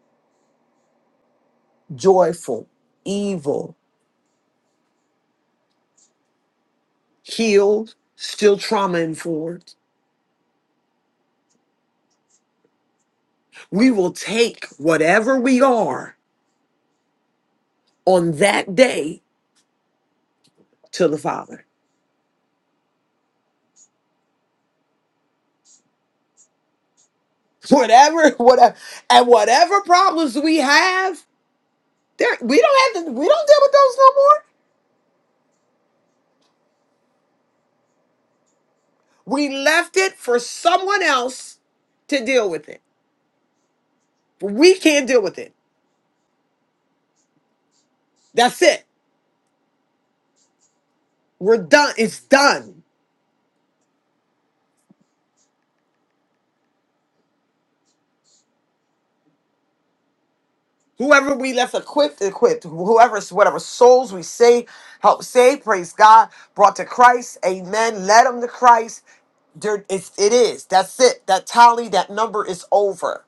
B: joyful, evil, healed, still trauma informed, we will take whatever we are on that day to the Father. Whatever, whatever, and whatever problems we have, there we don't have to. We don't deal with those no more. We left it for someone else to deal with it. We can't deal with it. That's it. We're done. It's done. Whoever we left equipped, equipped. Whoever's whatever souls we say, help save, praise God, brought to Christ. Amen. Led them to Christ. There, it's, it is. That's it. That tally, that number is over.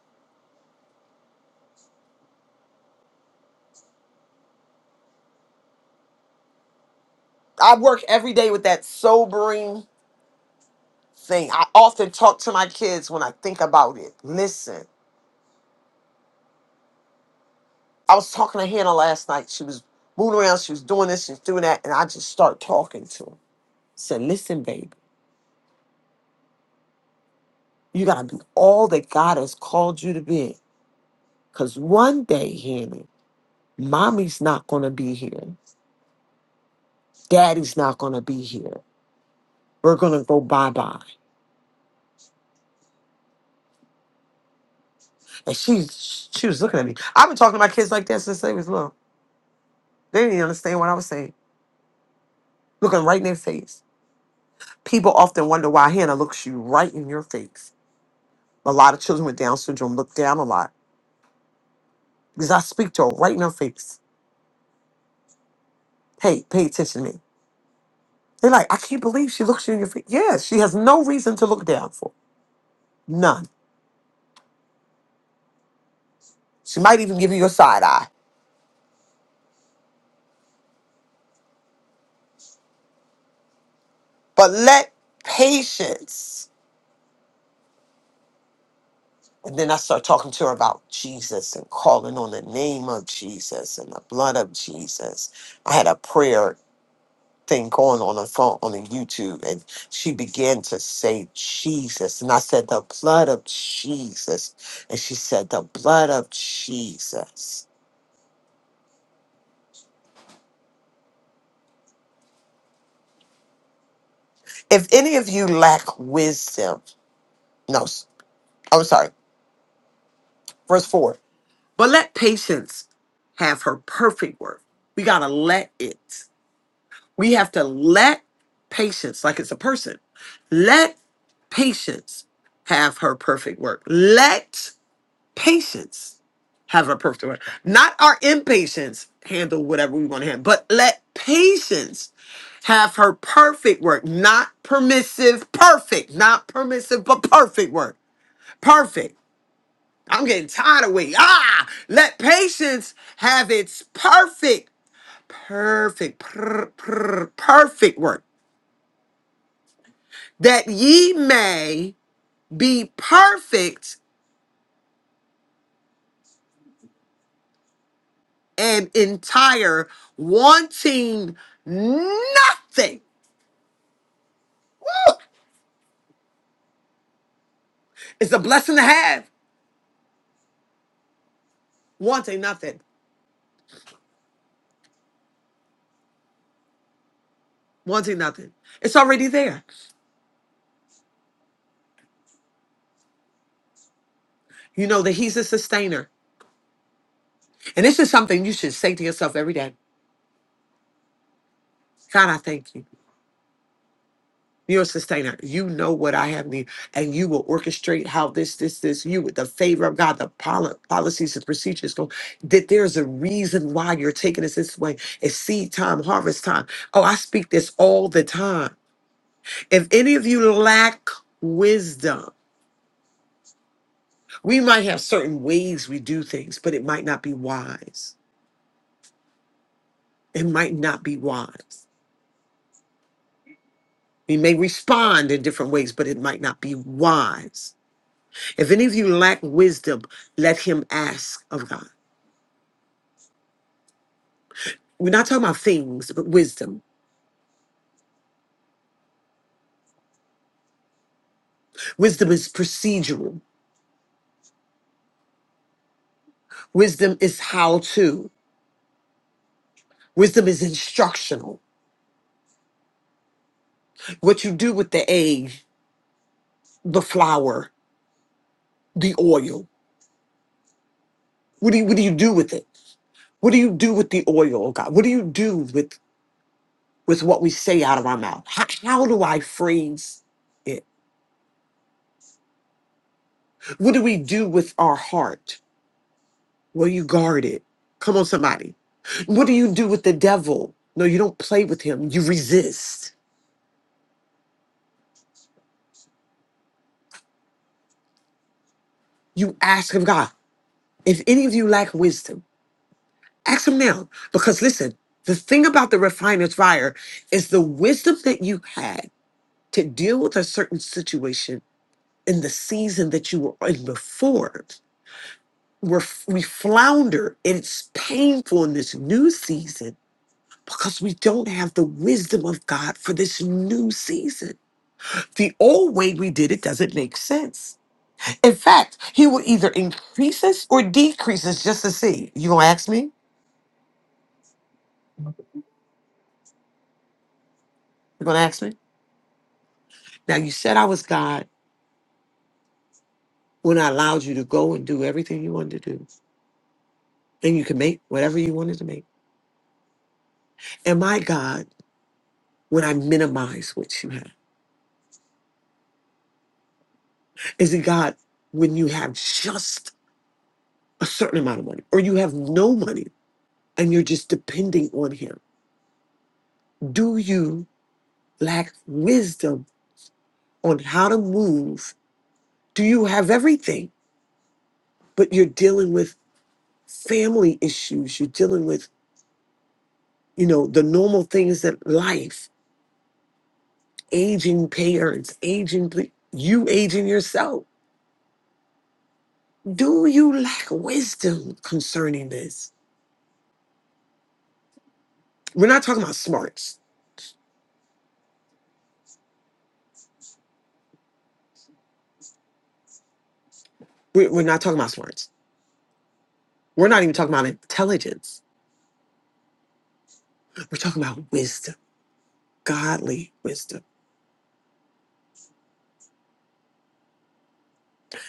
B: I work every day with that sobering thing. I often talk to my kids when I think about it. Listen. I was talking to Hannah last night. She was moving around. She was doing this. She was doing that. And I just started talking to her. Said, listen, baby, you got to be all that God has called you to be. Because one day, Hannah, mommy's not going to be here. Daddy's not going to be here. We're going to go bye-bye. And she's, she was looking at me. I've been talking to my kids like that since they was little. They didn't even understand what I was saying. Looking right in their face. People often wonder why Hannah looks you right in your face. A lot of children with Down syndrome look down a lot Because I speak to her right in her face. Hey, pay attention to me. They're like, I can't believe she looks you in your face. Yeah, she has no reason to look down for. None. She might even give you a side eye. But let patience. And then I start talking to her about Jesus and calling on the name of Jesus and the blood of Jesus. I had a prayer thing going on the phone on the YouTube and she began to say Jesus. And I said, the blood of Jesus. And she said, the blood of Jesus. If any of you lack wisdom, no, s- I'm sorry, verse 4. But let patience have her perfect work. We got to let it. We have to let patience, like it's a person, let patience have her perfect work. Let patience have her perfect work. Not our impatience handle whatever we want to handle, but let patience have her perfect work. Not permissive, perfect, not permissive, but perfect work perfect. I'm getting tired of waiting. Ah, let patience have its perfect, perfect, per- per- perfect work, that ye may be perfect and entire, wanting nothing. Woo! It's a blessing to have, wanting nothing, wanting nothing. It's already there. You know that He's a sustainer, and this is something you should say to yourself every day. God, I thank you. You're a sustainer. You know what I have need, and you will orchestrate how this, this, this, you with the favor of God, the poli- policies and procedures go. That there's a reason why you're taking us this way. It's seed time, harvest time. Oh, I speak this all the time. If any of you lack wisdom, we might have certain ways we do things, but it might not be wise. It might not be wise. We may respond in different ways, but it might not be wise. If any of you lack wisdom, let him ask of God. We're not talking about things, but wisdom. Wisdom is procedural. Wisdom is how to. Wisdom is instructional. What you do with the egg, the flour, the oil. What do you, what do you do with it? What do you do with the oil, oh God? What do you do with with what we say out of our mouth? How, how do I phrase it? What do we do with our heart? Will you guard it? Come on, somebody. What do you do with the devil? No, you don't play with him. You resist. You ask of God. If any of you lack wisdom, ask him now. Because listen, the thing about the refiner's fire is the wisdom that you had to deal with a certain situation in the season that you were in before. We're, we flounder and it's painful in this new season because we don't have the wisdom of God for this new season. The old way we did it doesn't make sense. In fact, he will either increase us or decrease us just to see. You gonna ask me? You gonna ask me? Now you said I was God when I allowed you to go and do everything you wanted to do, and you can make whatever you wanted to make. Am I God when I minimize what you have? Is it God when you have just a certain amount of money, or you have no money and you're just depending on Him? Do you lack wisdom on how to move? do you have everything but you're dealing with family issues you're dealing with you know the normal things that life aging parents aging pe- you aging yourself do you lack wisdom concerning this we're not talking about smarts We- we're not talking about smarts we're not even talking about intelligence we're talking about wisdom godly wisdom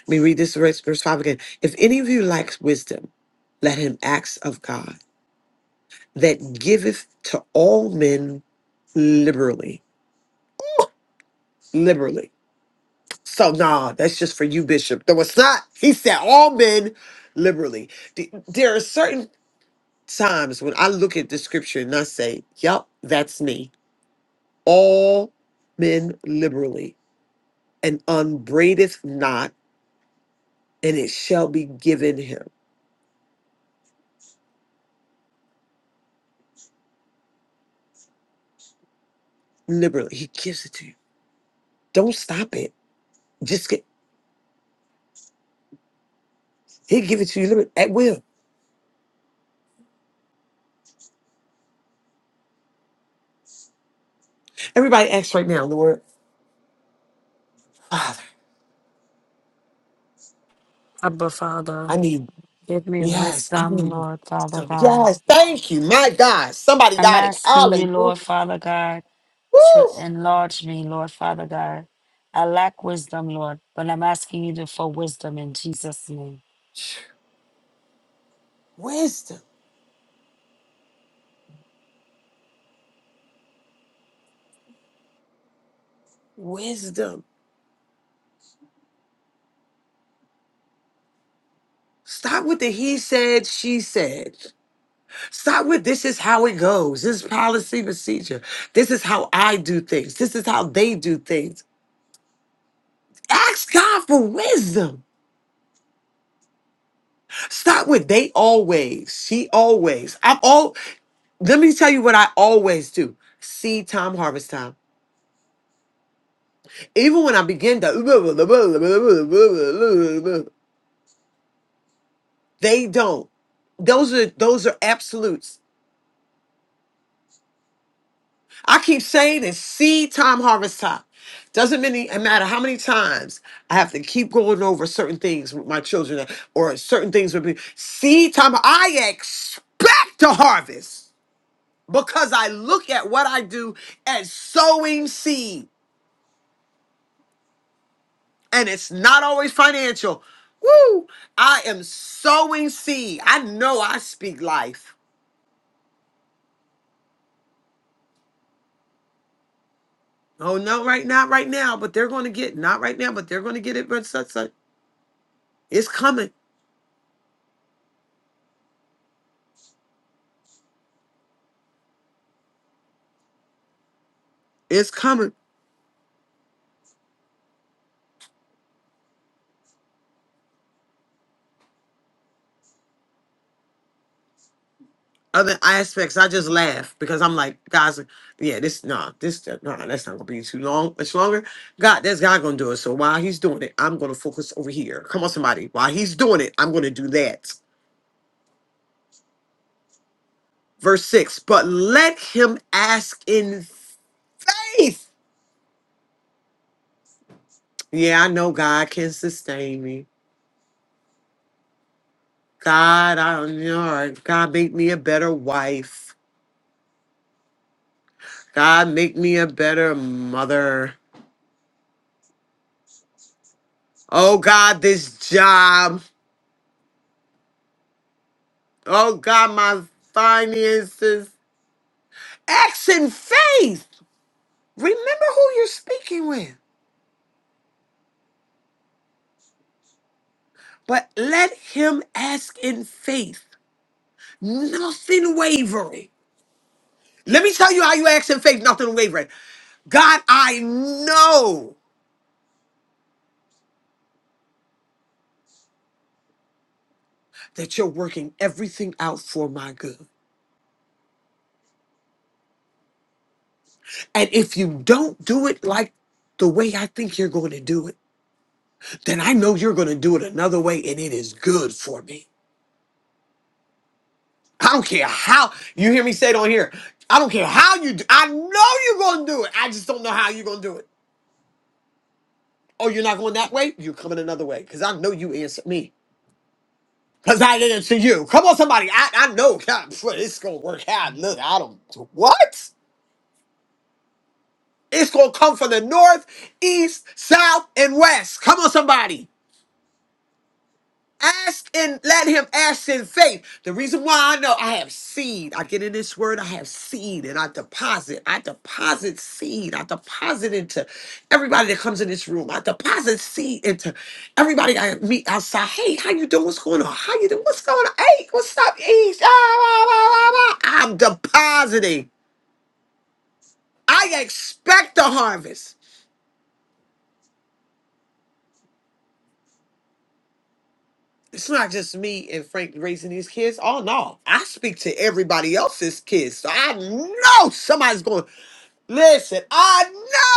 B: let me read this verse, verse 5 again if any of you lacks wisdom let him ask of god that giveth to all men liberally, liberally. So nah, that's just for you, Bishop. No, it's not. He said all men liberally. Th- There are certain times when I look at the scripture and I say, yep, that's me." All men liberally, and unbraideth not, and it shall be given him liberally. He gives it to you. Don't stop it. Just get. He'll give it to you liberally at will. Everybody asks right now, Lord, Father,
E: Abba
B: I
E: Father,
B: need.
E: give me
B: Yes.
E: wisdom,
B: I'm
E: Lord Father
B: so
E: God.
B: yes. Thank you. My God. Somebody
E: I'm
B: got it.
E: asking you,
B: Hallelujah.
E: Lord Father God, to
B: Woo.
E: enlarge me, Lord Father God. I lack wisdom, Lord, but I'm asking you to- for wisdom in Jesus' name.
B: Wisdom. Wisdom. Stop with the he said, she said. Stop with this is how it goes. This is policy procedure. This is how I do things. This is how they do things. Ask God for wisdom. Stop with they always, she always. I'm all let me tell you what I always do. Seed time, harvest time. even when I begin to, they don't. Those are those are absolutes. I keep saying it's seed time, harvest time. Doesn't many it matter how many times I have to keep going over certain things with my children or certain things with me. Seed time. I expect to harvest because I look at what I do as sowing seed. and it's not always financial. Woo! I am sowing seed. I know I speak life. Oh no, right now, right now, but they're going to get not right now, but they're going to get it. But such, such. it's coming. It's coming. Other aspects, I just laugh because I'm like, guys, yeah, this nah, this no, nah, that's not gonna be too long, much longer. God, that's God gonna do it. So while He's doing it, I'm gonna focus over here. Come on, somebody. While He's doing it, I'm gonna do that. Verse six. But let him ask in faith Yeah, I know God can sustain me. God, I am your God make me a better wife. God make me a better mother. Oh God, this job. Oh God, my finances. Acts in faith. Remember who you're speaking with. But let him ask in faith. Nothing wavering. Let me tell you how you ask in faith, nothing wavering. God, I know that you're working everything out for my good. And if you don't do it like the way I think you're going to do it, then I know you're going to do it another way and it is good for me. I don't care how you hear me say it on here. I don't care how you do I know you're going to do it. I just don't know how you're going to do it. Oh, you're not going that way? You're coming another way because I know you answered me. Because I answered you. Come on, somebody. I, I know God, phew, it's going to work out. Look, I don't. What? It's going to come from the north, east, south, and west. Come on, somebody. Ask and let him ask in faith. The reason why I know I have seed, I get in this word, I have seed and I deposit. I deposit seed. I deposit into everybody that comes in this room. I deposit seed into everybody I meet outside. Hey, how you doing? What's going on? How you doing? What's going on? Hey, what's up, East? Ah, rah, rah, rah, rah. I'm depositing. I expect the harvest. it's not just me and Frank raising these kids. Oh no, I speak to everybody else's kids. So I know somebody's going. Listen, I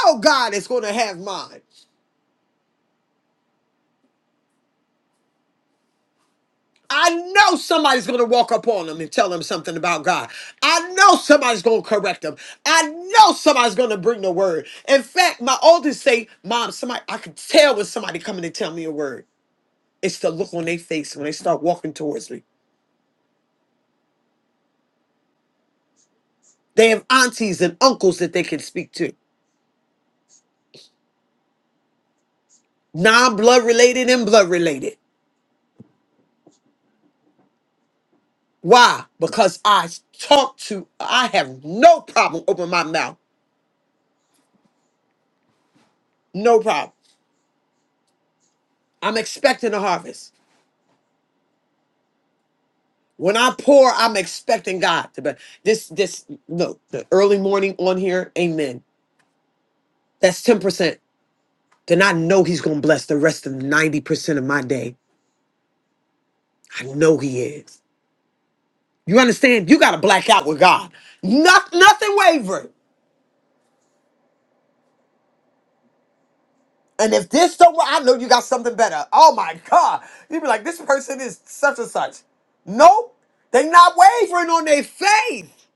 B: know God is going to have mine. I know somebody's going to walk up on them and tell them something about God. I know somebody's going to correct them. I know somebody's going to bring the word. In fact, my oldest say, "Mom, somebody I can tell when somebody coming to tell me a word. It's the look on their face when they start walking towards me. They have aunties and uncles that they can speak to. non blood related and blood related. Why? Because I talk to, I have no problem opening my mouth. No problem. I'm expecting a harvest. When I pour, I'm expecting God to be. This, this, look, the early morning on here, amen. That's 10%. Then I know He's going to bless the rest of 90% of my day. I know He is. You understand? You got to black out with God. Not, nothing wavered. And if this don't work, I know you got something better. Oh my God. you be like, this person is such and such. Nope. They not wavering on their faith.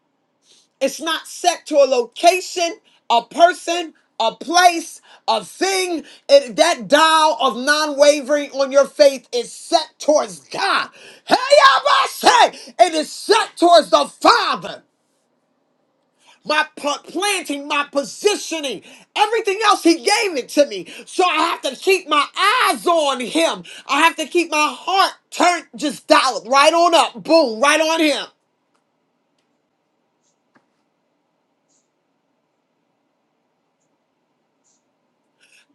B: It's not set to a location, a person, a place, a thing. It- that dial of non-wavering on your faith is set towards God. Hey, Abba, say it is set towards the Father my pl- planting, my positioning, everything else. He gave it to me. So I have to keep my eyes on him. I have to keep my heart turned, just dialed right on up. Boom, right on him.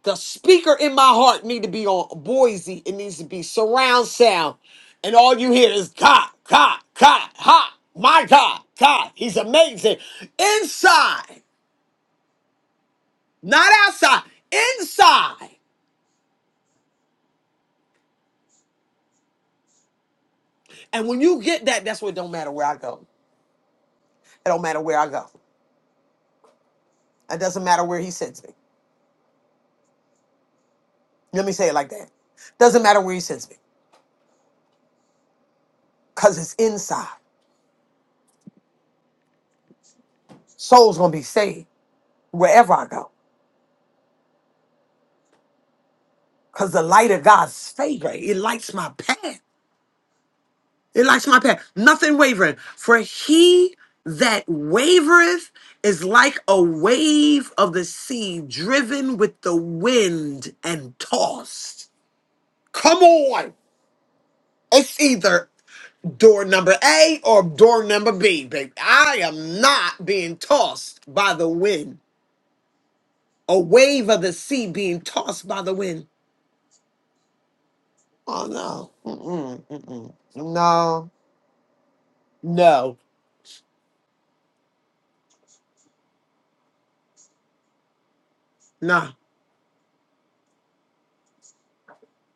B: The speaker in my heart need to be on Boise. It needs to be surround sound. And all you hear is God, God, God, ha, my God, God. He's amazing. Inside, not outside, inside. And when you get that, that's what it don't matter where I go. It don't matter where I go. It doesn't matter where he sends me. Let me say it like that. Doesn't matter where he sends me, because it's inside. Soul's gonna be saved wherever I go. Cause the light of God's favor, it lights my path. It lights my path. Nothing wavering. For he that wavereth is like a wave of the sea driven with the wind and tossed. Come on. It's either door number A or door number B, baby. I am not being tossed by the wind. A wave of the sea being tossed by the wind. Oh no. Mm-mm, mm-mm. No. No. No.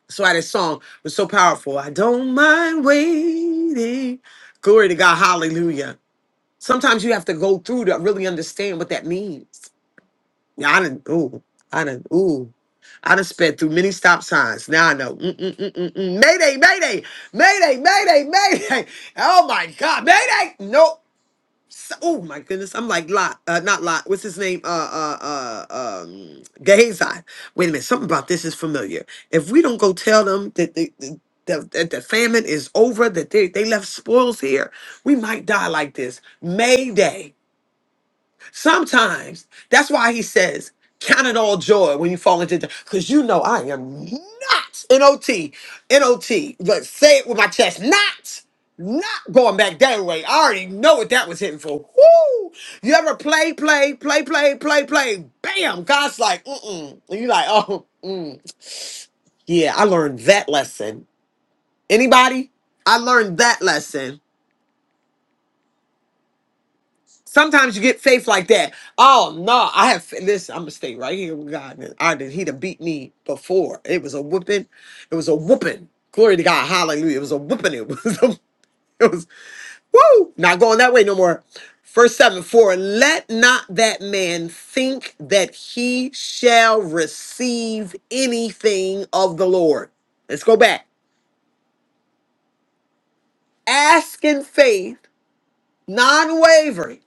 B: That's why this song was so powerful. I don't mind waiting. Glory to God. Hallelujah. Sometimes you have to go through to really understand what that means. Yeah, I done, ooh, I done, ooh. I done sped through many stop signs. Now I know. Mm-mm-mm-mm-mm. Mayday, mayday, mayday, mayday, mayday. Oh my God, mayday. Nope. S- Oh my goodness, I'm like Lot, uh, not Lot. What's his name? Uh, uh, uh, um, Gehazi. Wait a minute, something about this is familiar. If we don't go tell them that the, the, the, that the famine is over, that they, they left spoils here, we might die like this. Mayday. Sometimes that's why he says, count it all joy when you fall into because you know I am not N-O-T, N-O-T. But say it with my chest, not not going back that way. I already know what that was hitting for. Woo! You ever play, play, play, play, play, play, bam, God's like, mm-mm. And you like, oh, mm. yeah, I learned that lesson. Anybody? I learned that lesson Sometimes you get faith like that. Oh no, I have this. I'm gonna stay right here with God. And I did. he done beat me before. It was a whooping. It was a whooping. Glory to God. Hallelujah. It was a whooping. It was. A, it was. Woo! Not going that way no more. Verse seven. For let not that man think that he shall receive anything of the Lord. Let's go back. Ask in faith, non-wavering.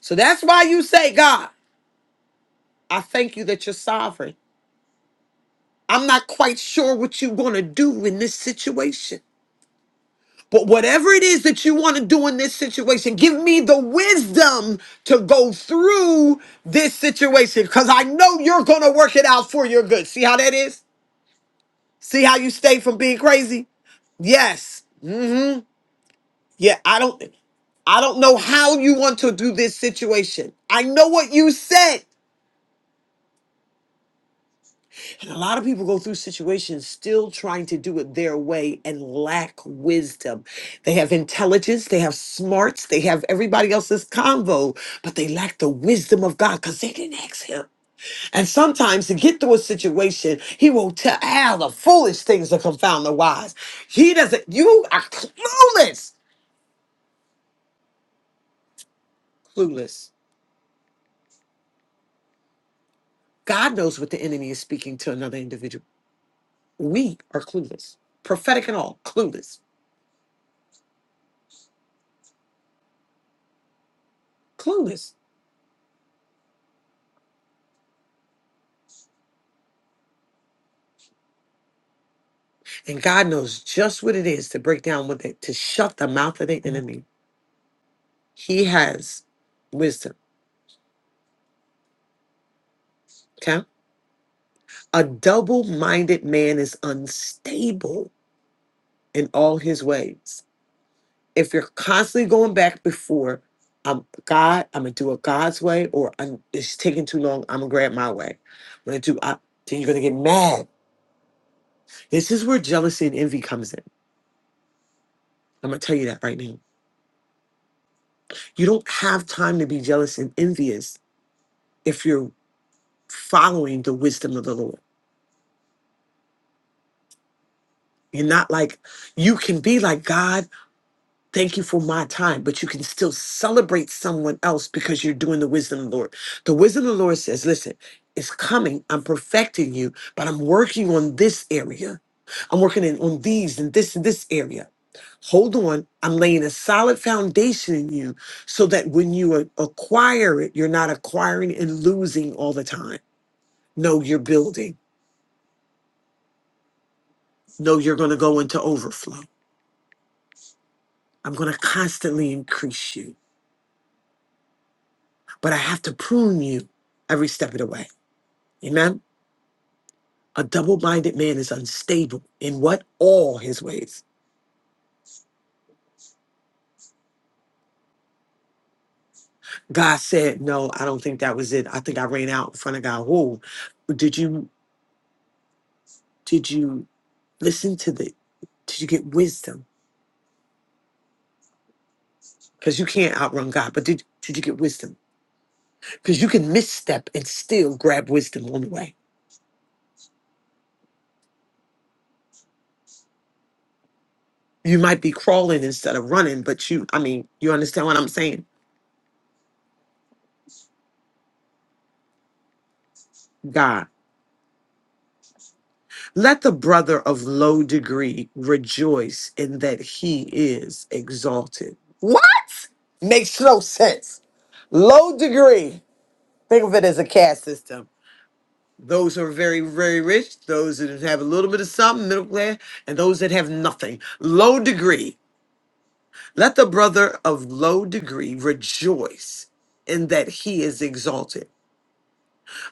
B: So that's why you say, God, I thank you that you're sovereign. I'm not quite sure what you want to do in this situation. But whatever it is that you want to do in this situation, give me the wisdom to go through this situation because I know you're going to work it out for your good. See how that is? See how you stay from being crazy? Yes. hmm Yeah, I don't I don't know how you want to do this situation. I know what you said. A lot of people go through situations still trying to do it their way and lack wisdom. They have intelligence, they have smarts, they have everybody else's convo, but they lack the wisdom of God because they didn't ask Him. And sometimes to get through a situation, He will tell all the foolish things to confound the wise. He doesn't, you are clueless. Clueless. God knows what the enemy is speaking to another individual. We are clueless, prophetic and all, clueless. Clueless. And God knows just what it is to break down what they, to shut the mouth of the enemy. He has wisdom. Okay. A double minded man is unstable in all his ways. If you're constantly going back before, I'm God, I'm going to do it God's way, or I'm, it's taking too long, I'm going to grab my way. I'm going to do, I, then you're going to get mad. This is where jealousy and envy comes in. I'm going to tell you that right now. You don't have time to be jealous and envious if you're following the wisdom of the Lord. You're not like, you can be like, God, thank you for my time, but you can still celebrate someone else because you're doing the wisdom of the Lord. The wisdom of the Lord says, listen, it's coming. I'm perfecting you, but I'm working on this area. I'm working in, on these and this and this area. Hold on. I'm laying a solid foundation in you so that when you a- acquire it, you're not acquiring and losing all the time. No, you're building. No, you're going to go into overflow. I'm going to constantly increase you, but I have to prune you every step of the way. Amen. A double minded man is unstable in what? All his ways. God said, No, I don't think that was it. I think I ran out in front of God. Whoa. Did you, did you listen to the, did you get wisdom? Because you can't outrun God, but did, did you get wisdom? Because you can misstep and still grab wisdom on the way. You might be crawling instead of running, but you, I mean, you understand what I'm saying? God. Let the brother of low degree rejoice in that he is exalted. What? Makes no sense. Low degree. Think of it as a caste system. Those who are very, very rich, those that have a little bit of something, middle class, and those that have nothing. Low degree. Let the brother of low degree rejoice in that he is exalted.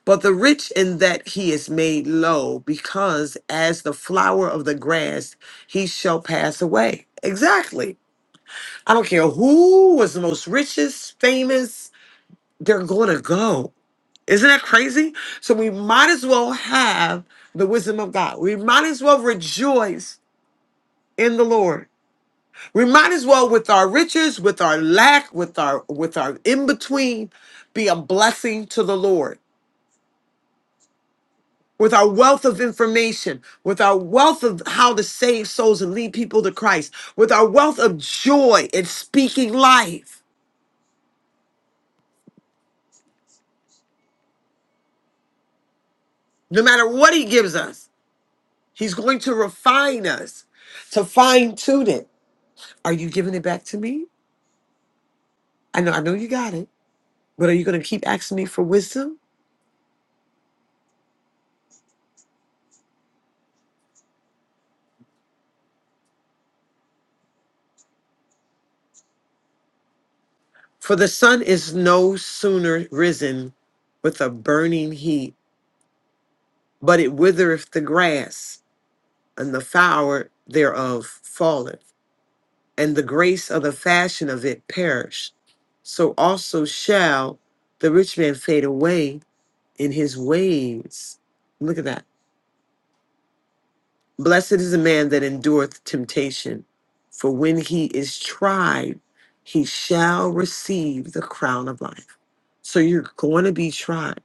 B: But the rich in that he is made low, because as the flower of the grass, he shall pass away. Exactly. I don't care who was the most richest, famous, they're going to go. Isn't that crazy? So we might as well have the wisdom of God. We might as well rejoice in the Lord. We might as well with our riches, with our lack, with our with our in between be a blessing to the Lord with our wealth of information, with our wealth of how to save souls and lead people to Christ, with our wealth of joy in speaking life. No matter what He gives us, He's going to refine us, to fine tune it. Are you giving it back to me? I know, I know you got it, but are you going to keep asking me for wisdom? For the sun is no sooner risen with a burning heat, but it withereth the grass, and the flower thereof falleth and the grace of the fashion of it perish. So also shall the rich man fade away in his ways. Look at that. Blessed is the man that endureth temptation, for when he is tried, he shall receive the crown of life. So you're going to be tried,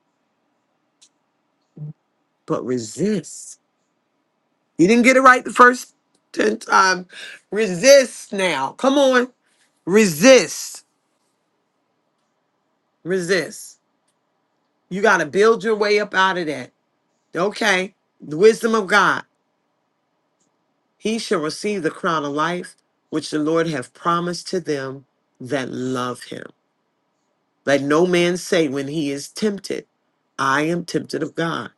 B: but resist. You didn't get it right the first 10 times. Resist now. Come on. Resist. Resist. You got to build your way up out of that. Okay. The wisdom of God. He shall receive the crown of life, which the Lord hath promised to them that love him. Let no man say when he is tempted, I am tempted of God.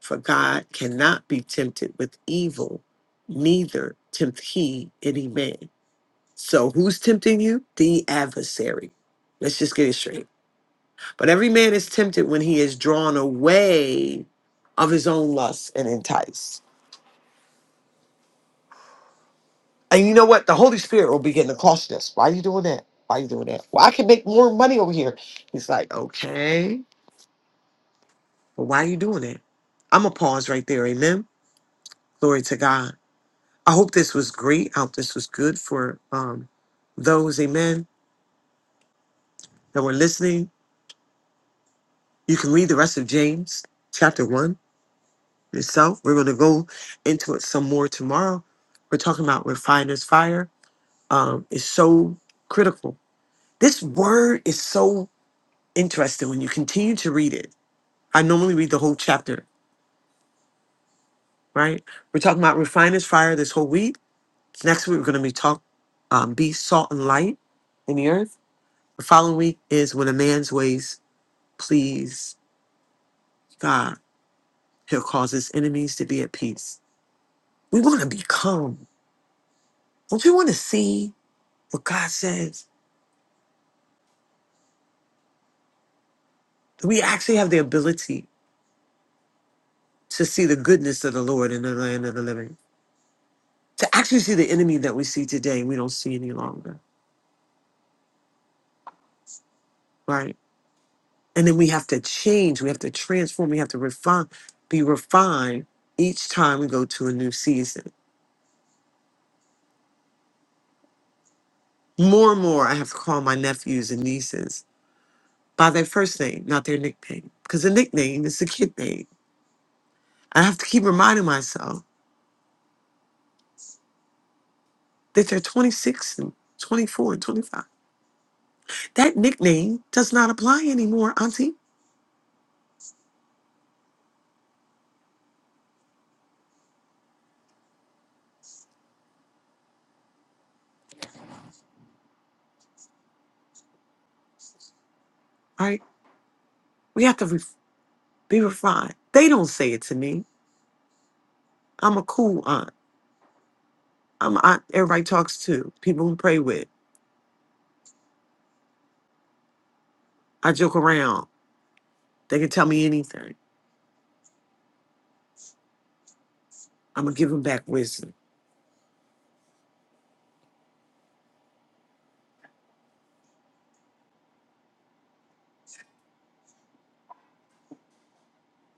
B: For God cannot be tempted with evil, neither tempt he any man. So who's tempting you? The adversary. Let's just get it straight. But every man is tempted when he is drawn away of his own lust and enticed. And you know what? The Holy Spirit will begin to caution us. Why are you doing that? Why are you doing that? Well, I can make more money over here. He's like, okay, well, why are you doing that? I'm going to pause right there. Amen. Glory to God. I hope this was great. I hope this was good for um, those, amen, that were listening. You can read the rest of James chapter 1 yourself. We're going to go into it some more tomorrow. We're talking about refiner's fire. Um, it's so critical. This word is so interesting when you continue to read it. I normally read the whole chapter, right? We're talking about refiner's fire this whole week. Next week, we're going to be talk, um, be salt and light in the earth. The following week is when a man's ways please God. He'll cause his enemies to be at peace. We want to be calm. Don't you want to see what God says? we actually have the ability to see the goodness of the Lord in the land of the living, to actually see the enemy that we see today, we don't see any longer, right? And then we have to change, we have to transform, we have to refine, be refined each time we go to a new season. More and more, I have to call my nephews and nieces by their first name, not their nickname, because the nickname is the kid name. I have to keep reminding myself that they're 26 and 24 and 25. That nickname does not apply anymore, Auntie. Right? We have to re- be refined. They don't say it to me. I'm a cool aunt. I'm a aunt everybody talks to, people who pray with. I joke around. They can tell me anything. I'm going to give them back wisdom.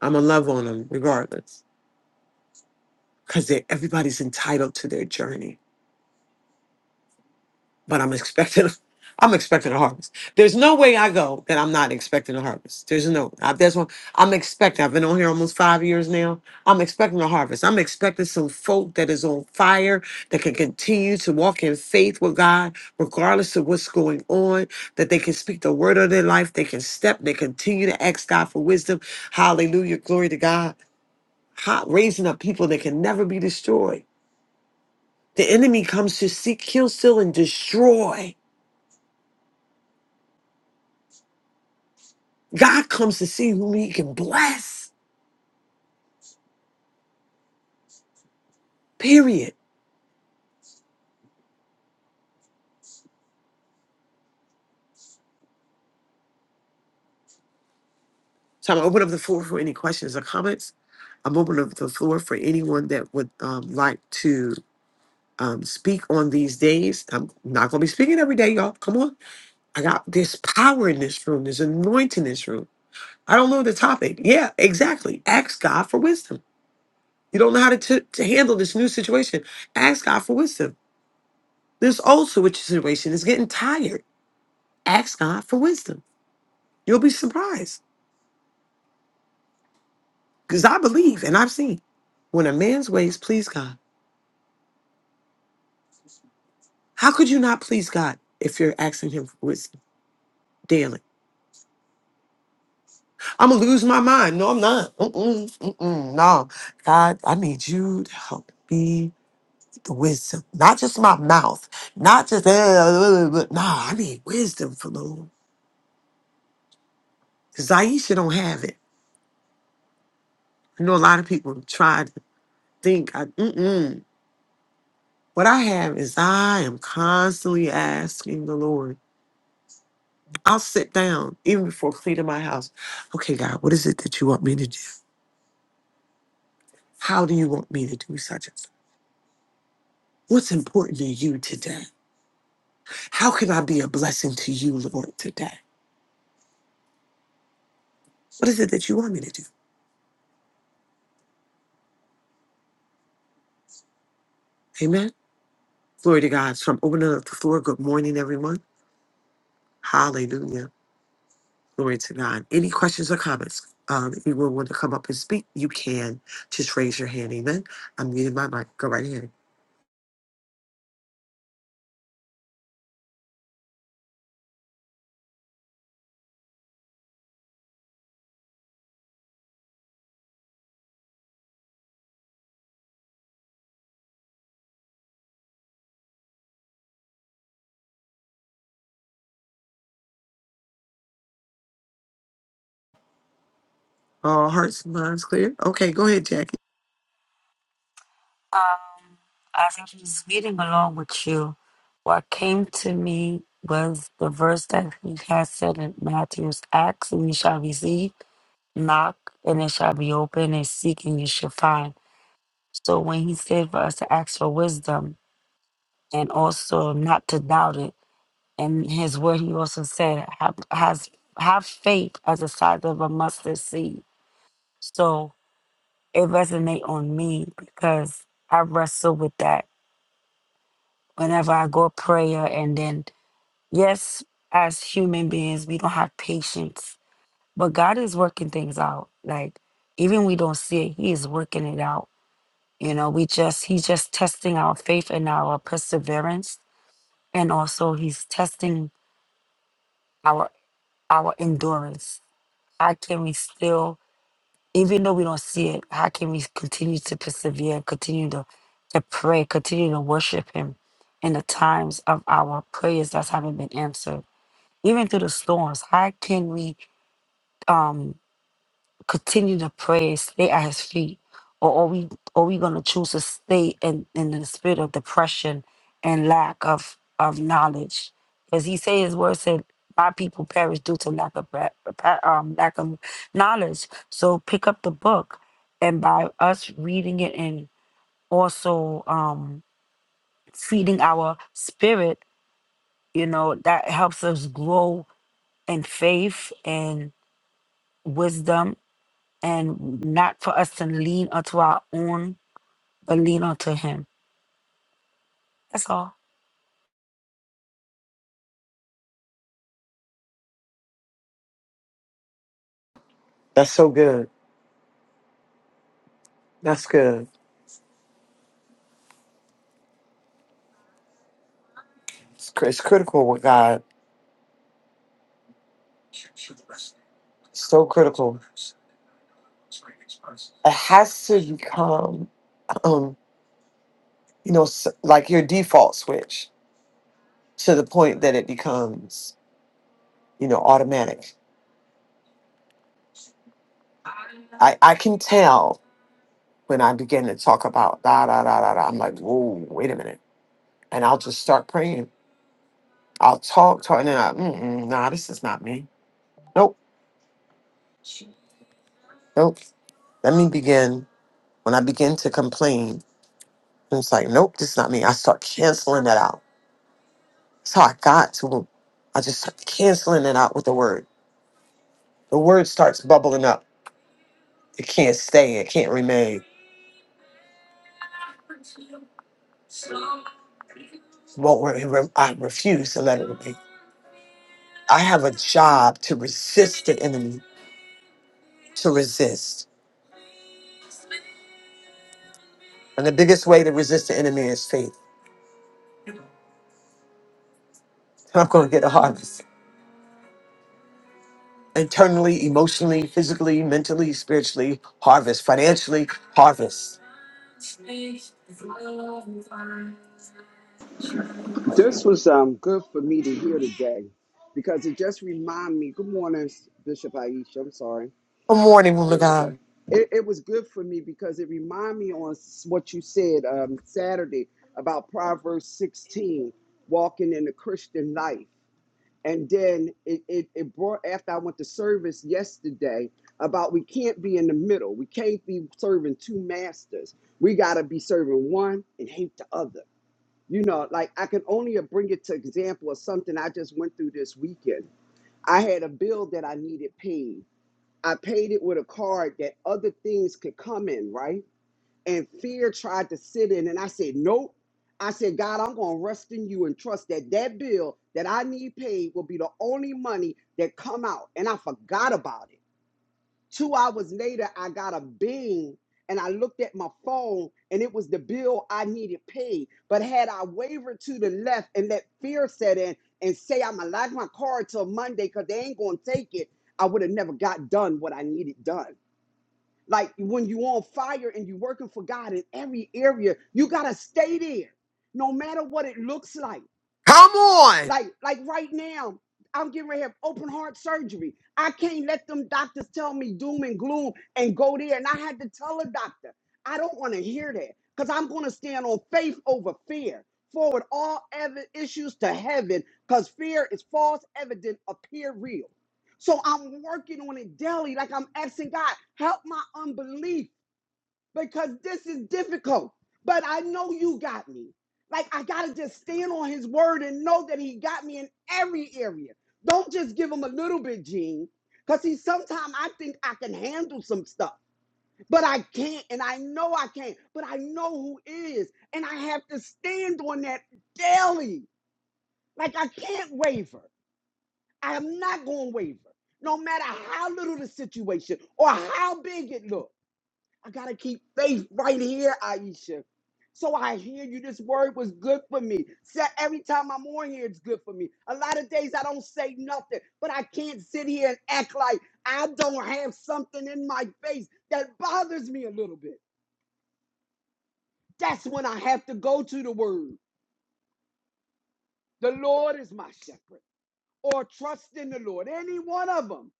B: I'm going to love on them regardless because everybody's entitled to their journey. but I'm expecting I'm expecting a harvest. There's no way I go that I'm not expecting a harvest. There's no I, there's one I'm expecting. I've been on here almost five years now. I'm expecting a harvest. I'm expecting some folk that is on fire that can continue to walk in faith with God, regardless of what's going on. That they can speak the word of their life. They can step. They continue to ask God for wisdom. Hallelujah, glory to God. Hot, raising up people that can never be destroyed. The enemy comes to seek, kill, steal, and destroy God comes to see whom he can bless, period. So I'm going to open up the floor for any questions or comments. I'm open up the floor for anyone that would um, like to um, speak on these days. I'm not going to be speaking every day, y'all. Come on. I got this power in this room, there's anointing in this room. I don't know the topic. Yeah, exactly. Ask God for wisdom. You don't know how to, t- to handle this new situation. Ask God for wisdom. This old situation is getting tired. Ask God for wisdom. You'll be surprised. Because I believe and I've seen when a man's ways please God, how could you not please God if you're asking him for wisdom daily? I'm going to lose my mind. No, I'm not. Mm-mm, mm-mm, no. God, I need you to help me with the wisdom, not just my mouth, not just, uh, uh, uh, but no, I need wisdom from the Lord. Because Aisha don't have it. I know a lot of people try to think, I, mm-mm. What I have is I am constantly asking the Lord I'll sit down even before cleaning my house. Okay, God, what is it that you want me to do? How do you want me to do such and such? What's important to you today? How can I be a blessing to you, Lord, today? What is it that you want me to do? Amen. Glory to God. So I'm opening up the floor. Good morning, everyone. Hallelujah. Glory to God. Any questions or comments? Um, if you want to come up and speak, you can. Just raise your hand. Amen. I'm muting my mic. Go right ahead. All hearts and minds clear. Okay, go ahead, Jackie.
E: Um, as I was reading along with you, what came to me was the verse that he has said in Matthew's Acts, and you shall receive, knock, and it shall be open, and seek, and you shall find. So when he said for us to ask for wisdom and also not to doubt it, and his word, he also said, have, has, have faith as the size of a mustard seed. So it resonate on me because I wrestle with that whenever I go prayer. And then, yes, as human beings, we don't have patience, but God is working things out. Like, even we don't see it, he is working it out. You know, we just, he's just testing our faith and our perseverance and also he's testing our our endurance how can we still even though we don't see it how can we continue to persevere continue to to pray continue to worship him in the times of our prayers that haven't been answered even through the storms how can we um? continue to pray, stay at his feet? Or are we are we gonna choose to stay in, in the spirit of depression and lack of, of knowledge? Because he said his word said, My people perish due to lack of pra- pra- um, lack of knowledge. So pick up the book and by us reading it and also um feeding our spirit, you know, that helps us grow in faith and wisdom and not for us to lean onto our own, but lean onto Him. That's all.
B: That's so good. That's good. It's, cr- it's critical with God. So critical. It has to become, um, you know, s- like your default switch to the point that it becomes, you know, automatic. I, I can tell when I begin to talk about da da da da da. I'm like, whoa, wait a minute, and I'll just start praying. I'll talk, talk, and then I, mm-mm, nah, this is not me. Nope, nope. Let me begin. When I begin to complain, it's like, nope, this is not me. I start canceling that out So I got to him. I just started canceling it out with the word. The word starts bubbling up. It can't stay. It can't remain. won't re- re- I refuse to let it remain. I have a job to resist the enemy, to resist. And the biggest way to resist the enemy is faith. And I'm going to get a harvest. Internally, emotionally, physically, mentally, spiritually, harvest. Financially, harvest.
F: This was um, good for me to hear today because it just reminded me. Good morning, Bishop Aisha. I'm sorry.
B: Good morning, woman of God.
F: It, it was good for me because it reminded me on s- what you said um, Saturday about Proverbs 16, walking in the Christian life. And then it, it, it brought, after I went to service yesterday, about we can't be in the middle. We can't be serving two masters. We got to be serving one and hate the other. You know, like I can only bring it to example of something I just went through this weekend. I had a bill that I needed paid. I paid it with a card that other things could come in, right? And fear tried to sit in, and I said, nope. I said, God, I'm going to rest in you and trust that that bill that I need paid will be the only money that come out. And I forgot about it. Two hours later, I got a bing and I looked at my phone and it was the bill I needed paid. But had I wavered to the left and let fear set in and say I'm gonna lock my car till Monday because they ain't gonna take it, I would have never got done what I needed done. Like when you on fire and you working for God in every area, you gotta stay there, no matter what it looks like.
B: Come on!
F: Like, like right now, I'm getting ready to have open heart surgery. I can't let them doctors tell me doom and gloom and go there. And I had to tell a doctor, I don't want to hear that because I'm going to stand on faith over fear. Forward all ever issues to heaven because fear is false evident appear real. So I'm working on it daily, like I'm asking God, help my unbelief because this is difficult. But I know you got me. Like I gotta just stand on his word and know that he got me in every area. Don't just give him a little bit, Gene. Cause see, sometimes I think I can handle some stuff, but I can't, and I know I can't, but I know who is, and I have to stand on that daily. Like I can't waver. I am not gonna waver, no matter how little the situation or how big it looks. I gotta keep faith right here, Aisha. So I hear you. This word was good for me. Sa- Every time I'm on here, it's good for me. A lot of days I don't say nothing, but I can't sit here and act like I don't have something in my face that bothers me a little bit. That's when I have to go to the word. The Lord is my shepherd, or trust in the Lord. Any one of them.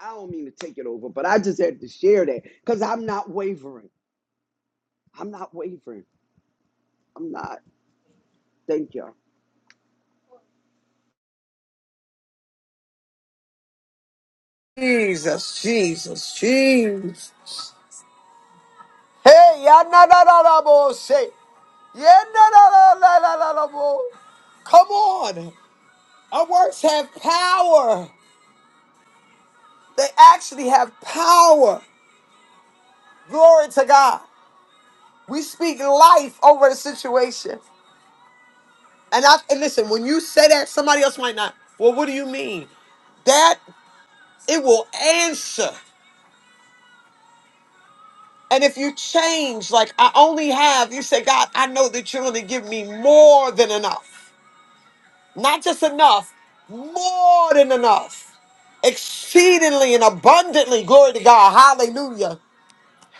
F: I don't mean to take it over, but I just had to share that because I'm not wavering. I'm not wavering. I'm not. Thank you.
B: Jesus, Jesus, Jesus. Hey, ya na na na na bo say. Yeah, na na na na na na na Come on. Our works have power. They actually have power. Glory to God. We speak life over the situation. And I and listen, when you say that, somebody else might not. Well, what do you mean? That it will answer. And if you change, like I only have, you say, God, I know that you're gonna give me more than enough. Not just enough, more than enough. Exceedingly and abundantly. Glory to God. Hallelujah.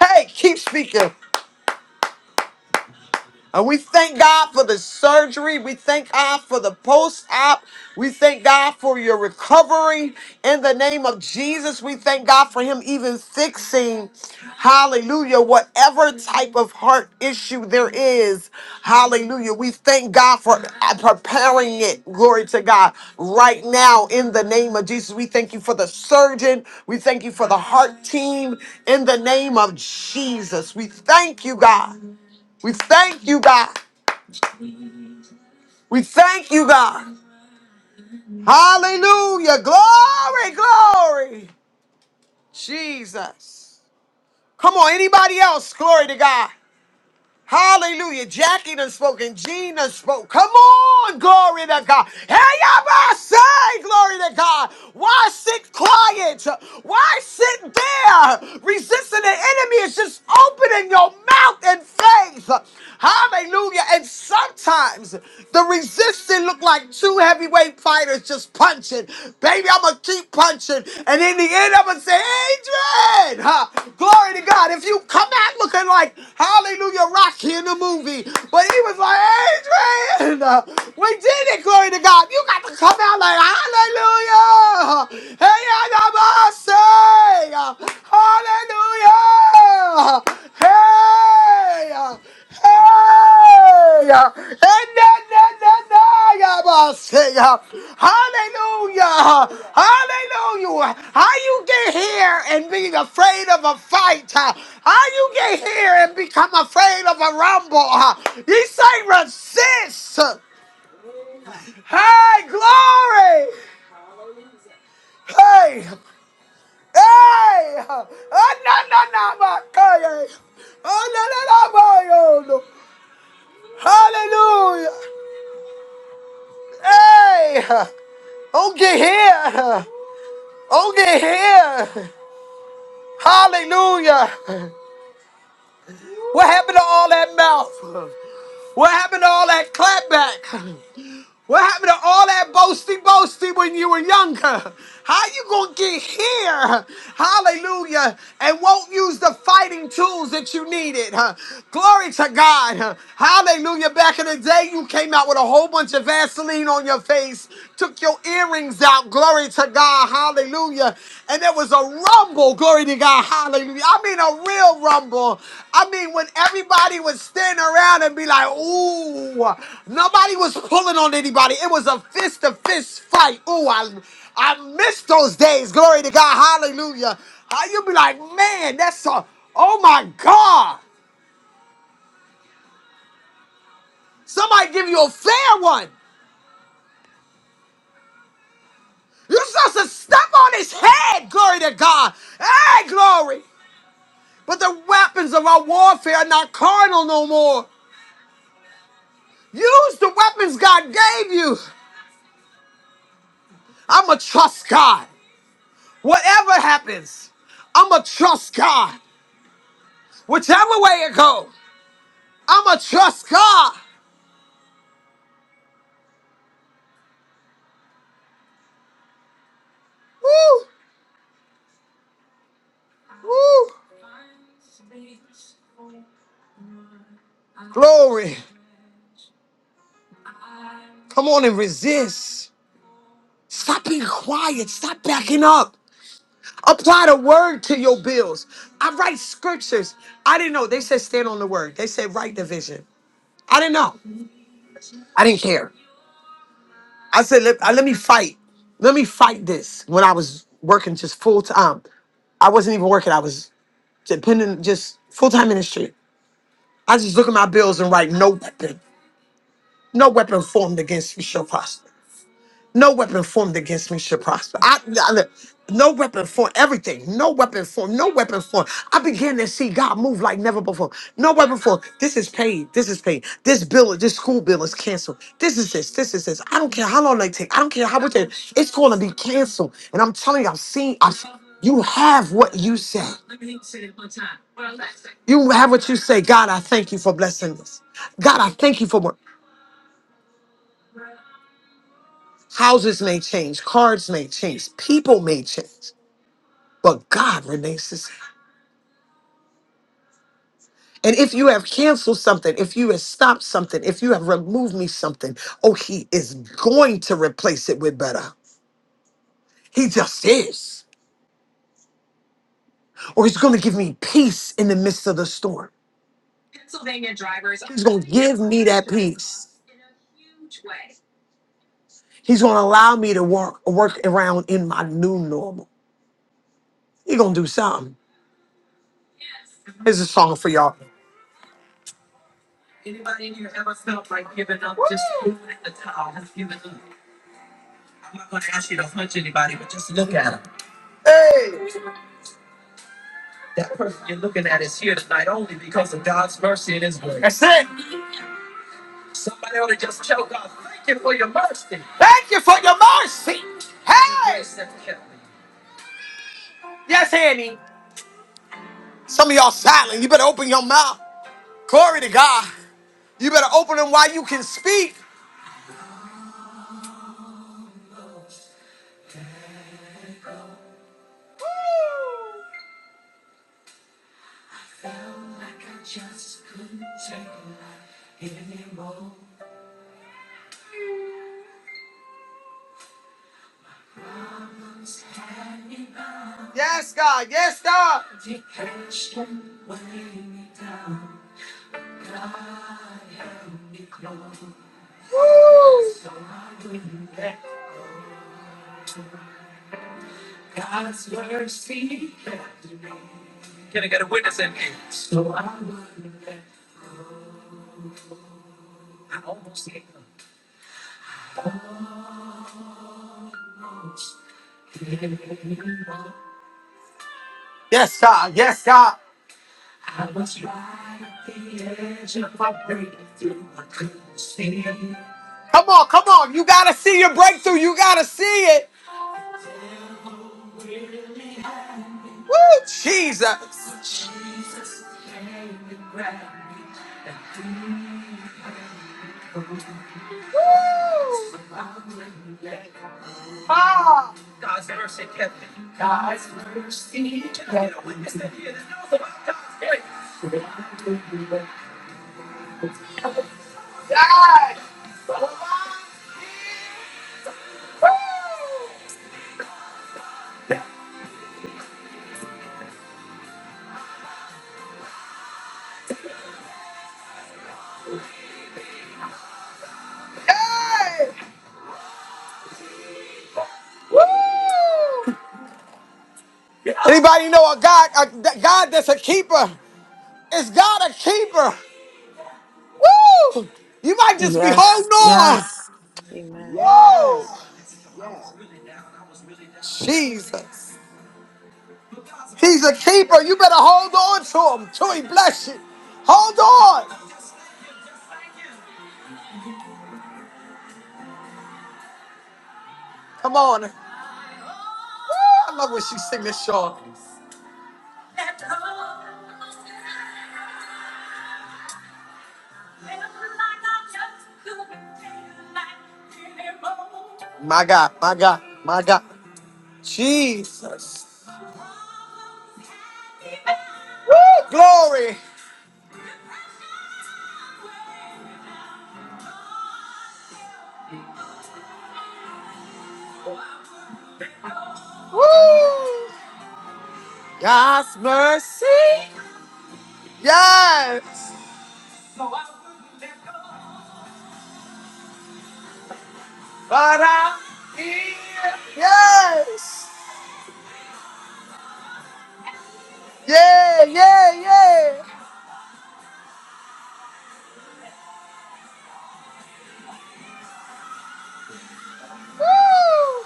B: Hey, keep speaking. And we thank God for the surgery. We thank God for the post op. We thank God for your recovery in the name of Jesus. We thank God for Him even fixing, hallelujah, whatever type of heart issue there is. Hallelujah. We thank God for uh, preparing it. Glory to God. Right now, in the name of Jesus, we thank you for the surgeon. We thank you for the heart team in the name of Jesus. We thank you, God. We thank you, God. We thank you, God. Hallelujah. Glory, glory. Jesus. Come on, anybody else? Glory to God. Hallelujah. Jackie done spoke and Gene done spoke. Come on, glory to God. Hey, y'all say, glory to God. Why sit quiet? Why sit there? Resisting the enemy is just opening your mouth in faith. Hallelujah. And sometimes the resistance look like two heavyweight fighters just was punching. Baby, I'm going to keep punching. And in the end, I'm going to say, Adrian! Huh? Glory to God. If you come out looking like Hallelujah Rocky in the movie, but he was like, Adrian! uh, we did it, glory to God. You got to come out like, Hallelujah! Hey, Adabase! uh, Hallelujah! Hey! uh, Hallelujah. Hallelujah. Hallelujah. How you get here and being afraid of a fight? huh? How you get here and become afraid of a rumble? huh? say resist. Hey, glory. Hey. Hey. Oh, no, no, no, my God. Oh, no, no, no, my God. Hallelujah. Hey! Oh, get here! Oh, get here! Hallelujah! What happened to all that mouth? What happened to all that clapback? What happened to all that boasty boasty when you were younger? How you gonna get here? Hallelujah. And won't use the fighting tools that you needed. huh? Glory to God. huh? Hallelujah. Back in the day, you came out with a whole bunch of Vaseline on your face, took your earrings out. Glory to God. God, hallelujah. And there was a rumble, glory to God, hallelujah. I mean, a real rumble. I mean, when everybody was standing around and be like, ooh, nobody was pulling on anybody. It was a fist to fist fight. Ooh, I, I miss those days, glory to God, hallelujah. Uh, You'll be like, man, that's a, oh my God. Somebody give you a fair one. You're supposed to step on his head, glory to God. Hey, glory. But the weapons of our warfare are not carnal no more. Use the weapons God gave you. I'm going to trust God. Whatever happens, I'm going to trust God. Whichever way it goes, I'm going to trust God. Woo! Woo! Glory. Come on and resist. Stop being quiet. Stop backing up. Apply the word to your bills. I write scriptures. I didn't know. They said stand on the word. They said write the vision. I didn't know. I didn't care. I said, let, I- let me fight. Let me fight this. When I was working just full time, I wasn't even working. I was dependent, just full time ministry. I just look at my bills and write no weapon, no weapon formed against me shall prosper. No weapon formed against me shall prosper. I, I- no weapon formed, everything. No weapon formed, no weapon formed. I began to see God move like never before. No weapon formed. This is paid. This is paid. This bill, this school bill is canceled. This is this. This is this. I don't care how long they take. I don't care how much it, it's going to be canceled. And I'm telling you, I've seen. I've, you have what you say. You have what you say. God, I thank you for blessing this. God, I thank you for what houses may change, cards may change, people may change. But God remains the same. And if you have canceled something, if you have stopped something, if you have removed me something, oh, He is going to replace it with better. He just is. Or He's going to give me peace in the midst of the storm. He's going to allow me to work, work around in my new normal. He's going to do something. Here's a song for y'all. Hey, sin. Thank you for your mercy. Hey. Some of y'all silent. You better open your mouth. Glory to God. You better open them while you can speak. Yes, God. Yes, God. Yes, God. Yes, God. Come on, come on. You gotta see your breakthrough. You gotta see it. Woo, Jesus. Woo. Ah, God. Woo. Hey. Woo. Anybody know a God, a God that's a keeper? Is God a keeper? Woo! You might just be
E: Yes,
B: holding on.
E: yes.
B: Woo!
F: Yes. Yes.
B: Jesus. He's a keeper. You better hold on to him till he bless you. Hold on. Come on. Woo, I love when she sing this song. My God, my God, my God. Jesus. Woo, glory. Woo. God's mercy. Yes. But I. Yes. Yeah, yeah, yeah. Woo.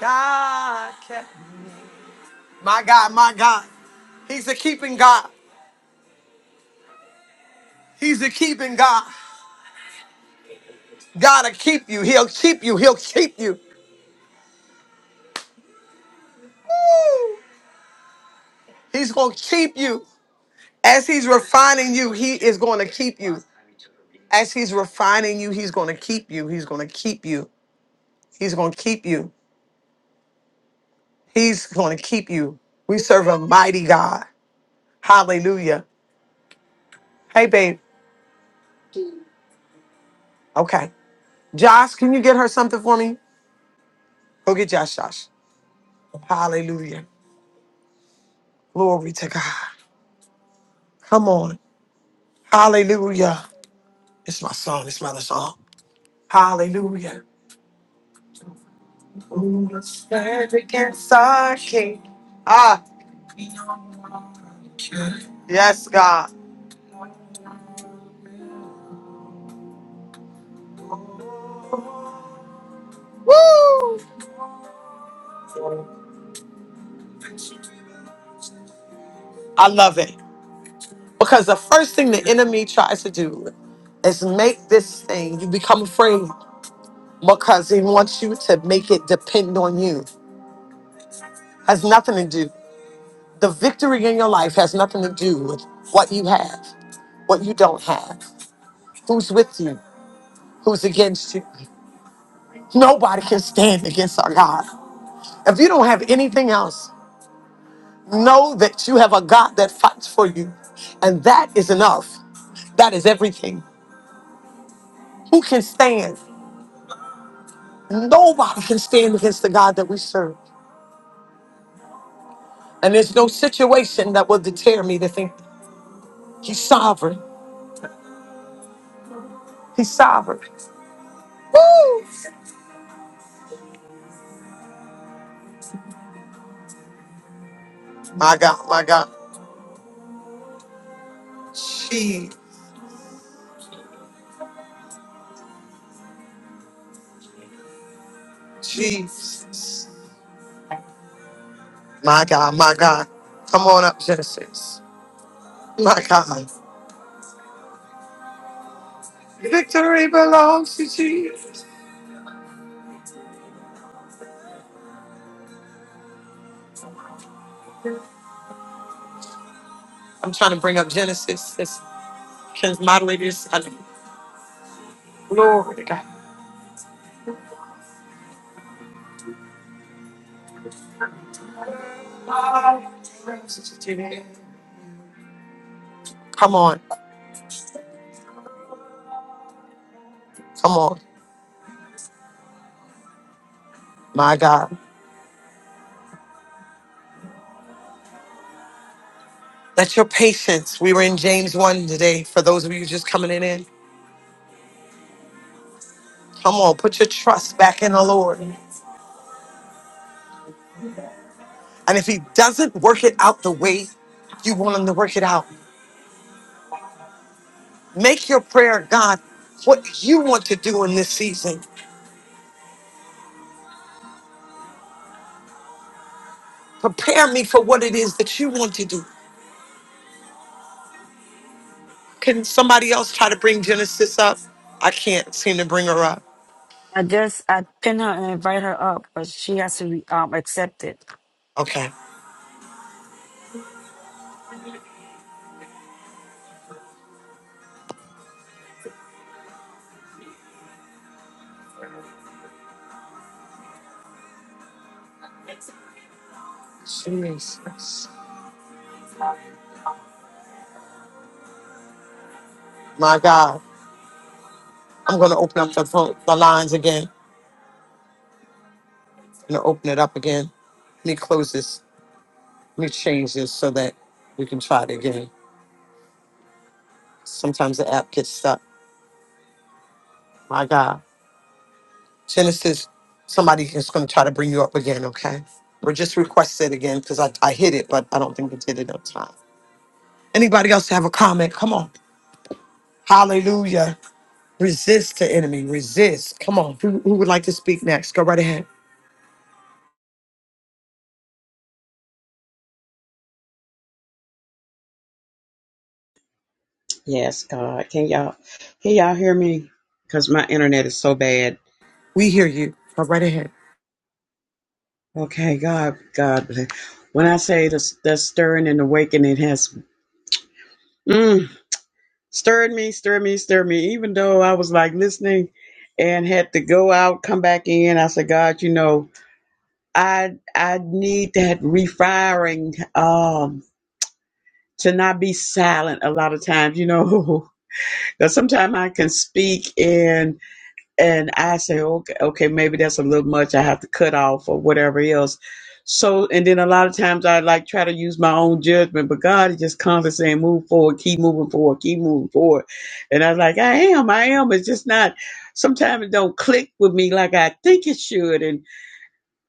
B: God kept. My God, my God. He's a keeping God. He's a keeping God. God'll keep you. He'll keep you. He'll keep you. Woo! He's gonna keep you. As he's refining you, he is gonna keep you. As he's refining you, he's gonna keep you. He's gonna keep you. He's gonna keep you. He's gonna keep you. We serve a mighty God. Hallelujah. Hey babe. Okay. Josh, can you get her something for me? Go get Josh, Josh. Hallelujah. Glory to God. Come on. Hallelujah. It's my song. It's my other song. Hallelujah. Stand against our king. Ah, yes, God. Woo! I love it. Because the first thing the enemy tries to do is make this thing, you become afraid because he wants you to make it depend on you. Has nothing to do. The victory in your life has nothing to do with what you have, what you don't have, who's with you, who's against you. Nobody can stand against our God. If you don't have anything else, Know that you have a God that fights for you, and that is enough. That is everything. Who can stand? Nobody can stand against the God that we serve. And there's no situation that will deter me to think He's sovereign. He's sovereign. Woo! My God, my God. Gee, Jesus. My God, my God. Come on up, Genesis. My God. Victory belongs to Jesus. I'm trying to bring up Genesis. This can moderators. I- Come on. Come on, my God. Let your patience. We were in James 1 today for those of you just coming in. in. Come on, put your trust back in the Lord. And if He doesn't work it out the way you want Him to work it out, make your prayer, God, what you want to do in this season. Prepare me for what it is that you want to do. Can somebody else try to bring Genesis up? I can't seem to bring her up.
E: I just I pin her and invite her up, but she has to um accept it.
B: Okay. Jesus. My God. I'm going to open up the, phone, the lines again. I'm gonna open it up again. Let me close this. Let me change this so that we can try it again. Sometimes the app gets stuck. My God. Genesis, somebody is gonna try to bring you up again, okay? Or just request it again because I, I hit it, but I don't think it did it on time. Anybody else have a comment? Come on. Hallelujah. Resist the enemy. Resist. Come on. Who, who would like to speak next? Go right ahead.
G: Yes, God. Can y'all can y'all hear me? Because my internet is so bad.
B: We hear you. Go right ahead.
G: Okay, God, God bless. When I say this, the stirring and awakening it has mm, stirred me, stirred me, stirred me. Even though I was like listening and had to go out, come back in, I said, God, you know, I I need that refiring um to not be silent a lot of times, you know, because sometimes I can speak and I say, okay, okay, maybe that's a little much. I have to cut off or whatever else. So, and then a lot of times I like try to use my own judgment, but God is just constantly saying, move forward, keep moving forward, keep moving forward. And I was like, I am, I am. It's just not, sometimes it don't click with me like I think it should. And,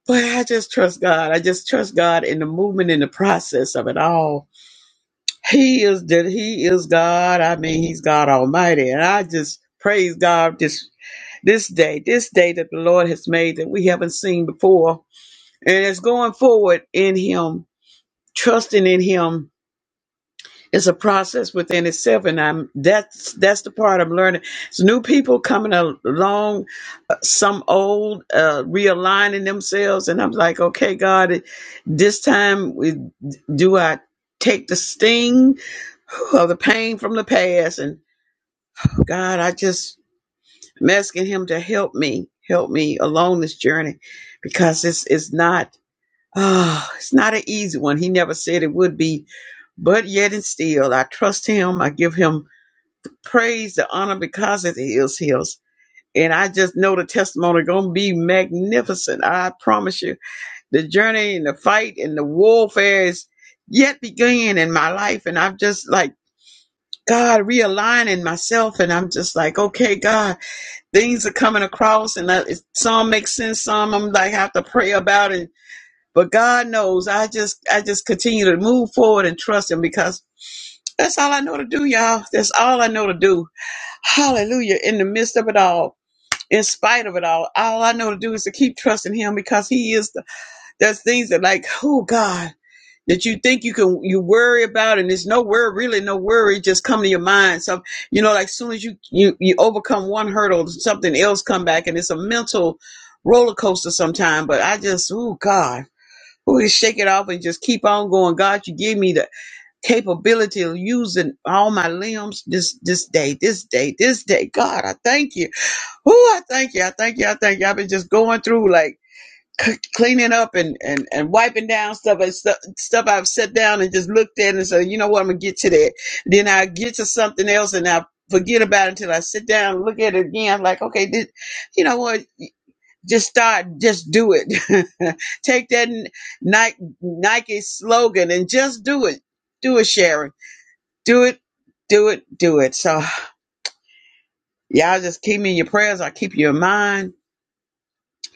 G: but I just trust God. I just trust God in the movement in the process of it all. He is, that he is God. I mean, he's God Almighty. And I just praise God, just this day, this day that the Lord has made that we haven't seen before. And it's going forward in Him, trusting in Him. It's a process within itself, and I'm that's that's the part I'm learning. It's new people coming along, uh, some old uh, realigning themselves, and I'm like, okay, God, this time we, do I take the sting of the pain from the past, and God, I just I'm asking him to help me, help me along this journey because it's it's not oh, it's not an easy one. He never said it would be, but yet and still I trust him. I give him praise, the honor because it is his. And I just know the testimony gonna be magnificent. I promise you. The journey and the fight and the warfare is yet begun in my life. And I'm just like God realigning myself and I'm just like, okay, God things are coming across and that some make sense some i'm like have to pray about it but god knows i just i just continue to move forward and trust him because that's all i know to do y'all that's all i know to do hallelujah in the midst of it all in spite of it all all i know to do is to keep trusting him because he is the there's things that like oh god that you think you can you worry about and there's no worry really no worry just come to your mind so you know like soon as you you you overcome one hurdle something else come back and it's a mental roller coaster sometime but i just oh god we just shake it off and just keep on going god you give me the capability of using all my limbs this this day this day this day god i thank you oh i thank you i thank you i thank you i've been just going through like c- cleaning up and, and, and wiping down stuff and stuff stuff I've set down and just looked at and said, you know what, I'm gonna get to that. Then I get to something else and I forget about it until I sit down and look at it again. Like, okay, this, you know what? Just start, just do it. Take that Nike, Nike slogan and just do it. Do it, Sharon. Do it, do it, do it. So y'all just keep me in your prayers. I keep you in mind.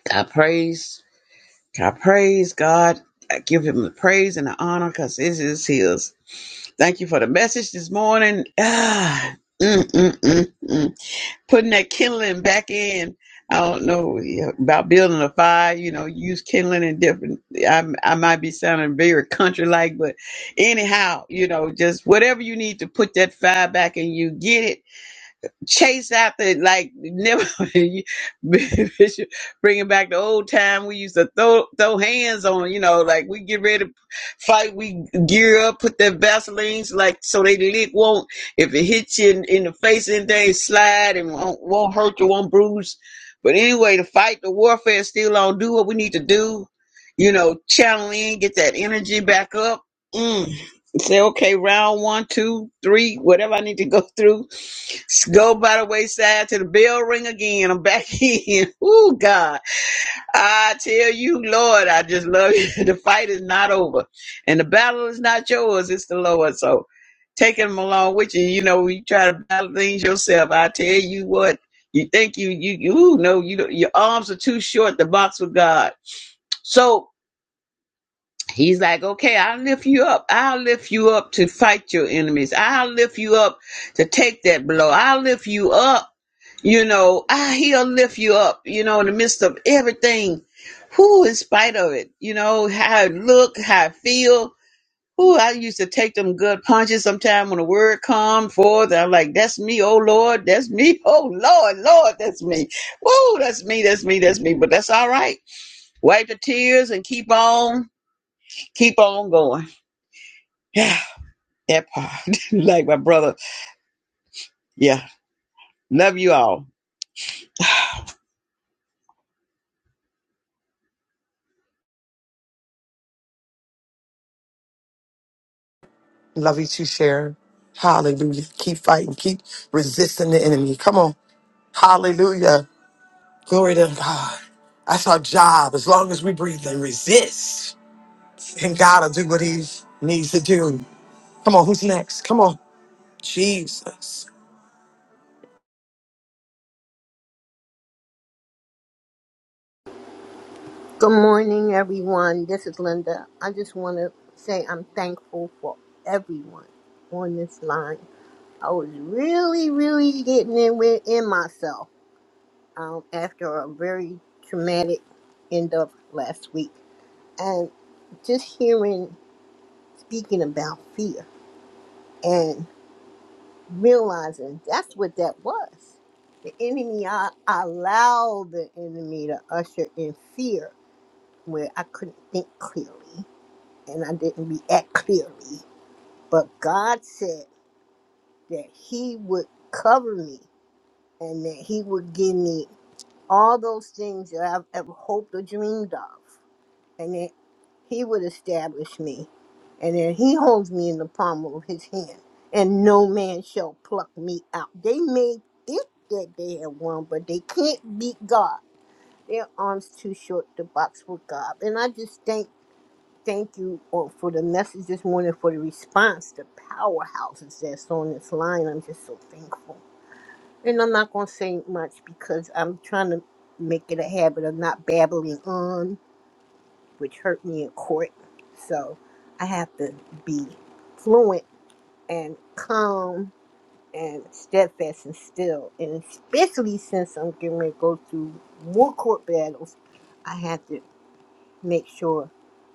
G: God praise. I praise God. I give him the praise and the honor because it is his. Thank you for the message this morning. Ah, mm, mm, mm, mm. Putting that kindling back in. I don't know yeah, about building a fire, you know, use kindling and different. I, I might be sounding very country like, but anyhow, you know, just whatever you need to put that fire back in you, get it chase after like never bringing back the old time we used to throw throw hands on you know like we get ready to fight we gear up put their vaselines like so they lick won't if it hits you in, in the face and they slide and won't, won't hurt you won't bruise but anyway the fight the warfare is still on do what we need to do you know channel in get that energy back up Mm. Say, okay, round one, two, three, whatever I need to go through. Go by the wayside to the bell ring again. I'm back in. Ooh, God. I tell you, Lord, I just love you. The fight is not over. And the battle is not yours, it's the Lord. So taking them along with you, you know, you try to battle things yourself. I tell you what, you think you, you, you ooh, no, you, your arms are too short to box with God. So, He's like, okay, I'll lift you up. I'll lift you up to fight your enemies. I'll lift you up to take that blow. I'll lift you up. You know, I, he'll lift you up, you know, in the midst of everything. Who, in spite of it, you know, how I look, how I feel. Who, I used to take them good punches sometime when the word come forth. I'm like, that's me, oh Lord, that's me, oh Lord, Lord, that's me. Woo, that's me, that's me, that's me. But that's all right. Wipe the tears and keep on, keep on going Yeah, that part. like my brother. Yeah. Love you all.
B: Love you too, Sharon. Hallelujah. Keep fighting. Keep resisting the enemy. Come on. Hallelujah. Glory to God. That's our job. As long as we breathe and resist, and God will do what he needs to do. Come on, who's next? Come on. Jesus.
H: Good morning, everyone. This is Linda. I just want to say I'm thankful for everyone on this line. I was really, really getting in within myself um, after a very traumatic end of last week. And just hearing, speaking about fear and realizing that's what that was. The enemy, I, I allowed the enemy to usher in fear where I couldn't think clearly and I didn't react clearly. But God said that He would cover me and that He would give me all those things that I've ever hoped or dreamed of, and that He would establish me, and that He holds me in the palm of His hand, and no man shall pluck me out. They may think that they have won, but they can't beat God. Their arms too short to box with God, and I just thank Thank you all for the message this morning, for the response, the powerhouses that's on this line. I'm just so thankful. And I'm not going to say much because I'm trying to make it a habit of not babbling on, which hurt me in court. So I have to be fluent and calm and steadfast and still. And especially since I'm getting ready to go through more court battles, I have to make sure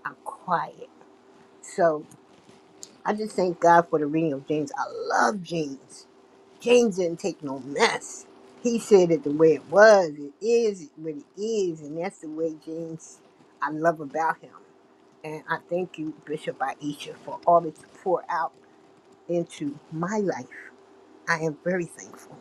H: I'm quiet. So I just thank God for the reading of James. I love James. James didn't take no mess. He said it the way it was, it is what it is, and that's the way James I love about him. And I thank you, Bishop Aisha, for all that you pour out into my life. I am very thankful.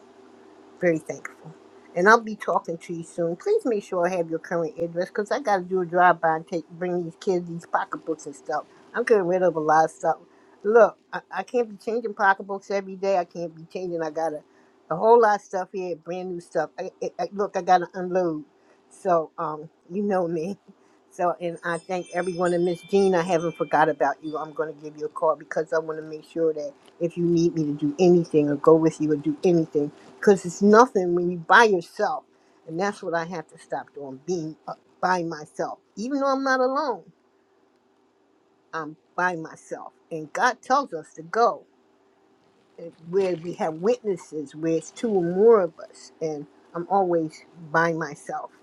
H: Very thankful. And I'll be talking to you soon. Please make sure I have your current address because I got to do a drive by and take bring these kids these pocketbooks and stuff. I'm getting rid of a lot of stuff. Look, I, I can't be changing pocketbooks every day. I can't be changing. I got a, a whole lot of stuff here, brand new stuff. I, I, I- look, I got to unload. So, um, you know me. So, and I thank everyone. And Miss Jean, I haven't forgot about you. I'm going to give you a call because I want to make sure that if you need me to do anything or go with you or do anything, because it's nothing when you by yourself and that's what i have to stop doing being uh, by myself even though i'm not alone i'm by myself and god tells us to go and where we have witnesses where it's two or more of us and i'm always by myself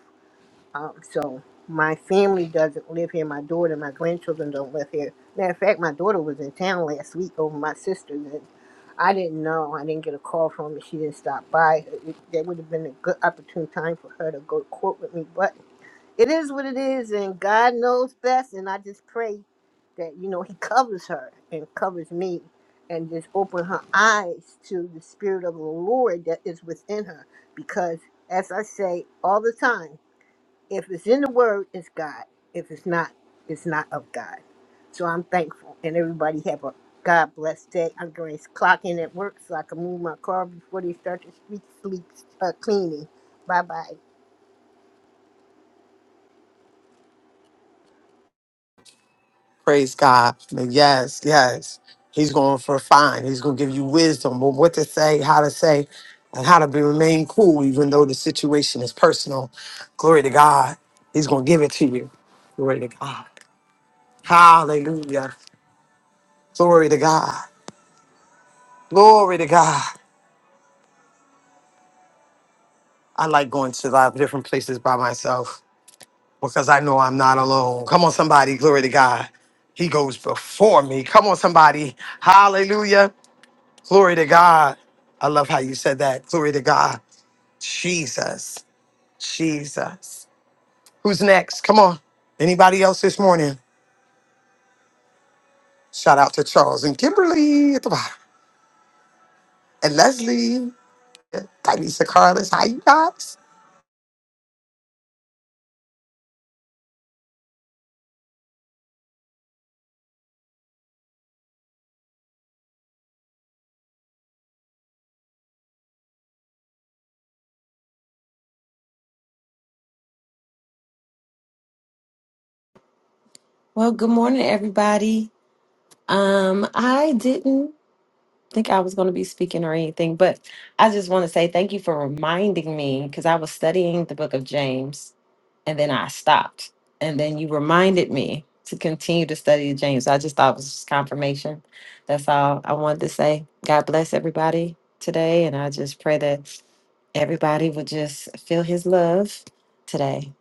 H: um, so my family doesn't live here. My daughter, my grandchildren don't live here. Matter of fact, my daughter was in town last week over my sister's, and I didn't know. I didn't get a call from her. She didn't stop by. It, that would have been a good opportune time for her to go to court with me. But it is what it is, and God knows best. And I just pray that you know He covers her and covers me, and just open her eyes to the Spirit of the Lord that is within her, because as I say all the time. If it's in the word, it's God. If it's not, it's not of God. So I'm thankful. And everybody have a God blessed day. I'm going to clock in at work so I can move my car before they start the street sleep uh, cleaning. Bye bye.
B: Praise God. Yes, yes. He's going for a fine. He's going to give you wisdom on what to say, how to say, and how to be, remain cool, even though the situation is personal. Glory to God. He's going to give it to you. Glory to God. Hallelujah. Glory to God. Glory to God. I like going to a lot of different places by myself because I know I'm not alone. Come on, somebody, glory to God. He goes before me. Come on, somebody, hallelujah, glory to God. I love how you said that. Glory to God. Jesus, Jesus. Who's next? Come on. Anybody else this morning? Shout out to Charles and Kimberly at the bottom. And Leslie, Tanisha Carlos. How you guys?
I: Well, good morning, everybody. Um, I didn't think I was going to be speaking or anything, but I just want to say thank you for reminding me because I was studying the book of James and then I stopped. And then you reminded me to continue to study James. I just thought it was just confirmation. That's all I wanted to say. God bless everybody today. And I just pray that everybody would just feel his love today.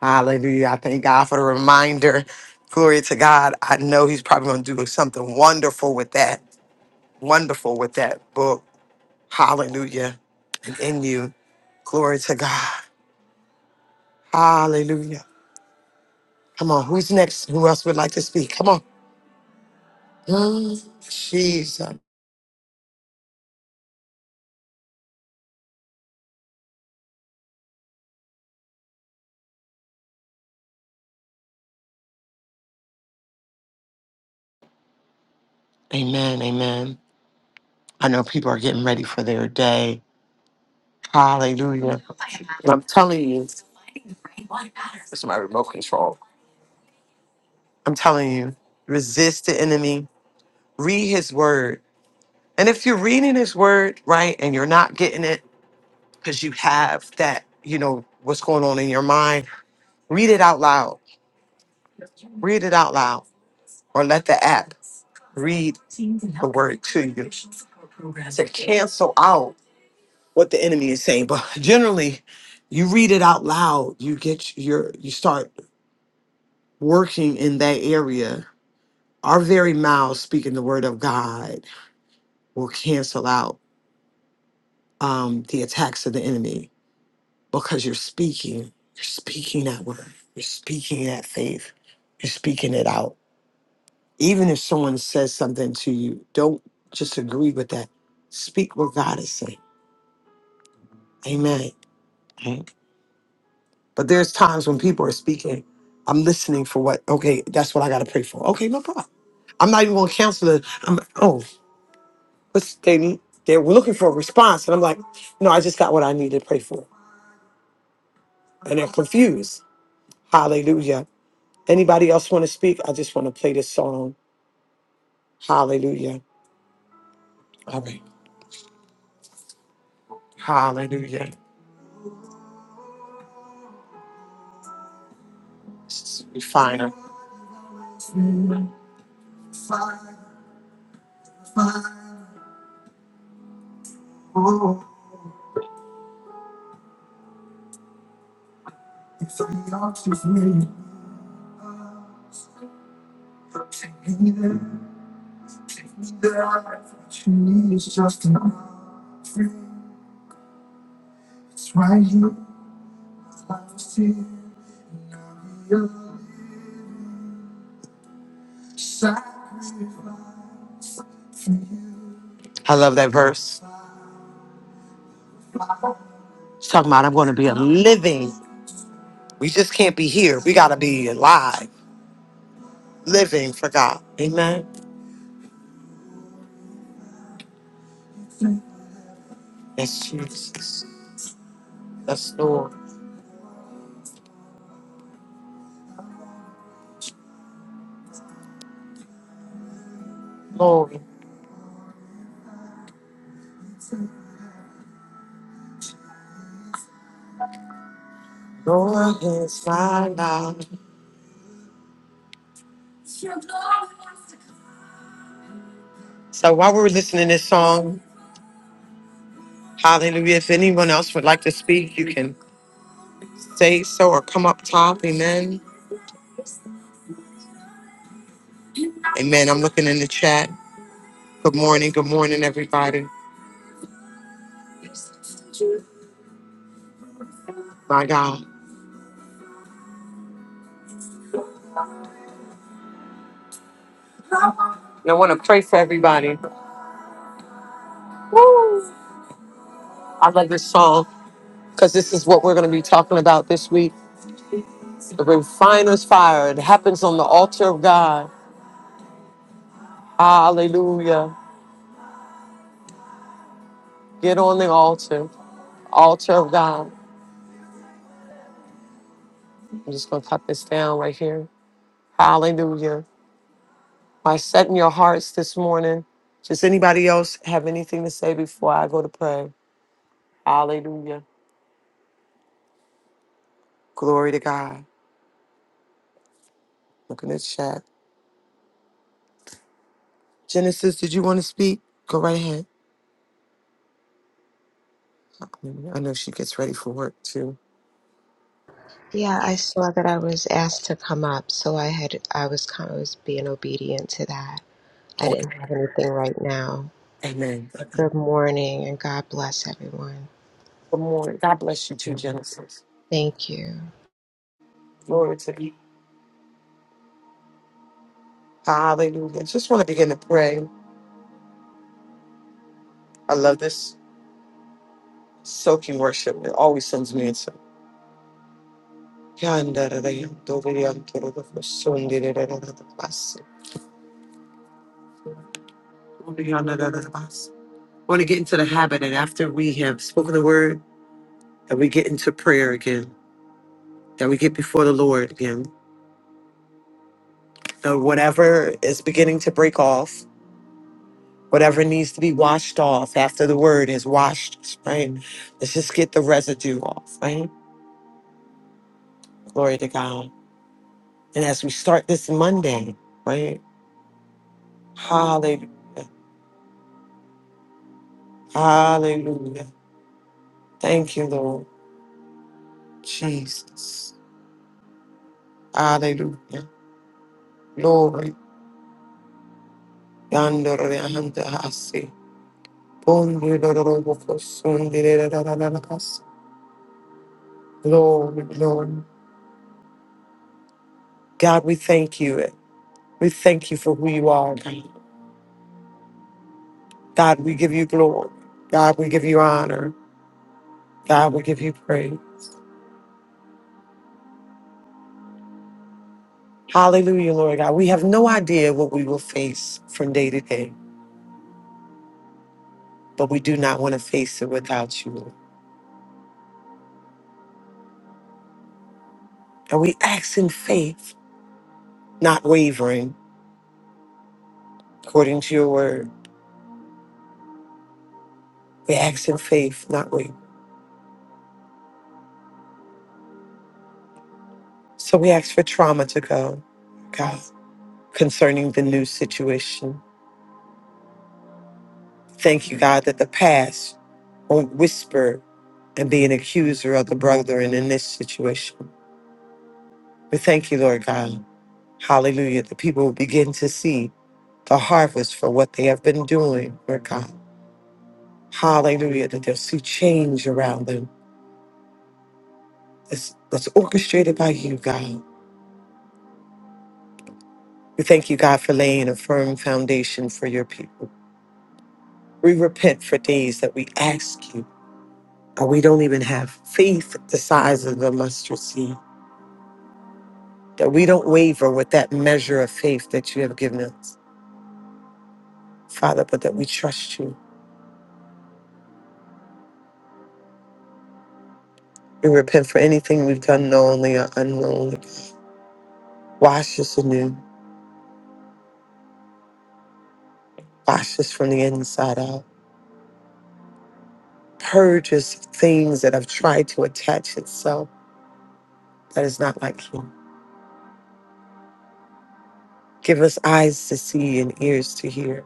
B: Hallelujah. I thank God for the reminder. Glory to God. I know He's probably going to do something wonderful with that. Wonderful with that book. Hallelujah. And in you. Glory to God. Hallelujah. Come on. Who's next? Who else would like to speak? Come on. Mm, Jesus. Amen. Amen. I know people are getting ready for their day. Hallelujah. telling you, it's my remote control. I'm telling you, resist the enemy, read his word. And if you're reading his word, right, and you're not getting it because you have that, you know, what's going on in your mind, read it out loud. Read it out loud or let the app read, cancel out what the enemy is saying. But generally, you read it out loud, you get your, you start working in that area. Our very mouths speaking the word of God will cancel out um, the attacks of the enemy because you're speaking. You're speaking that word. You're speaking that faith. You're speaking it out. Even if someone says something to you, don't just agree with that. Speak what God is saying. Amen. Mhm. But there's times when people are speaking, I'm listening for what, okay, that's what I got to pray for. Okay, no problem. I'm not even going to cancel it. I'm, oh, what's they, need? they're looking for a response. And I'm like, no, I just got what I need to pray for. And they're confused. Hallelujah Anybody else want to speak? I just want to play this song. Hallelujah. All right. Hallelujah. It's Refiner. I love that verse. It's talking about I'm going to be a living. We just can't be here. We got to be alive, living for God. Amen. Yes, Jesus. Yes, Lord. Lord. Lord is my life. So while we're listening to this song, hallelujah, if anyone else would like to speak, you can say so or come up top. Amen. Amen. I'm looking in the chat. Good morning. Good morning, everybody. My God. And I want to pray for everybody. I love this song because this is what we're going to be talking about this week. The refiner's fire. It happens on the altar of God. Hallelujah. Get on the altar, altar of God. I'm just going to cut this down right here. Hallelujah. By setting your hearts this morning. Does anybody else have anything to say before I go to pray? Hallelujah. Glory to God. Look in the chat. Genesis, did you want to speak? Go right ahead. I know she gets ready for work too.
J: Yeah, I saw that I was asked to come up, so I had I was kind of was being obedient to that. I
B: Oh,
J: didn't have anything right now.
B: Amen.
J: But good morning and God bless everyone.
B: Good morning. God bless you too, Genesis.
J: Thank you.
B: Glory to you. Hallelujah. Just want to begin to pray. I love this soaking worship. It always sends me into. want to get into the habit that after we have spoken the word, that we get into prayer again, that we get before the Lord again. That whatever is beginning to break off, whatever needs to be washed off after the word has washed us, right? Let's just get the residue off, right? Glory to God. And as we start this Monday, right? Hallelujah. Hallelujah. Thank you, Lord. Jesus. Hallelujah. Glory. Yandoreandahasi. Bondirorobokosundiridarararabas. Glory, glory. God, we thank you. We thank you for who you are, God. God, we give you glory. God, we give you honor. God, we give you praise. Hallelujah, Lord God. We have no idea what we will face from day to day, but we do not want to face it without you, Lord. And we ask in faith, not wavering, according to your word. We ask in faith, not wavering. So we ask for trauma to go, God, concerning the new situation. Thank you, God, that the past won't whisper and be an accuser of the brethren in this situation. We thank you, Lord God. Hallelujah. The people will begin to see the harvest for what they have been doing, Lord God. Hallelujah. That they'll see change around them that's, that's orchestrated by you, God. We thank you, God, for laying a firm foundation for your people. We repent for days that we ask you, or we don't even have faith the size of the mustard seed, that we don't waver with that measure of faith that you have given us, Father, but that we trust you. We repent for anything we've done knowingly or unknowingly. Wash us anew. Wash us from the inside out. Purge us of things that have tried to attach itself that is not like you. Give us eyes to see and ears to hear.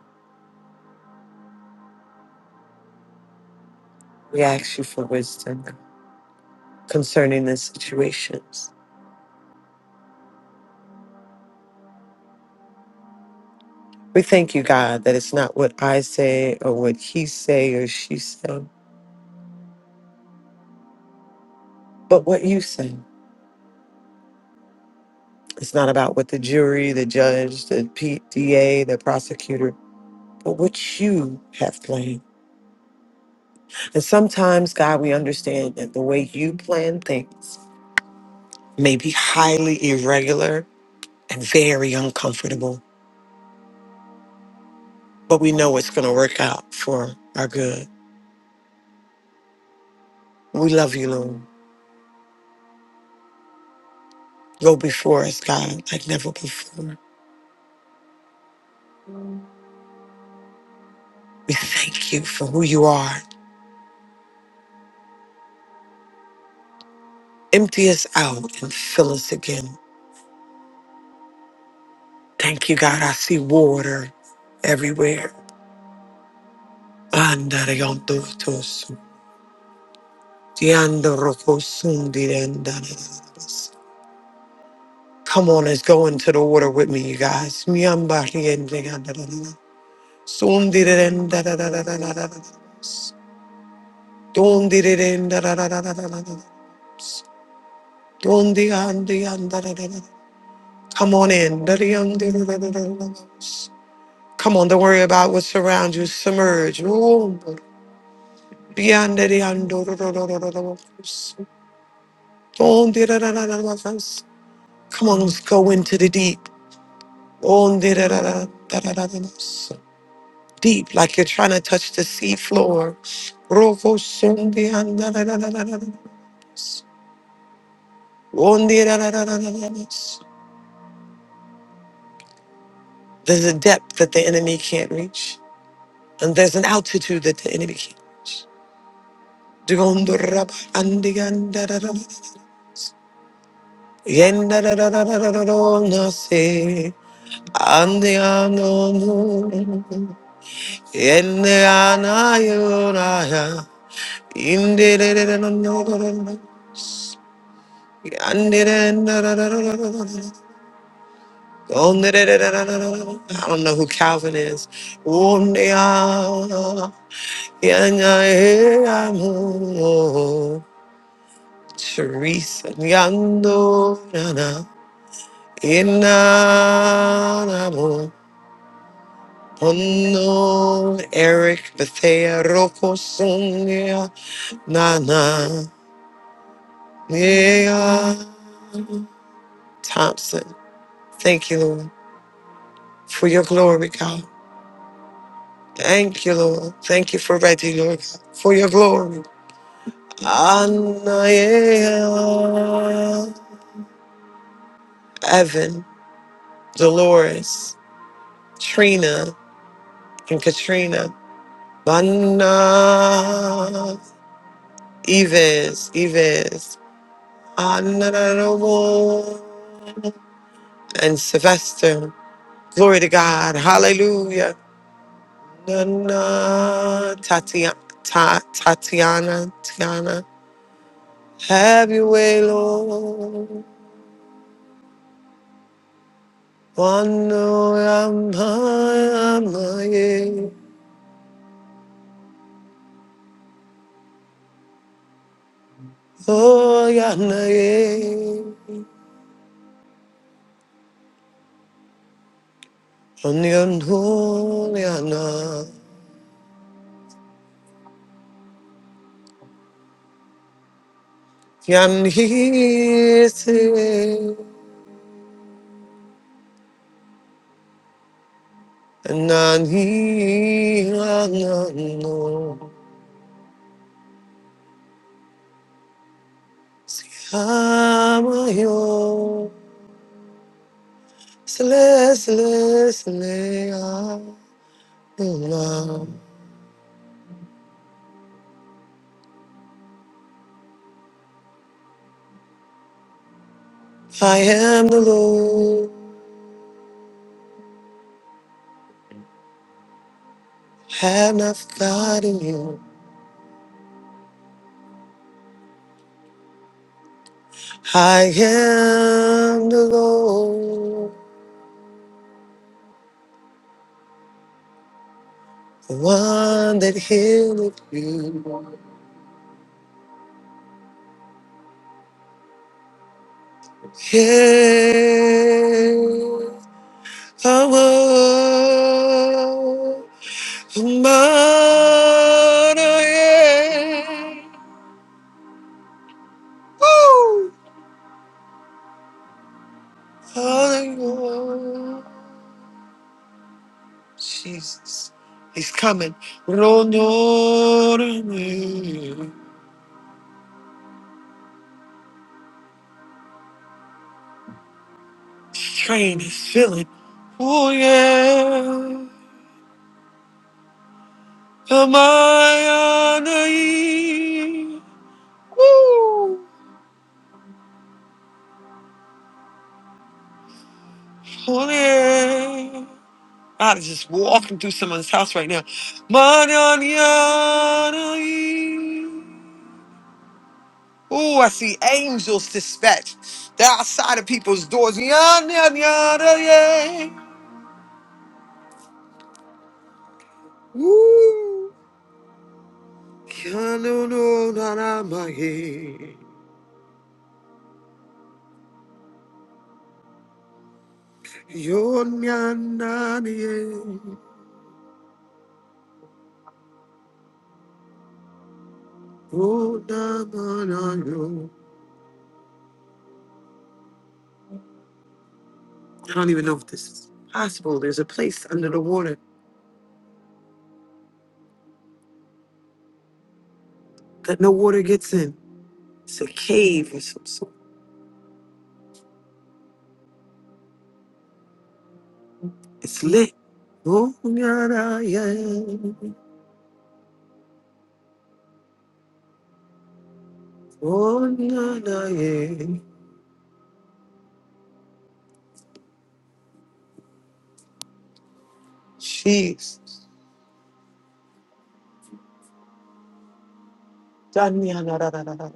B: We ask you for wisdom concerning the situations. We thank you, God, that it's not what I say or what he say or she say, but what you say. It's not about what the jury, the judge, the PDA, the prosecutor, but what you have planned. And sometimes, God, we understand that the way you plan things may be highly irregular and very uncomfortable, but we know it's going to work out for our good. We love you, Lord. Go before us, God, like never before. We thank you for who you are. Empty us out and fill us again. Thank you, God. I see water everywhere. Andare con todos. Ti andro con sundi de andare. Come on, let's go into the water with me, you guys. Sundirerenda da da da da da da da. Dundirerenda da da da da da da da. Dundi da da da. Come on in. Dadiandi Da da da da da da. Come on, don't worry about what surrounds you. Submerge. Oh, beyond da da da da da da. Dundi Come on, let's go into the deep. Undi da da da da da Deep, like you're trying to touch the sea floor. Rovo sundi da da da da da. There's a depth that the enemy can't reach, and there's an altitude that the enemy can't. I don't know who Calvin is. Yanae Amo, Teresa Yando Nana Inanamo Ono Eric Bethea Rocco Sonia Nana Nia Thompson. Thank you, Lord, for your glory, God. Thank you, Lord. Thank you for Reggie, Lord, for your glory. Anaya Evan Dolores. Trina and Katrina. Vanna, Evans, Evans, honorable, and Sylvester. Glory to God. Hallelujah. Nana, Tatiana, Ta, Tatiana, Tiana. Have your way, Lord. Wano yamaye, oh yanaye, onyon 얌히스에 나니 아나노 시아마요 슬레슬레슬레아 누나 I am the Lord have not forgotten you I am the Lord the one that healeth you yeah Power of mine, yeah, Woo! Hallelujah. Jesus. He's coming. His train is filling. Oh yeah. Am I on the Woo! Oh yeah. God is just walking through someone's house right now. Oh, I see angels dispatched. They're outside of people's doors. oh, yeah. Woo. Yano, no, na, yeah. yeah. Oh, I don't even know if this is possible. There's a place under the water that no water gets in. It's a cave or something. It's lit. Oh, na, na, yeah. Oh, na, na, yeah. Jesus. Da, na, na, na, na, na, na.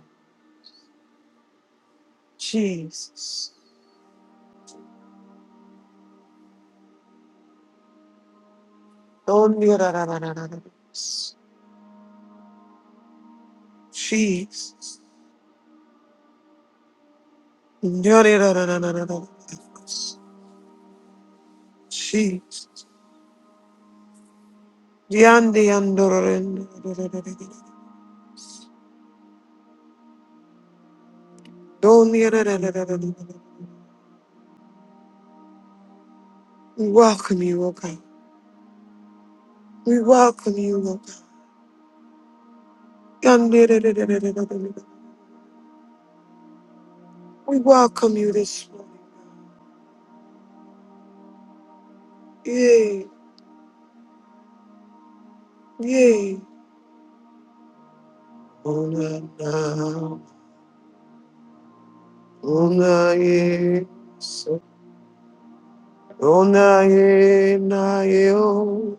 B: Jesus. Oh, na, na, na, na, na, na, na. Jesus. Na, na, na, na, na, na, na, na. Jesus. Yandi, yando, ro, ro, ro, ro, ro, ro, ro. Do, na, na, na, na, na, na, na, na. We welcome you, O God. We welcome you, O God. Yandi, ro, ro, ro, ro, ro, ro, ro, ro. We welcome you this morning. Yeah. Yay. Ona na, ona ye, so- ona ye na ye o,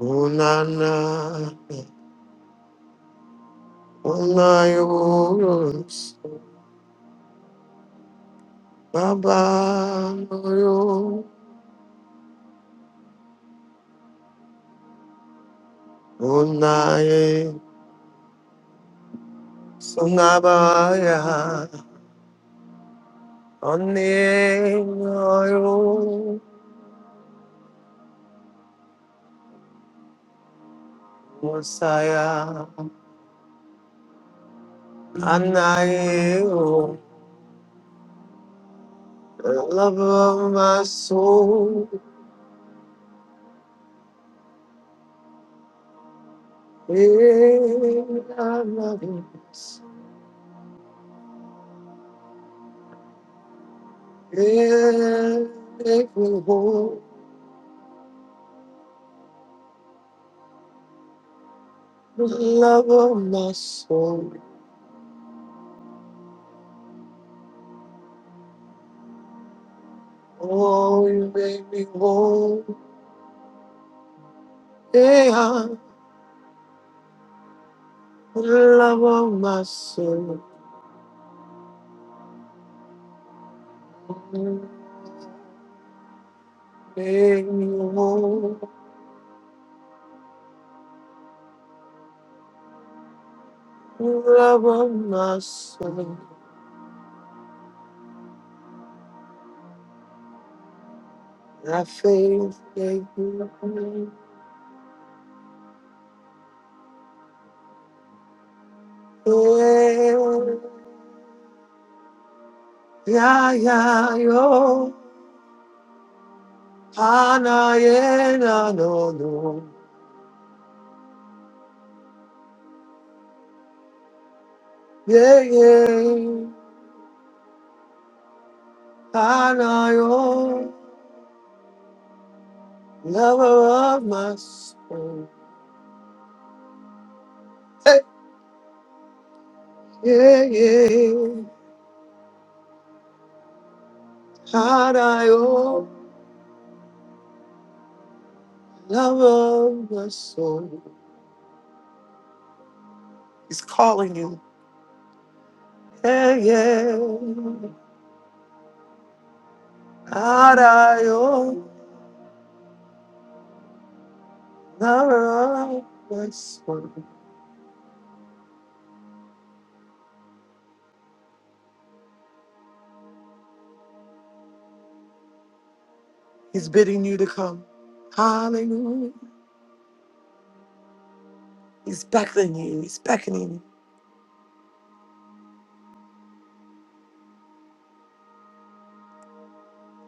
B: ona na, ona yo yo, so baba no yo, ona ye, so na ba ya, one no yo, Messiah, ana ye o, the love of my soul. It will hold the love of my soul. Oh, you make me whole. Yeah, the love of my soul. You Make me whole. The love of my soul. I faith make me Yeah, yeah, yeah, yo. Ana, yeah, no, no, no. yeah. I know you're lover of my soul. Hey, yeah, yeah. I know you're lover of my soul. He's calling you. Yeah, yeah. I know you're lover of my soul. He's bidding you to come. Hallelujah. He's beckoning you. He's beckoning you.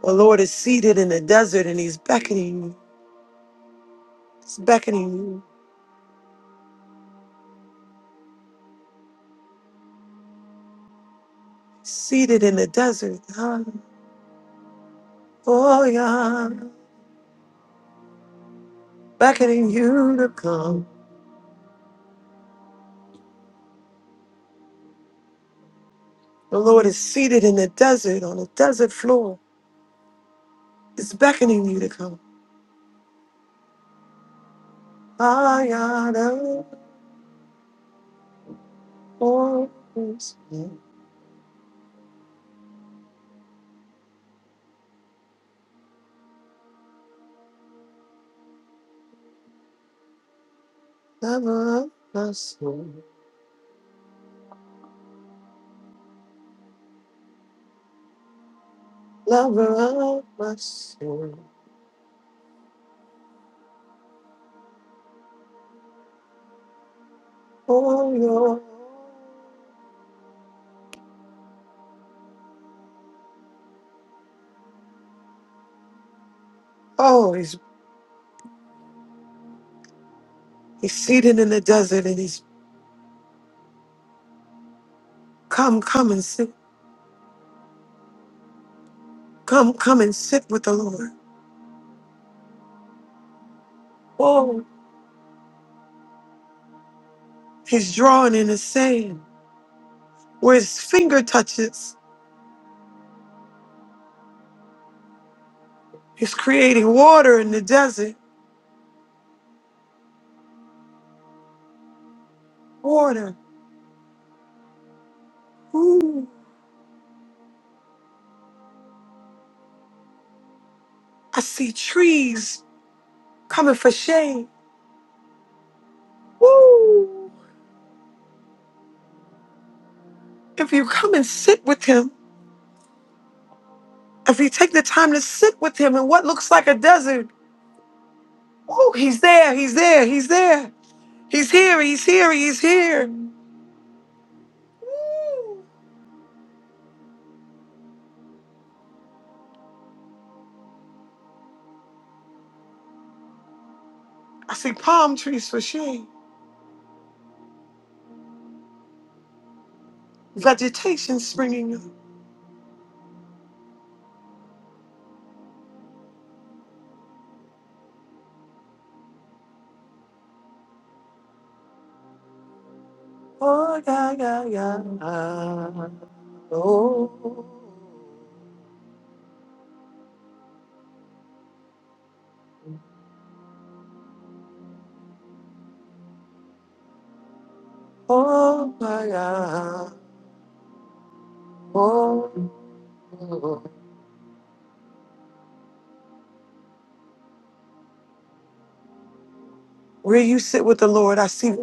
B: The Lord is seated in the desert and he's beckoning you. He's beckoning you. seated in the desert. Hallelujah. Beckoning you to come. The Lord is seated in the desert on a desert floor. It's beckoning you to come. I honor always you, lover of my soul, lover of my soul. Oh, your oh, he's he's seated in the desert and he's come, come and sit, come, come and sit with the Lord. Oh, he's drawing in the sand. where his finger touches. He's creating water in the desert. Water. Ooh. I see trees coming for shade. Ooh, If you come and sit with him, if you take the time to sit with him in what looks like a desert, oh, he's there, he's there, he's there. He's here, he's here, he's here. Ooh, I see palm trees for shade. Vegetation springing up. Oh, yeah, yeah, yeah. Oh. Oh my God. Oh. Where you sit with the Lord, I see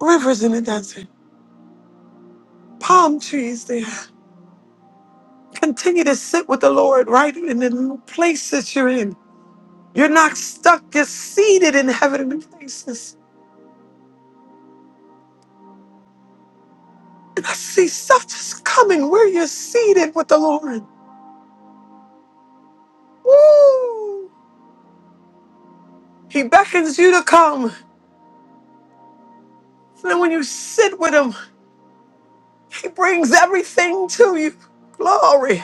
B: rivers in the desert, palm trees there. Continue to sit with the Lord right in the place that you're in. You're not stuck, you're seated in heavenly places. And I see stuff just coming where you're seated with the Lord. Woo! He beckons you to come. And then when you sit with him, he brings everything to you. Glory.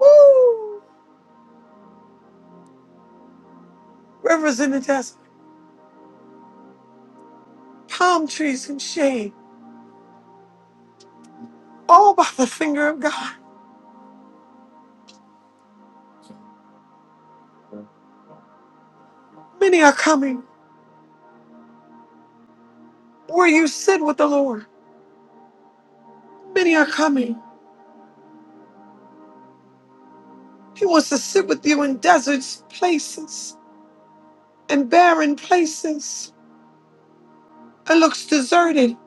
B: Woo! Rivers in the desert. palm trees in shade, all by the finger of God. Many are coming where you sit with the Lord. Many are coming. He wants to sit with you in deserts, places, and barren places. It looks deserted,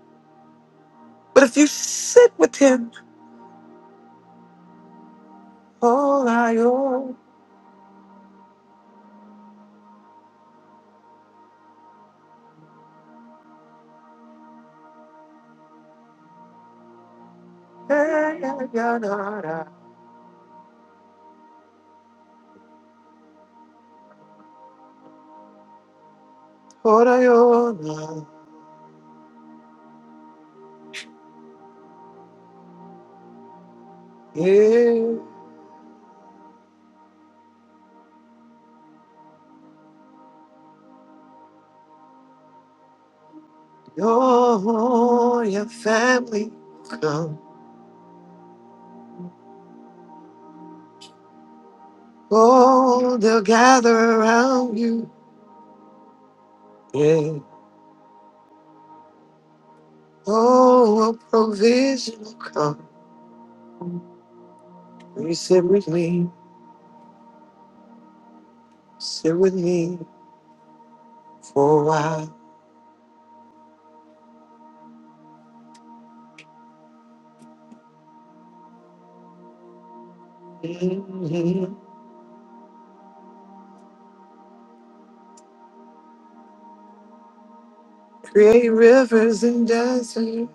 B: but if you sit with Him, oh, I oh, eh, yeah, yeah, nah, nah. Oh, I, oh, nah, yeah. Oh, your family come. Oh, they'll gather around you. Yeah. Oh, a provision will come. Will you sit with me? Sit with me for a while. Mhm. Create rivers and deserts.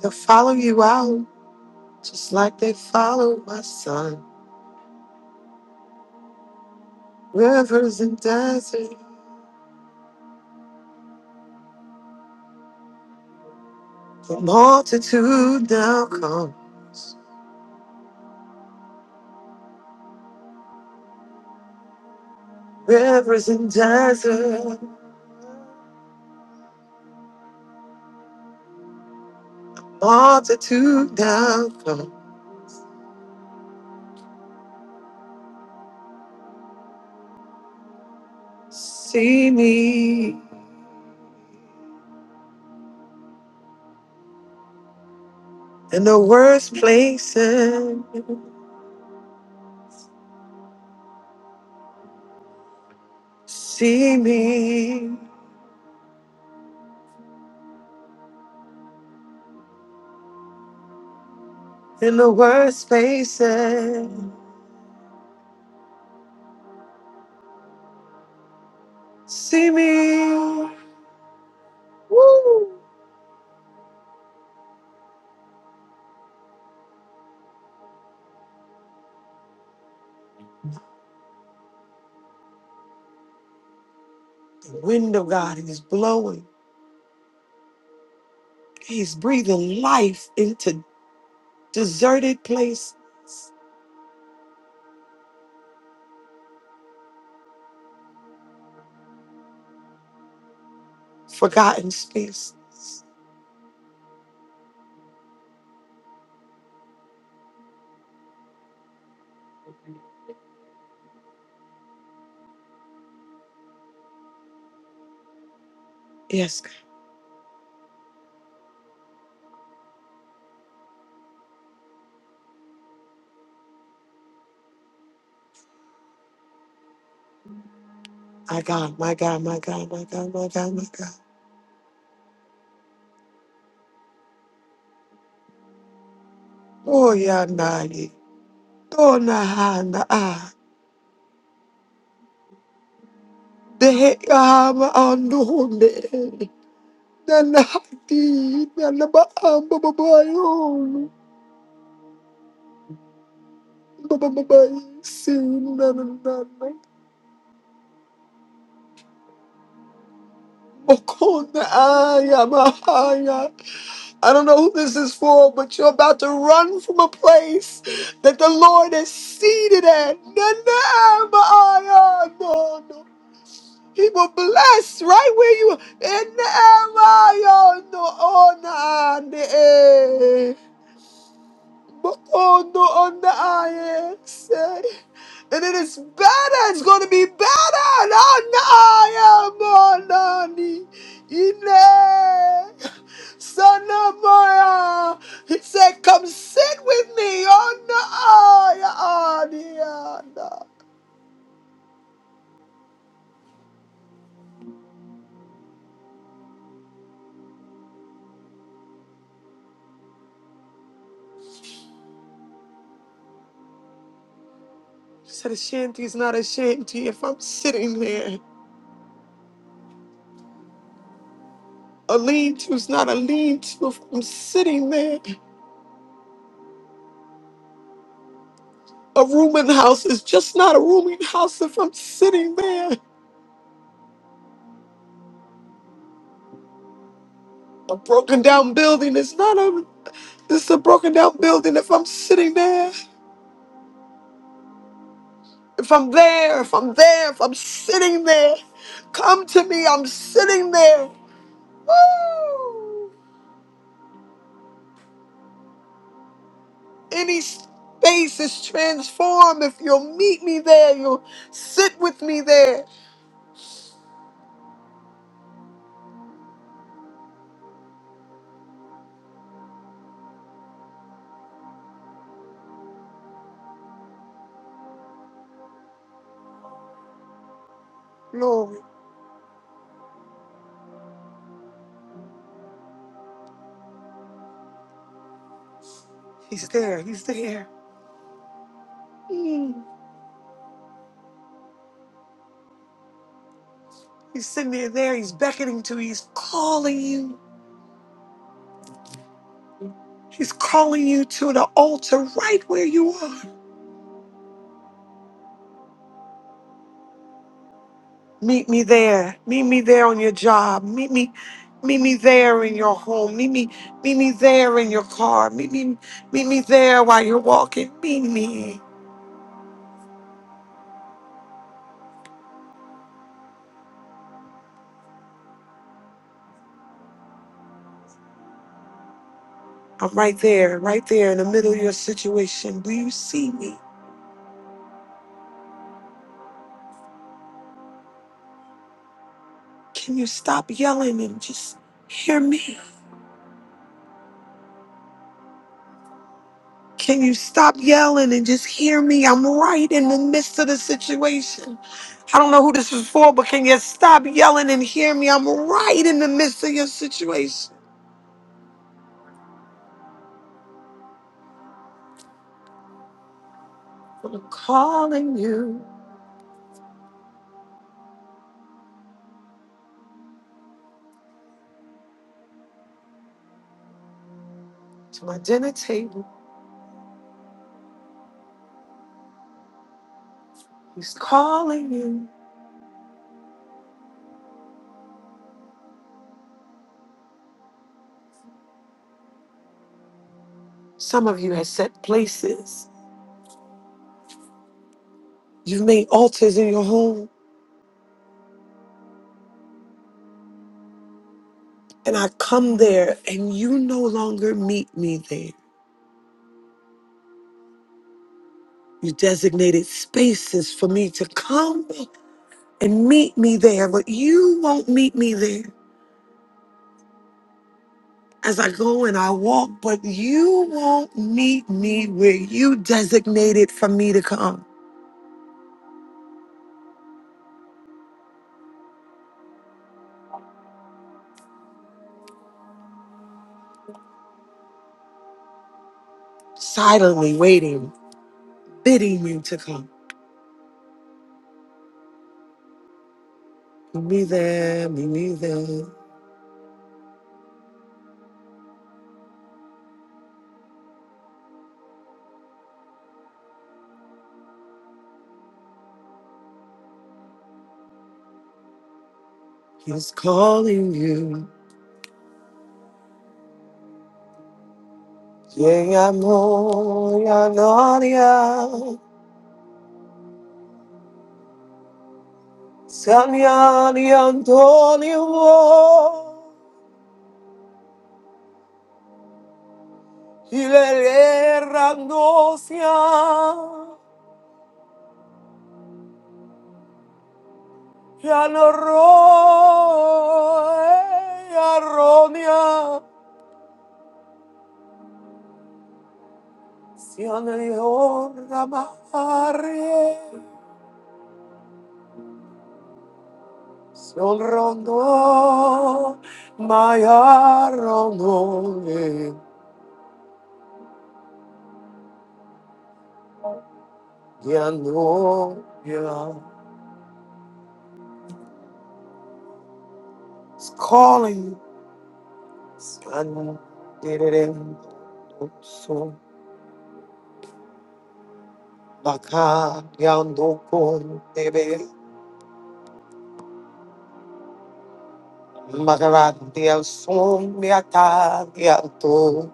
B: They'll follow you out just like they followed my son. Rivers and deserts. The multitude now come. Rivers and deserts. Multitude now come. See me in the worst places. See me in the worst places. See me. Woo! The wind of God is blowing. He's breathing life into deserted places, forgotten spaces. Yes, God. my God, my God, my God, my God, my God, my God. Oh, yeah, Nani. Oh, Nahana. The heck, I'm on the Nanahati na nabaang bababayong babababayong sinananana. Oko na aya mahaya. I don't know who this is for, but you're about to run from a place that the Lord is seated at. Nanaa maaya no no. He will bless right where you are. Nanaa maaya no ona ne. eh. Bokondo on the IX. And it is better. It's going to be better. Anaya monani. Ile. Sanamaya. He said, come sit with me on the Aya Adiana. He said, a shanty is not a shanty if I'm sitting there. A lean-to is not a lean-to if I'm sitting there. A rooming house is just not a rooming house if I'm sitting there. A broken down building is not a. This is a broken down building. If I'm sitting there, if I'm there, if I'm there, if I'm sitting there, come to me. I'm sitting there. Woo! Any space is transformed. If you'll meet me there, you'll sit with me there. Lord, He's there. He's there. Mm. He's sitting there. There. He's beckoning to you. He's calling you. He's calling you to the altar right where you are. Meet me there. Meet me there on your job. Meet me, meet me there in your home. Meet me, meet me there in your car. Meet me, meet me there while you're walking. Meet me. I'm right there, right there in the middle of your situation. Do you see me? Can you stop yelling and just hear me? Can you stop yelling and just hear me? I'm right in the midst of the situation. I don't know who this is for, but can you stop yelling and hear me? I'm right in the midst of your situation. I'm calling you to my dinner table. He's calling you. Some of you have set places. You've made altars in your home. And I come there and you no longer meet me there. You designated spaces for me to come and meet me there, but you won't meet me there. As I go and I walk, but you won't meet me where you designated for me to come. Silently waiting bidding you to come. Meet me there, meet me there. He's calling you. Yeah, amor, ya noria, Sanya di Antonio, y le randosia, ya no roe, ya ronia, si anelio ramare. Sorrondo mayaronone yanoya. It's calling. Scan direm so baka yando kon tebe magarati al son miata yato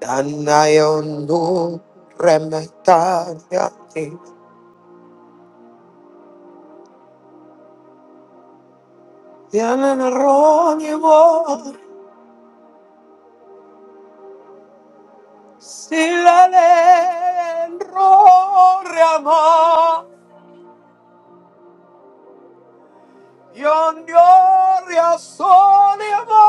B: danayondo remeta yati yanaroni Silalenroriama, yonyoria soliama.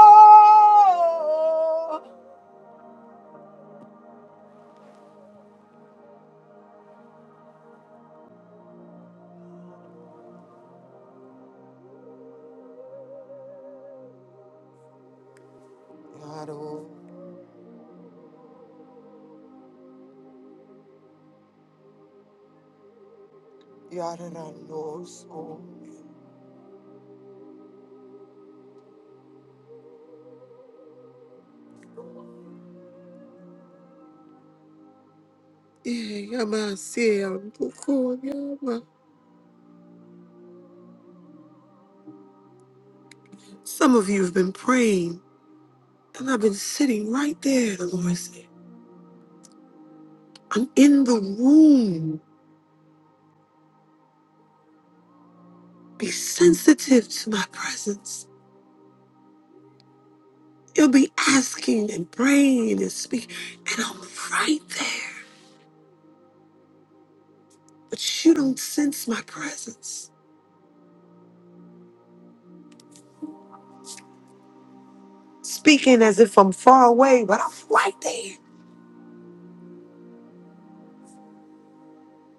B: Yaro, yaranoso. Eh, yama, siambuko, yama. Some of you have been praying, and I've been sitting right there, the Lord said. I'm in the room. Be sensitive to my presence. You'll be asking and praying and speaking, and I'm right there. But you don't sense my presence. Speaking as if I'm far away, but I'm right there,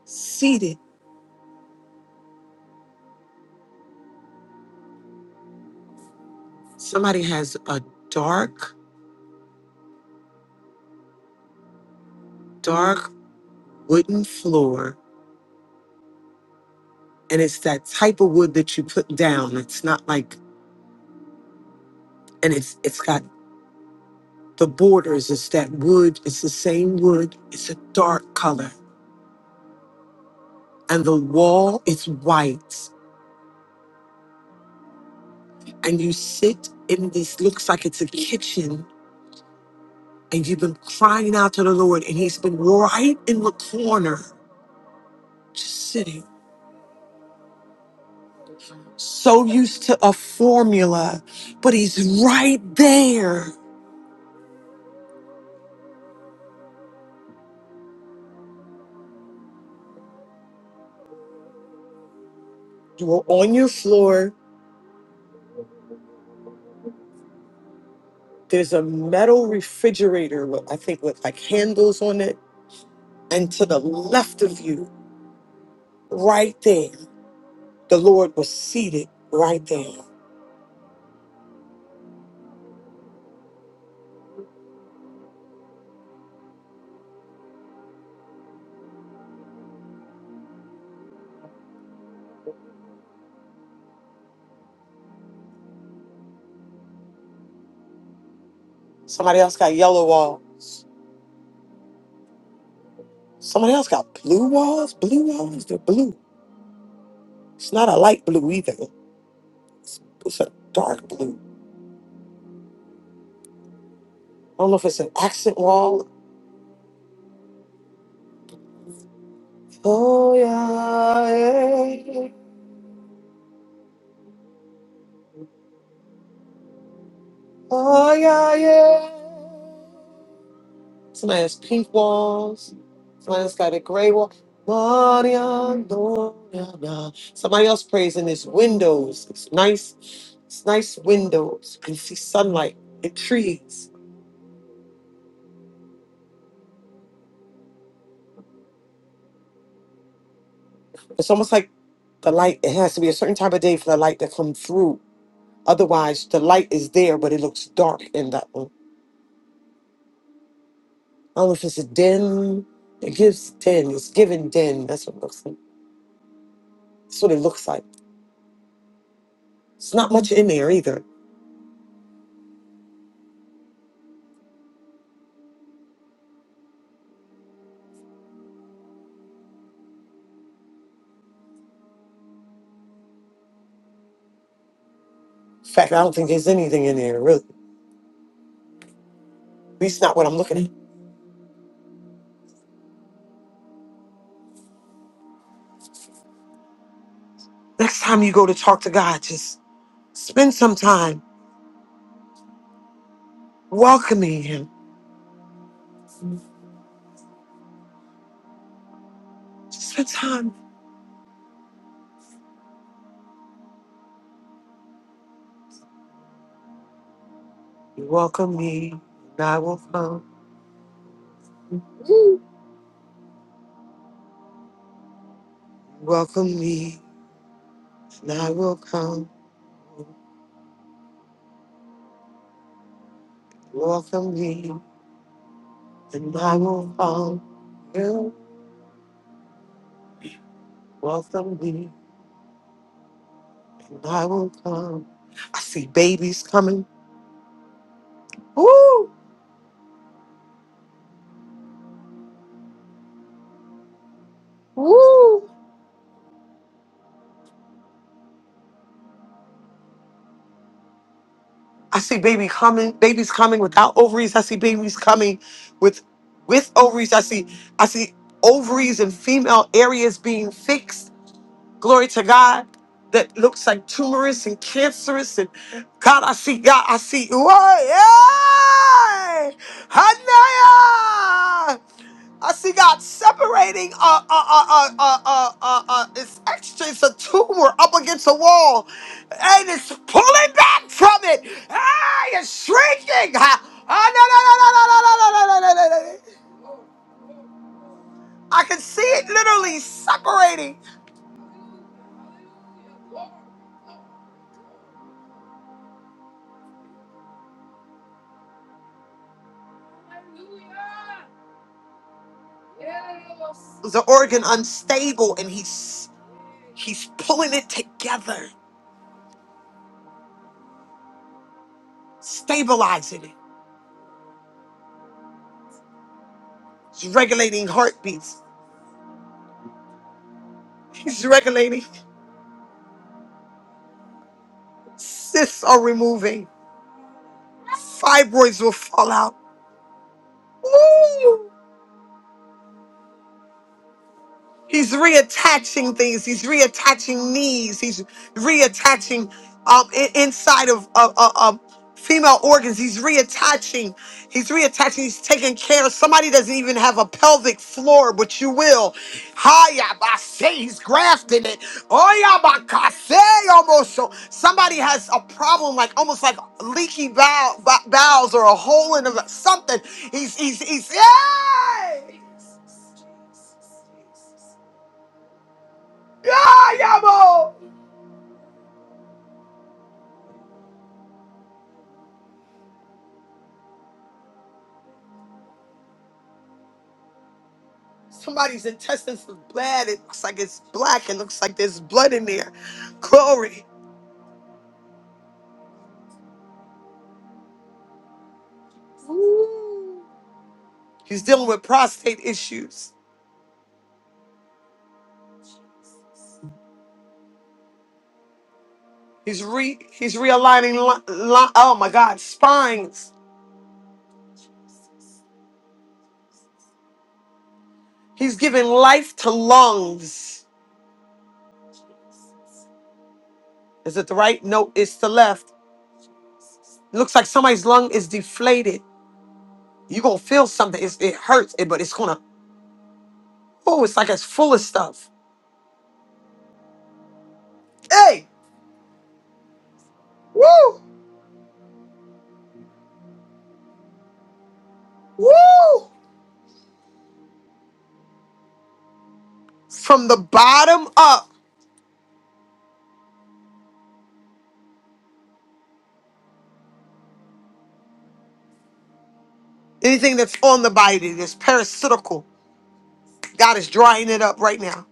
B: seated. Somebody has a dark, dark wooden floor, and it's that type of wood that you put down. It's not like, and it's it's got the borders. It's that wood. It's the same wood. It's a dark color, and the wall is white. and you sit in this looks like it's a kitchen and you've been crying out to the Lord and he's been right in the corner just sitting so used to a formula but he's right there you are on your floor there's a metal refrigerator with I think with like handles on it and to the left of you right there the Lord was seated right there Somebody else got yellow wall. Somebody else got blue walls. Blue walls, they're blue. It's not a light blue either. It's a dark blue. I don't know if it's an axle. Oh yeah, yeah. Oh yeah, yeah. Somebody has pink walls. Lions got a gray wall. Maria Doriana. Somebody else prays in this windows. It's nice, it's nice windows. You can see sunlight and trees. It's almost like the light, it has to be a certain time of day for the light to come through. Otherwise, the light is there, but it looks dark in that one. I don't know if it's a den. It gives den. It's given den. That's what it looks like. That's what it looks like. It's not much in there either. In fact, I don't think there's anything in there, really. At least not what I'm looking at. Next time you go to talk to God, just Spend some time welcoming him. Spend time. You welcome me, and I will come. You Welcome me, and I will come. You Welcome me, and I will come. You welcome me, and I will come. I see babies coming. Woo! Woo! I see baby coming, babies coming without ovaries. I see babies coming with with ovaries. I see I see ovaries and female areas being fixed. glory to God, that looks like tumorous and cancerous. And God, I see God, I see, Whoa, yeah! Hanaya! I see God separating uh, uh, uh, uh, uh, uh, uh, uh, it's actually it's a tumor up against a wall, and it's pulling back from it. Ah, it's shrinking. Ah, ah, no, no, no, no, no, no, no, no, no, no. no. no. I can see it literally separating. It was an organ unstable, and he's He's pulling it together, stabilizing it. He's regulating heartbeats. He's regulating cysts are removing. Fibroids will fall out. Ooh, He's reattaching things. He's reattaching knees. He's reattaching um i- inside of of, of- of female organs. He's reattaching. He's reattaching. He's taking care. of Somebody doesn't even have a pelvic floor, but you will. Hiya, I say he's grafting it. Oh yeah, I say almost. So somebody has a problem, like almost like leaky bowel, bowels or a hole in the, something. He's he's he's. Yay! Ah, yabo! Somebody's intestines is bad. It looks like it's black. It looks like there's blood in there. Glory. He's dealing with prostate issues. He's re he's realigning. Li- li- oh my God, spines. He's giving life to lungs. Is it the right? No, it's the left. It looks like somebody's lung is deflated. You're gonna feel something. It's, it hurts, it- but it's gonna. Oh, it's like it's full of stuff. Hey, woo, woo. From the bottom up. Anything that's on the body that's parasitical, God is drying it up right now.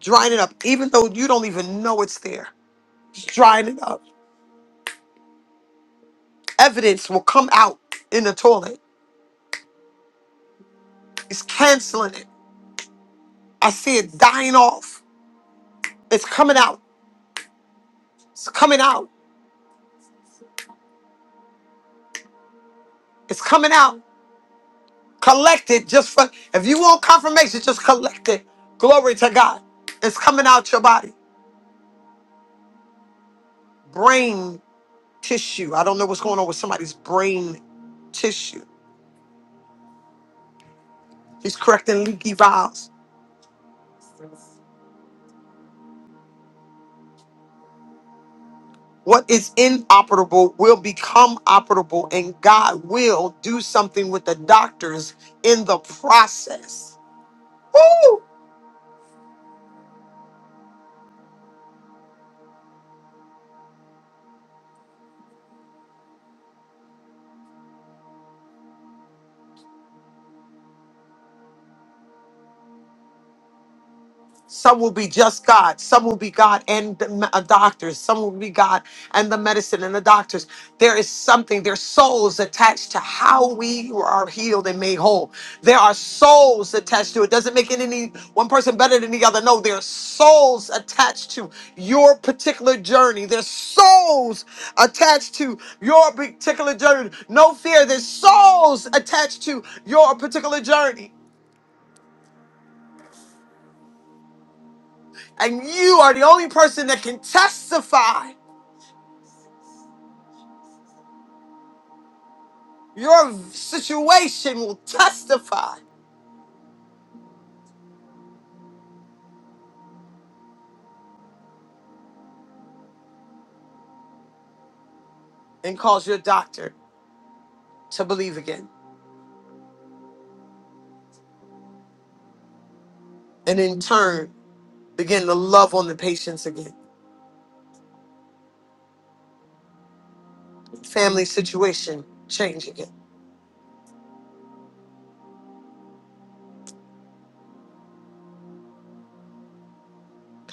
B: Drying it up, even though you don't even know it's there. He's drying it up. Evidence will come out in the toilet. It's canceling it. I see it dying off. It's coming out. It's coming out. It's coming out. Collect it just for, if you want confirmation, just collect it. Glory to God. It's coming out your body. Brain tissue. I don't know what's going on with somebody's brain tissue. He's correcting leaky valves. What is inoperable will become operable, and God will do something with the doctors in the process. Woo! Some will be just God. Some will be God and the me- uh, doctors. Some will be God and the medicine and the doctors. There is something, there's souls attached to how we are healed and made whole. There are souls attached to it. Doesn't make it any one person better than the other. No, there are souls attached to your particular journey. There's souls attached to your particular journey. No fear. There's souls attached to your particular journey. And you are the only person that can testify. Your situation will testify and cause your doctor to believe again. And in turn, begin to love on the patients again. Family situation change again.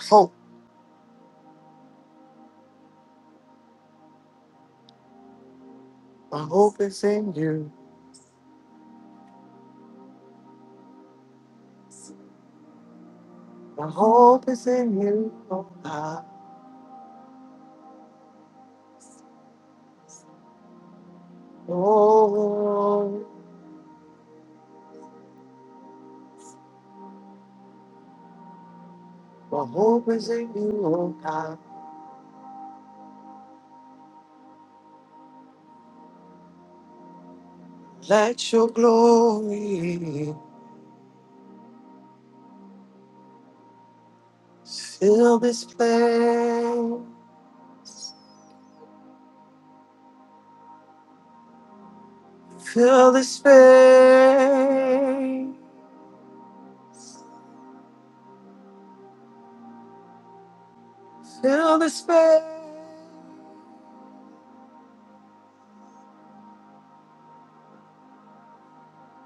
B: Hope. My hope is in you. My hope is in you. Oh, God. Oh, my hope is in you. Oh, God. Let your glory fill this place. Fill the space. Fill the space.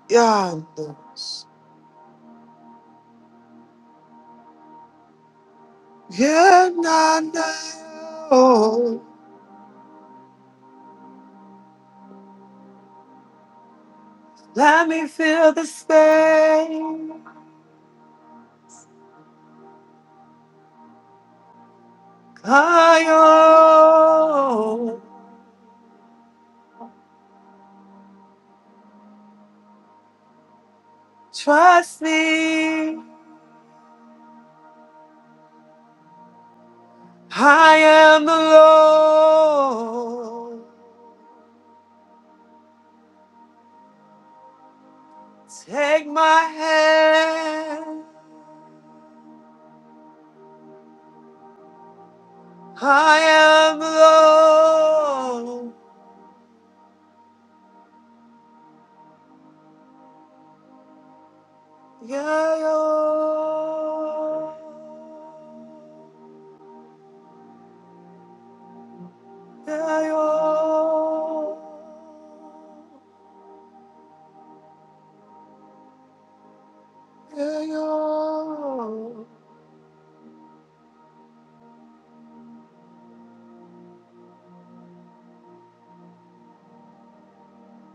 B: Yonder. Yeah, nah, nah. Oh, let me fill the space. I oh, trust me. I am the Lord. Take my hand. I am the Lord. Yayo, yayo, yayo,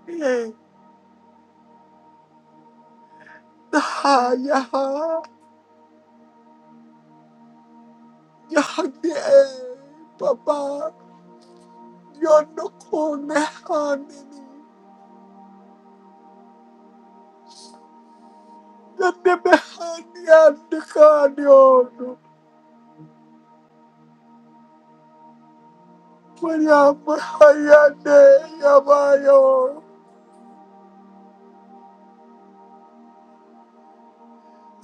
B: yeah, ha, yeah, yeah, yeah, Papa, you're not going to hand me. You're not going to hand me, You're not going to hand you. Kaya mahaya de yabayo,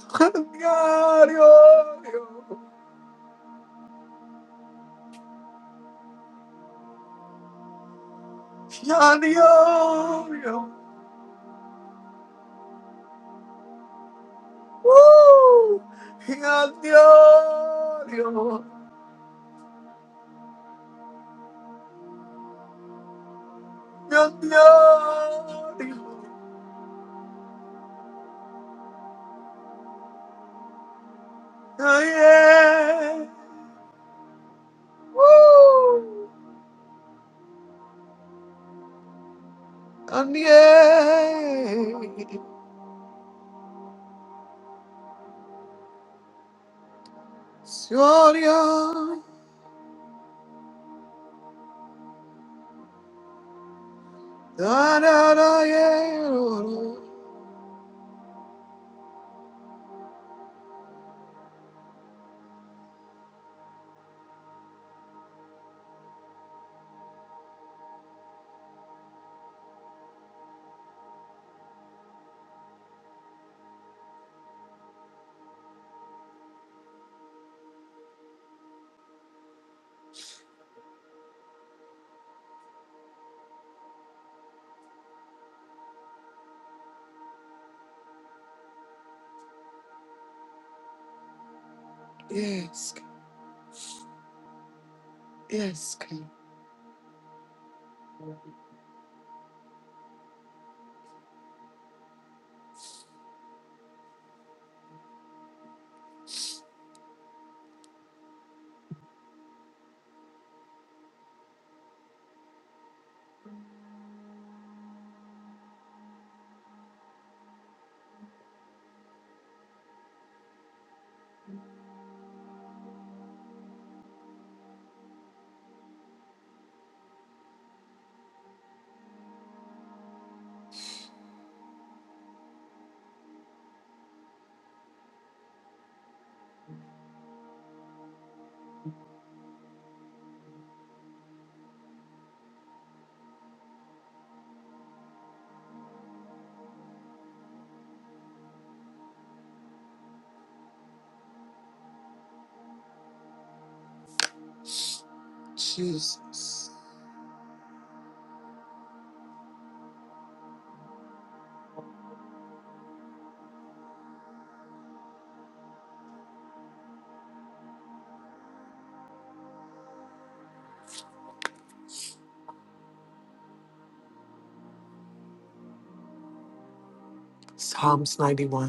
B: kangaryo. Woo! Meu Deus! Meu Deus! Daniel! Woo! Daniel! Senhora! Dararaero. Psalms 91.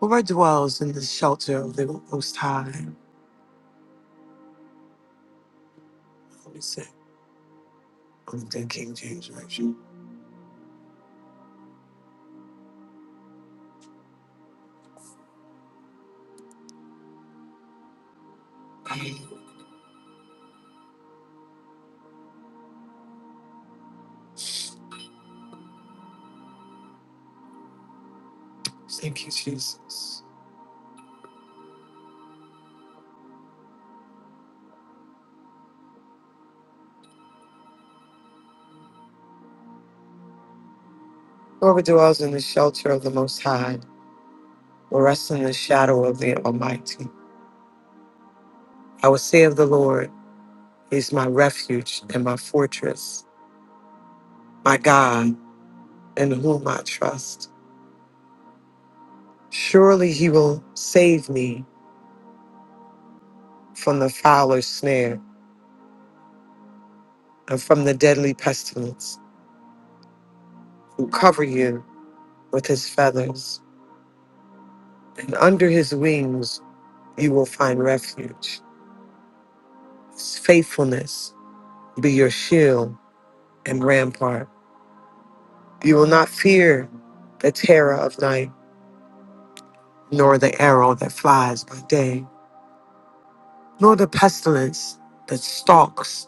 B: Whoever dwells in the shelter of the Most High. Let me see. I'm thinking King James. right? Whoever dwells in the shelter of the Most High will rest in the shadow of the Almighty. I will say of the Lord. He's my refuge and my fortress, my God, in whom I trust. Surely he will save me from the fowler's snare and from the deadly pestilence, who cover you with his feathers, and under his wings you will find refuge. His faithfulness be your shield and rampart. You will not fear the terror of night, nor the arrow that flies by day, nor the pestilence that stalks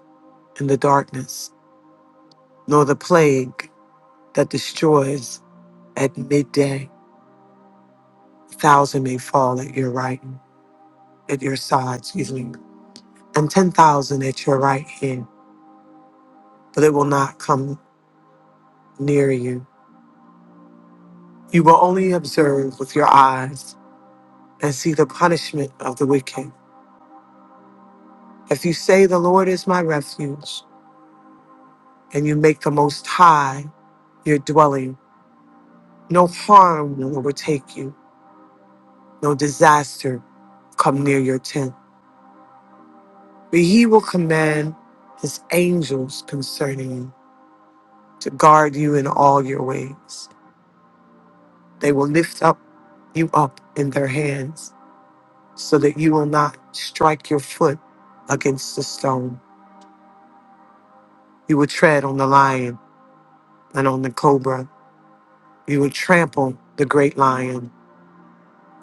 B: and the darkness, nor the plague that destroys at midday. A thousand may fall at your right, at your side, excuse me, and 10,000 at your right hand, but it will not come near you. You will only observe with your eyes and see the punishment of the wicked. If you say, The Lord is my refuge, and you make the Most High your dwelling, no harm will overtake you, no disaster come near your tent. But he will command his angels concerning you to guard you in all your ways. They will lift up you up in their hands so that you will not strike your foot against a stone. You will tread on the lion and on the cobra. You will trample the great lion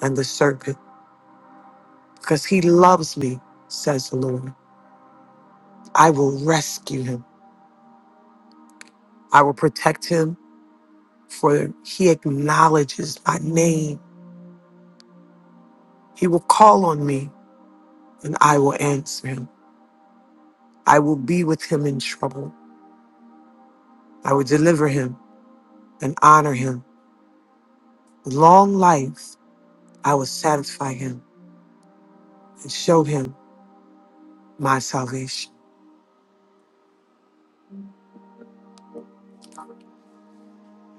B: and the serpent because he loves me, says the Lord. I will rescue him. I will protect him for he acknowledges my name. He will call on me and I will answer him. I will be with him in trouble. I will deliver him and honor him. With long life, I will satisfy him and show him my salvation.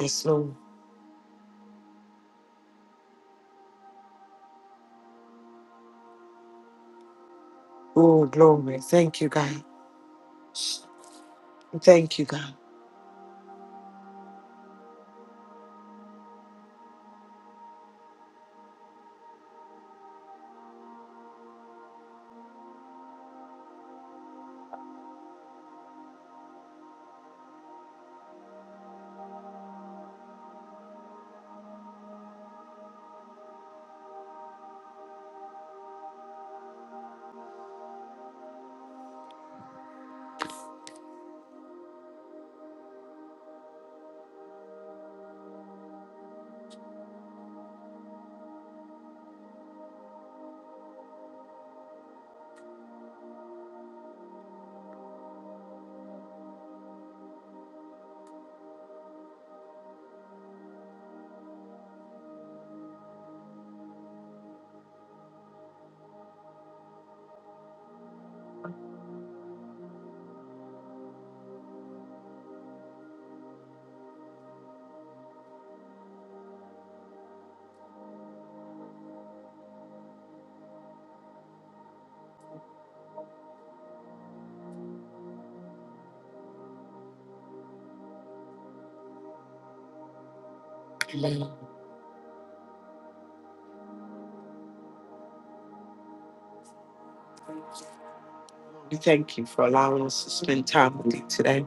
B: Yes, Lord. Oh, glory. Thank you, God. Thank you, God. Amen. We thank you for allowing us to spend time with you today.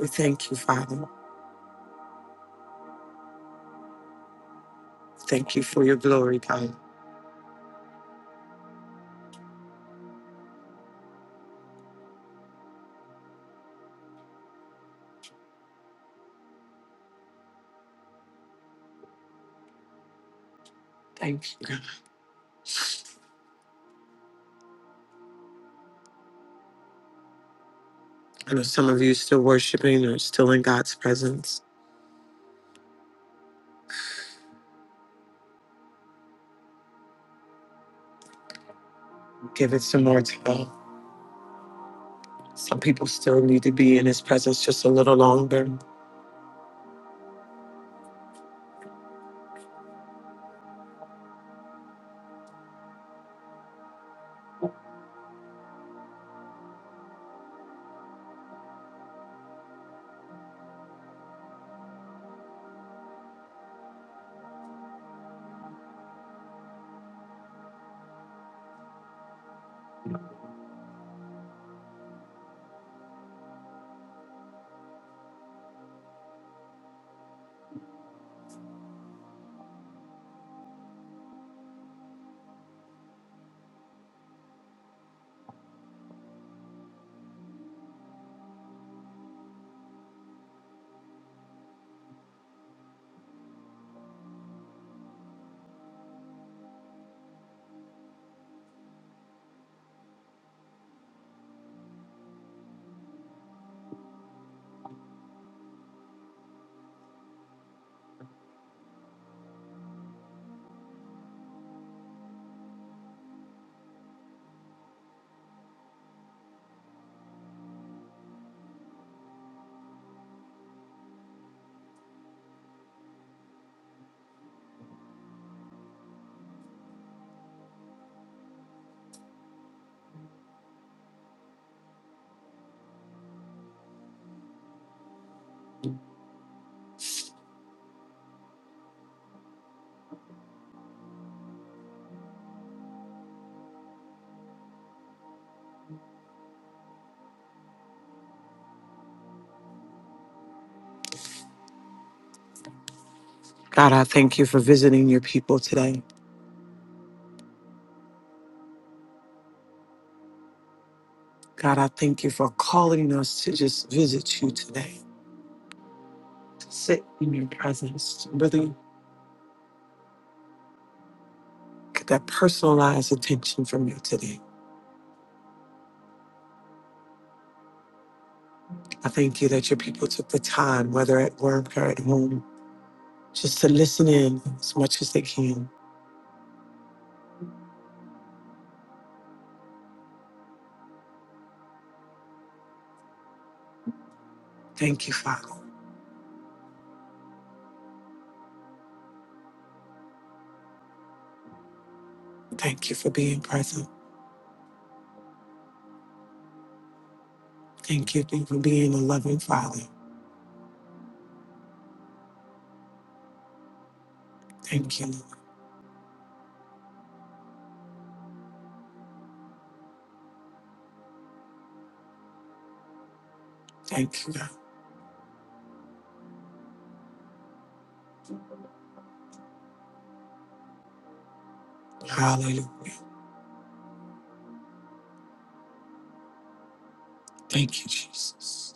B: We thank you, Father. Thank you for your glory, God. Thank you, God. I know some of you still worshiping or still in God's presence. Give it some more time. Some people still need to be in his presence just a little longer. God, I thank you for visiting your people today. God, I thank you for calling us to just visit you today, to sit in your presence, to really get that personalized attention from you today. I thank you that your people took the time, whether at work or at home, just to listen in as much as they can. Thank you, Father. Thank you for being present. Thank you for being a loving Father. Thank you, Lord. Thank you, God. Hallelujah. Thank you, Jesus.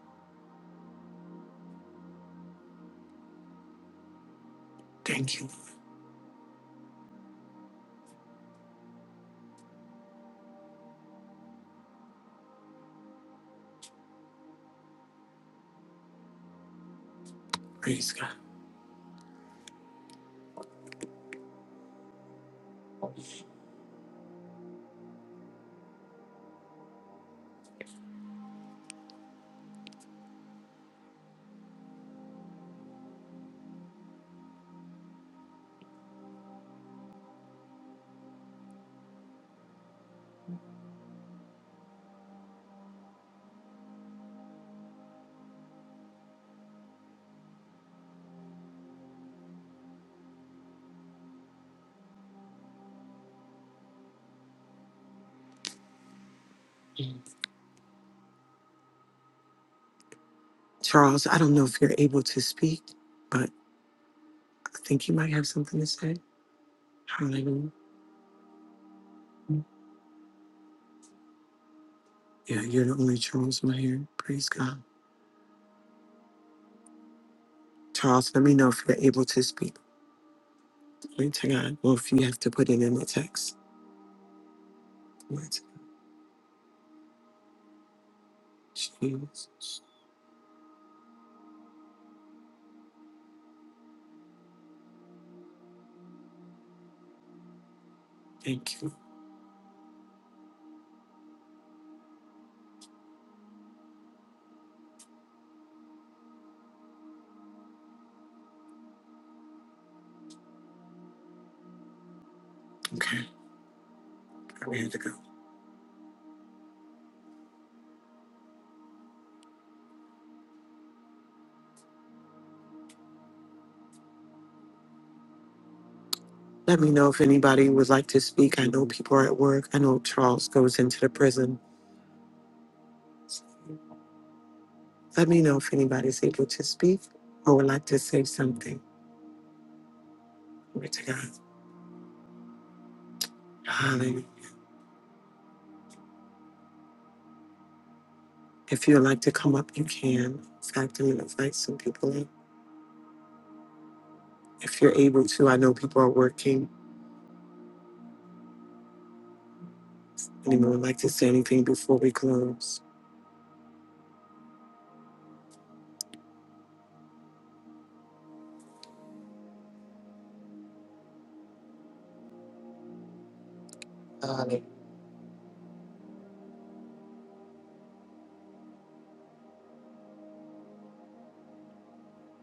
B: Thank you, Lord. Praise God. Charles, I don't know if you're able to speak, but I think you might have something to say. Hallelujah. Yeah, you're the only Charles in my here. Praise God. Charles, let me know if you're able to speak. Glory to God. Or if you have to put it in the text. Glory to God. Jesus. Thank you. Okay. I'm here to go. Let me know if anybody would like to speak. I know people are at work. I know Charles goes into the prison. Let me know if anybody's able to speak or would like to say something. Glory to God. Hallelujah. If you'd like to come up, you can. In fact, I'm going to invite some people in. If you're able to, I know people are working. Anyone would like to say anything before we close?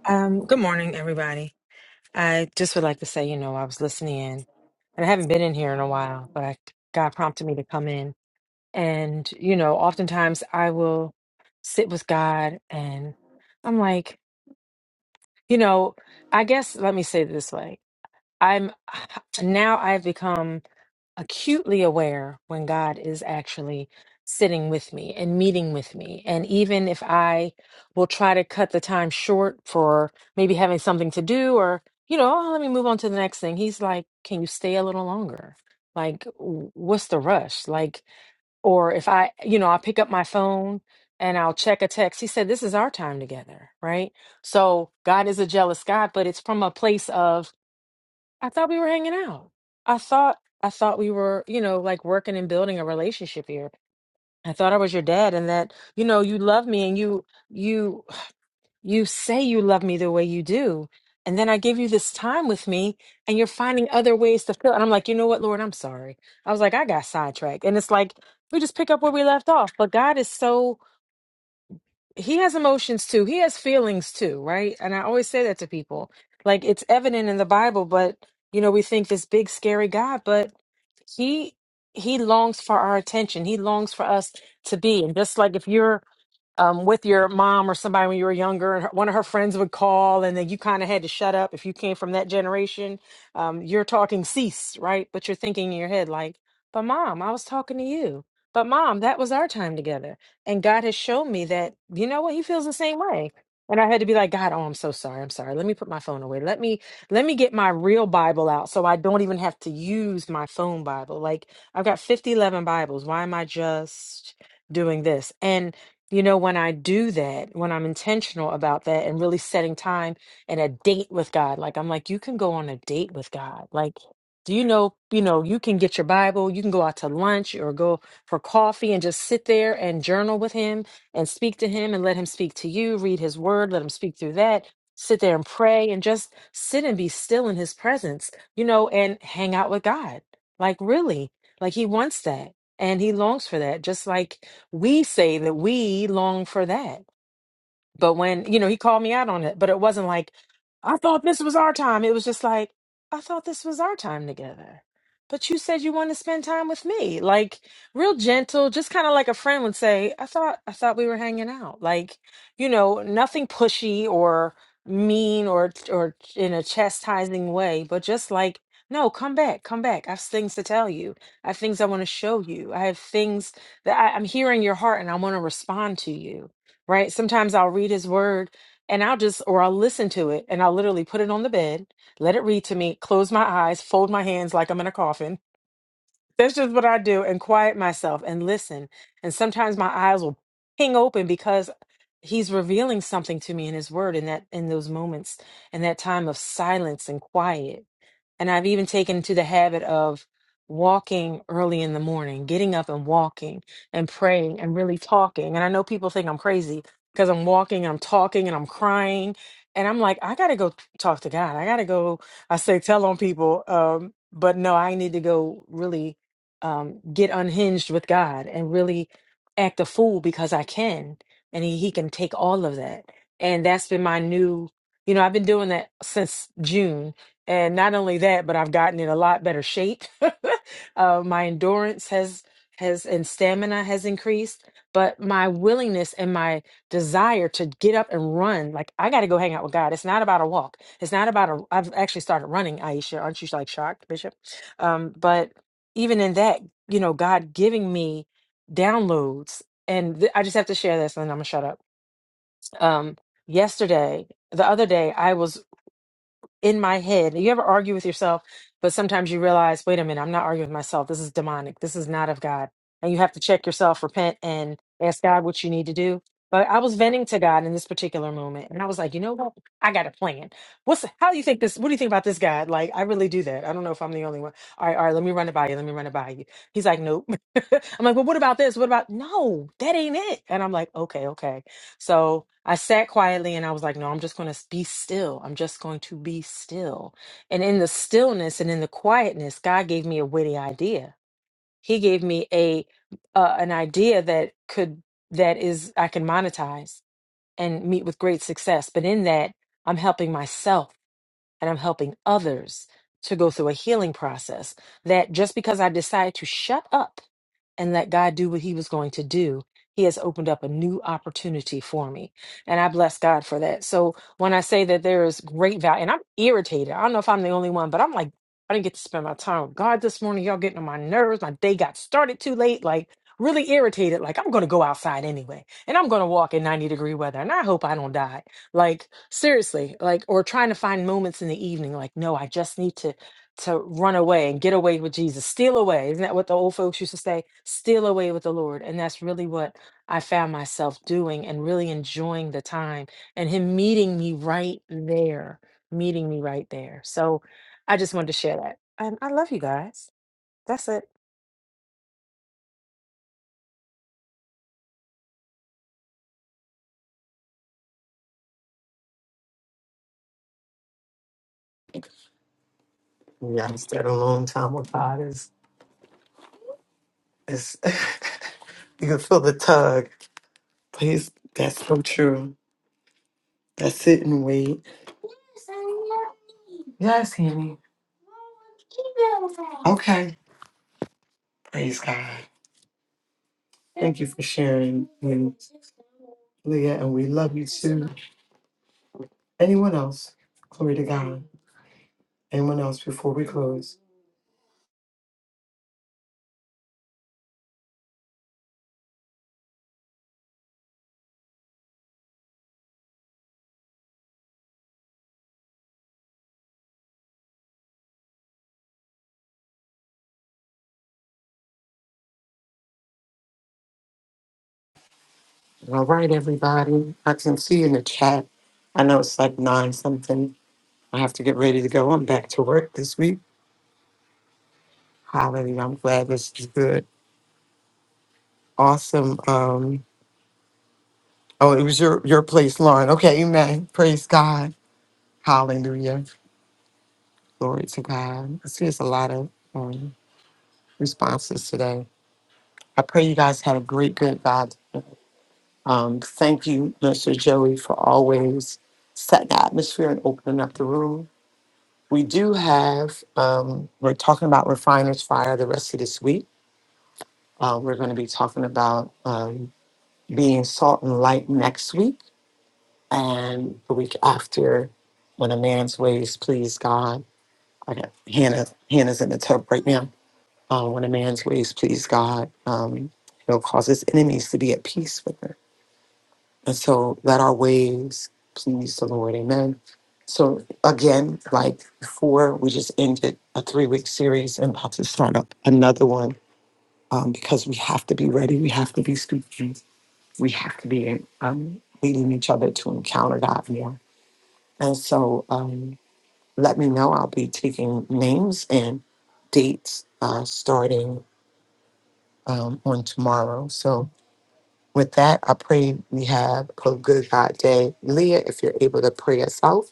K: Um, good morning, everybody. I just would like to say, you know, I was listening in and I haven't been in here in a while, but I, God prompted me to come in. And, you know, oftentimes I will sit with God and I'm like, you know, I guess let me say it this way. I'm now I've become acutely aware when God is actually sitting with me and meeting with me. And even if I will try to cut the time short for maybe having something to do or, you know, oh, let me move on to the next thing, he's like, can you stay a little longer? Like, w- what's the rush? Like, or if I, you know, I pick up my phone and I'll check a text. He said, this is our time together, right? So God is a jealous God, but it's from a place of, I thought we were hanging out. I thought I thought we were, you know, like working and building a relationship here. I thought I was your dad and that, you know, you love me and you you you say you love me the way you do. And then I give you this time with me and you're finding other ways to fill. And I'm like, you know what, Lord, I'm sorry. I was like, I got sidetracked. And it's like we just pick up where we left off. But God is so he has emotions too. He has feelings too, right? And I always say that to people. Like it's evident in the Bible, but you know, we think this big scary God, but he he longs for our attention. He longs for us to be. And just like if you're um, with your mom or somebody when you were younger, and her- one of her friends would call, and then you kind of had to shut up if you came from that generation. Um, you're talking cease, right? But you're thinking in your head, like, but mom, I was talking to you. But mom, that was our time together. And God has shown me that, you know what, he feels the same way. And I had to be like, God, oh, I'm so sorry. I'm sorry. Let me put my phone away. Let me let me get my real Bible out so I don't even have to use my phone Bible. Like I've got 50, 11 Bibles. Why am I just doing this? And you know, when I do that, when I'm intentional about that and really setting time and a date with God, like I'm like, you can go on a date with God. Like, do you know, you know, you can get your Bible, you can go out to lunch or go for coffee and just sit there and journal with him and speak to him and let him speak to you, read his word, let him speak through that, sit there and pray and just sit and be still in his presence, you know, and hang out with God. Like, really, like he wants that and he longs for that, just like we say that we long for that. But when, you know, he called me out on it, but it wasn't like, I thought this was our time. It was just like, I thought this was our time together. But you said you want to spend time with me. Like real gentle, just kind of like a friend would say, I thought I thought we were hanging out. Like, you know, nothing pushy or mean or or in a chastising way, but just like, no, come back, come back. I have things to tell you. I have things I want to show you. I have things that I, I'm hearing your heart and I want to respond to you right? Sometimes I'll read his word and I'll just, or I'll listen to it and I'll literally put it on the bed, let it read to me, close my eyes, fold my hands like I'm in a coffin. That's just what I do and quiet myself and listen. And sometimes my eyes will ping open because he's revealing something to me in his word in that in those moments in that time of silence and quiet and I've even taken to the habit of walking early in the morning, getting up and walking and praying and really talking. And I know people think I'm crazy because I'm walking and I'm talking and I'm crying. And I'm like, I got to go talk to God. I got to go, I say, tell on people. Um, but no, I need to go really um, get unhinged with God and really act a fool because I can. And he, he can take all of that. And that's been my new, you know, I've been doing that since June and not only that, but I've gotten in a lot better shape. uh, my endurance has has and stamina has increased, but my willingness and my desire to get up and run, like I got to go hang out with God. It's not about a walk. It's not about a. I've actually started running, Aisha. Aren't you like shocked, Bishop? Um, but even in that, you know, God giving me downloads, and th- I just have to share this, and then I'm gonna shut up. Um, yesterday, the other day, I was in my head. You ever argue with yourself, but sometimes you realize, wait a minute, I'm not arguing with myself. This is demonic. This is not of God. And you have to check yourself, repent, and ask God what you need to do. But I was venting to God in this particular moment, and I was like, you know what? I got a plan. What's how do you think this? What do you think about this, God? Like, I really do that. I don't know if I'm the only one. All right, all right, let me run it by you. Let me run it by you. He's like, nope. I'm like, well, what about this? What about no? That ain't it. And I'm like, okay, okay. So I sat quietly and I was like, no, I'm just going to be still. I'm just going to be still. And in the stillness and in the quietness, God gave me a witty idea. He gave me a uh, an idea that could that is I can monetize and meet with great success. But in that, I'm helping myself and I'm helping others to go through a healing process that just because I decided to shut up and let God do what he was going to do, he has opened up a new opportunity for me. And I bless God for that. So when I say that there is great value, and I'm irritated, I don't know if I'm the only one, but I'm like, I didn't get to spend my time with God this morning. Y'all getting on my nerves. My day got started too late. Like, really irritated. Like, I'm going to go outside anyway, and I'm going to walk in 90 degree weather, and I hope I don't die like seriously like or trying to find moments in the evening like no i just need to to run away and get away with jesus steal away isn't that what the old folks used to say steal away with the lord and that's really what i found myself doing and really enjoying the time and him meeting me right there meeting me right there so i just wanted to share that and i love you guys that's it
B: Yeah, I spent a long time with God. Is is you can feel the tug. Please, that's so true. That sit and wait. Yes, honey. Okay. Praise God. Thank you for sharing, and Leah, and we love you too. Anyone else? Glory to God. Anyone else before we close? All right, everybody. I can see in the chat. I know it's like nine something. I have to get ready to go. I'm back to work this week. Hallelujah. I'm glad this is good. Awesome. Um, Oh, it was your your place, Lauren. Okay, amen. Praise God. Hallelujah. Glory to God. I see there's a lot of um, responses today. I pray you guys had a great, good God. Um, thank you, Mr. Joey, for always setting the atmosphere and opening up the room. We do have, um, we're talking about refiner's fire the rest of this week. Uh, we're going to be talking about um, being salt and light next week. and a week after when a man's ways please god i got hannah hannah's in the tub right now uh, when a man's ways please god um, he'll cause his enemies to be at peace with him and so let our ways please the lord amen so again like before we just ended a three-week series and about to start up another one um, because we have to be ready we have to be speaking we have to be um, leading each other to encounter god more And so um, let me know. I'll be taking names and dates uh, starting um, on tomorrow. So with that, I pray we have a good God day. Leah, if you're able to pray us out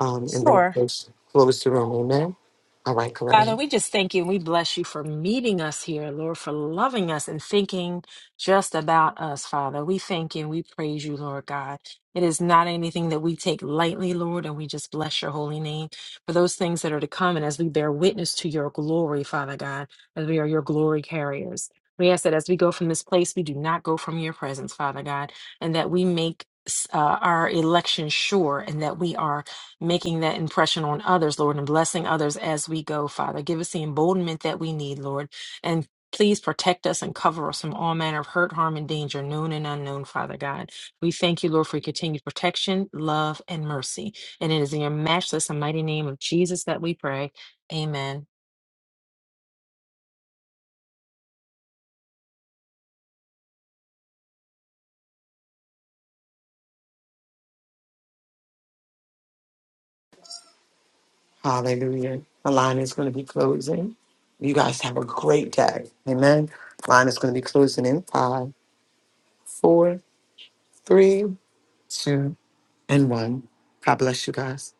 B: um, and then
K: sure
B: close, close the room. Amen. All right,
K: Father,
B: Coretta.
K: we just thank you and we bless you for meeting us here, Lord, for loving us and thinking just about us, Father. We thank you and we praise you, Lord God. It is not anything that we take lightly, Lord, and we just bless your holy name for those things that are to come. And as we bear witness to your glory, Father God, as we are your glory carriers, we ask that as we go from this place, we do not go from your presence, Father God, and that we make uh, our election sure and that we are making that impression on others, Lord, and blessing others as we go, Father. Give us the emboldenment that we need, Lord. And please protect us and cover us from all manner of hurt, harm, and danger, known and unknown, Father God. We thank you, Lord, for your continued protection, love, and mercy. And it is in your matchless and mighty name of Jesus that we pray. Amen.
B: Hallelujah. The line is going to be closing. You guys have a great day. Amen. Line is going to be closing in five, four, three, two, and one. God bless you guys.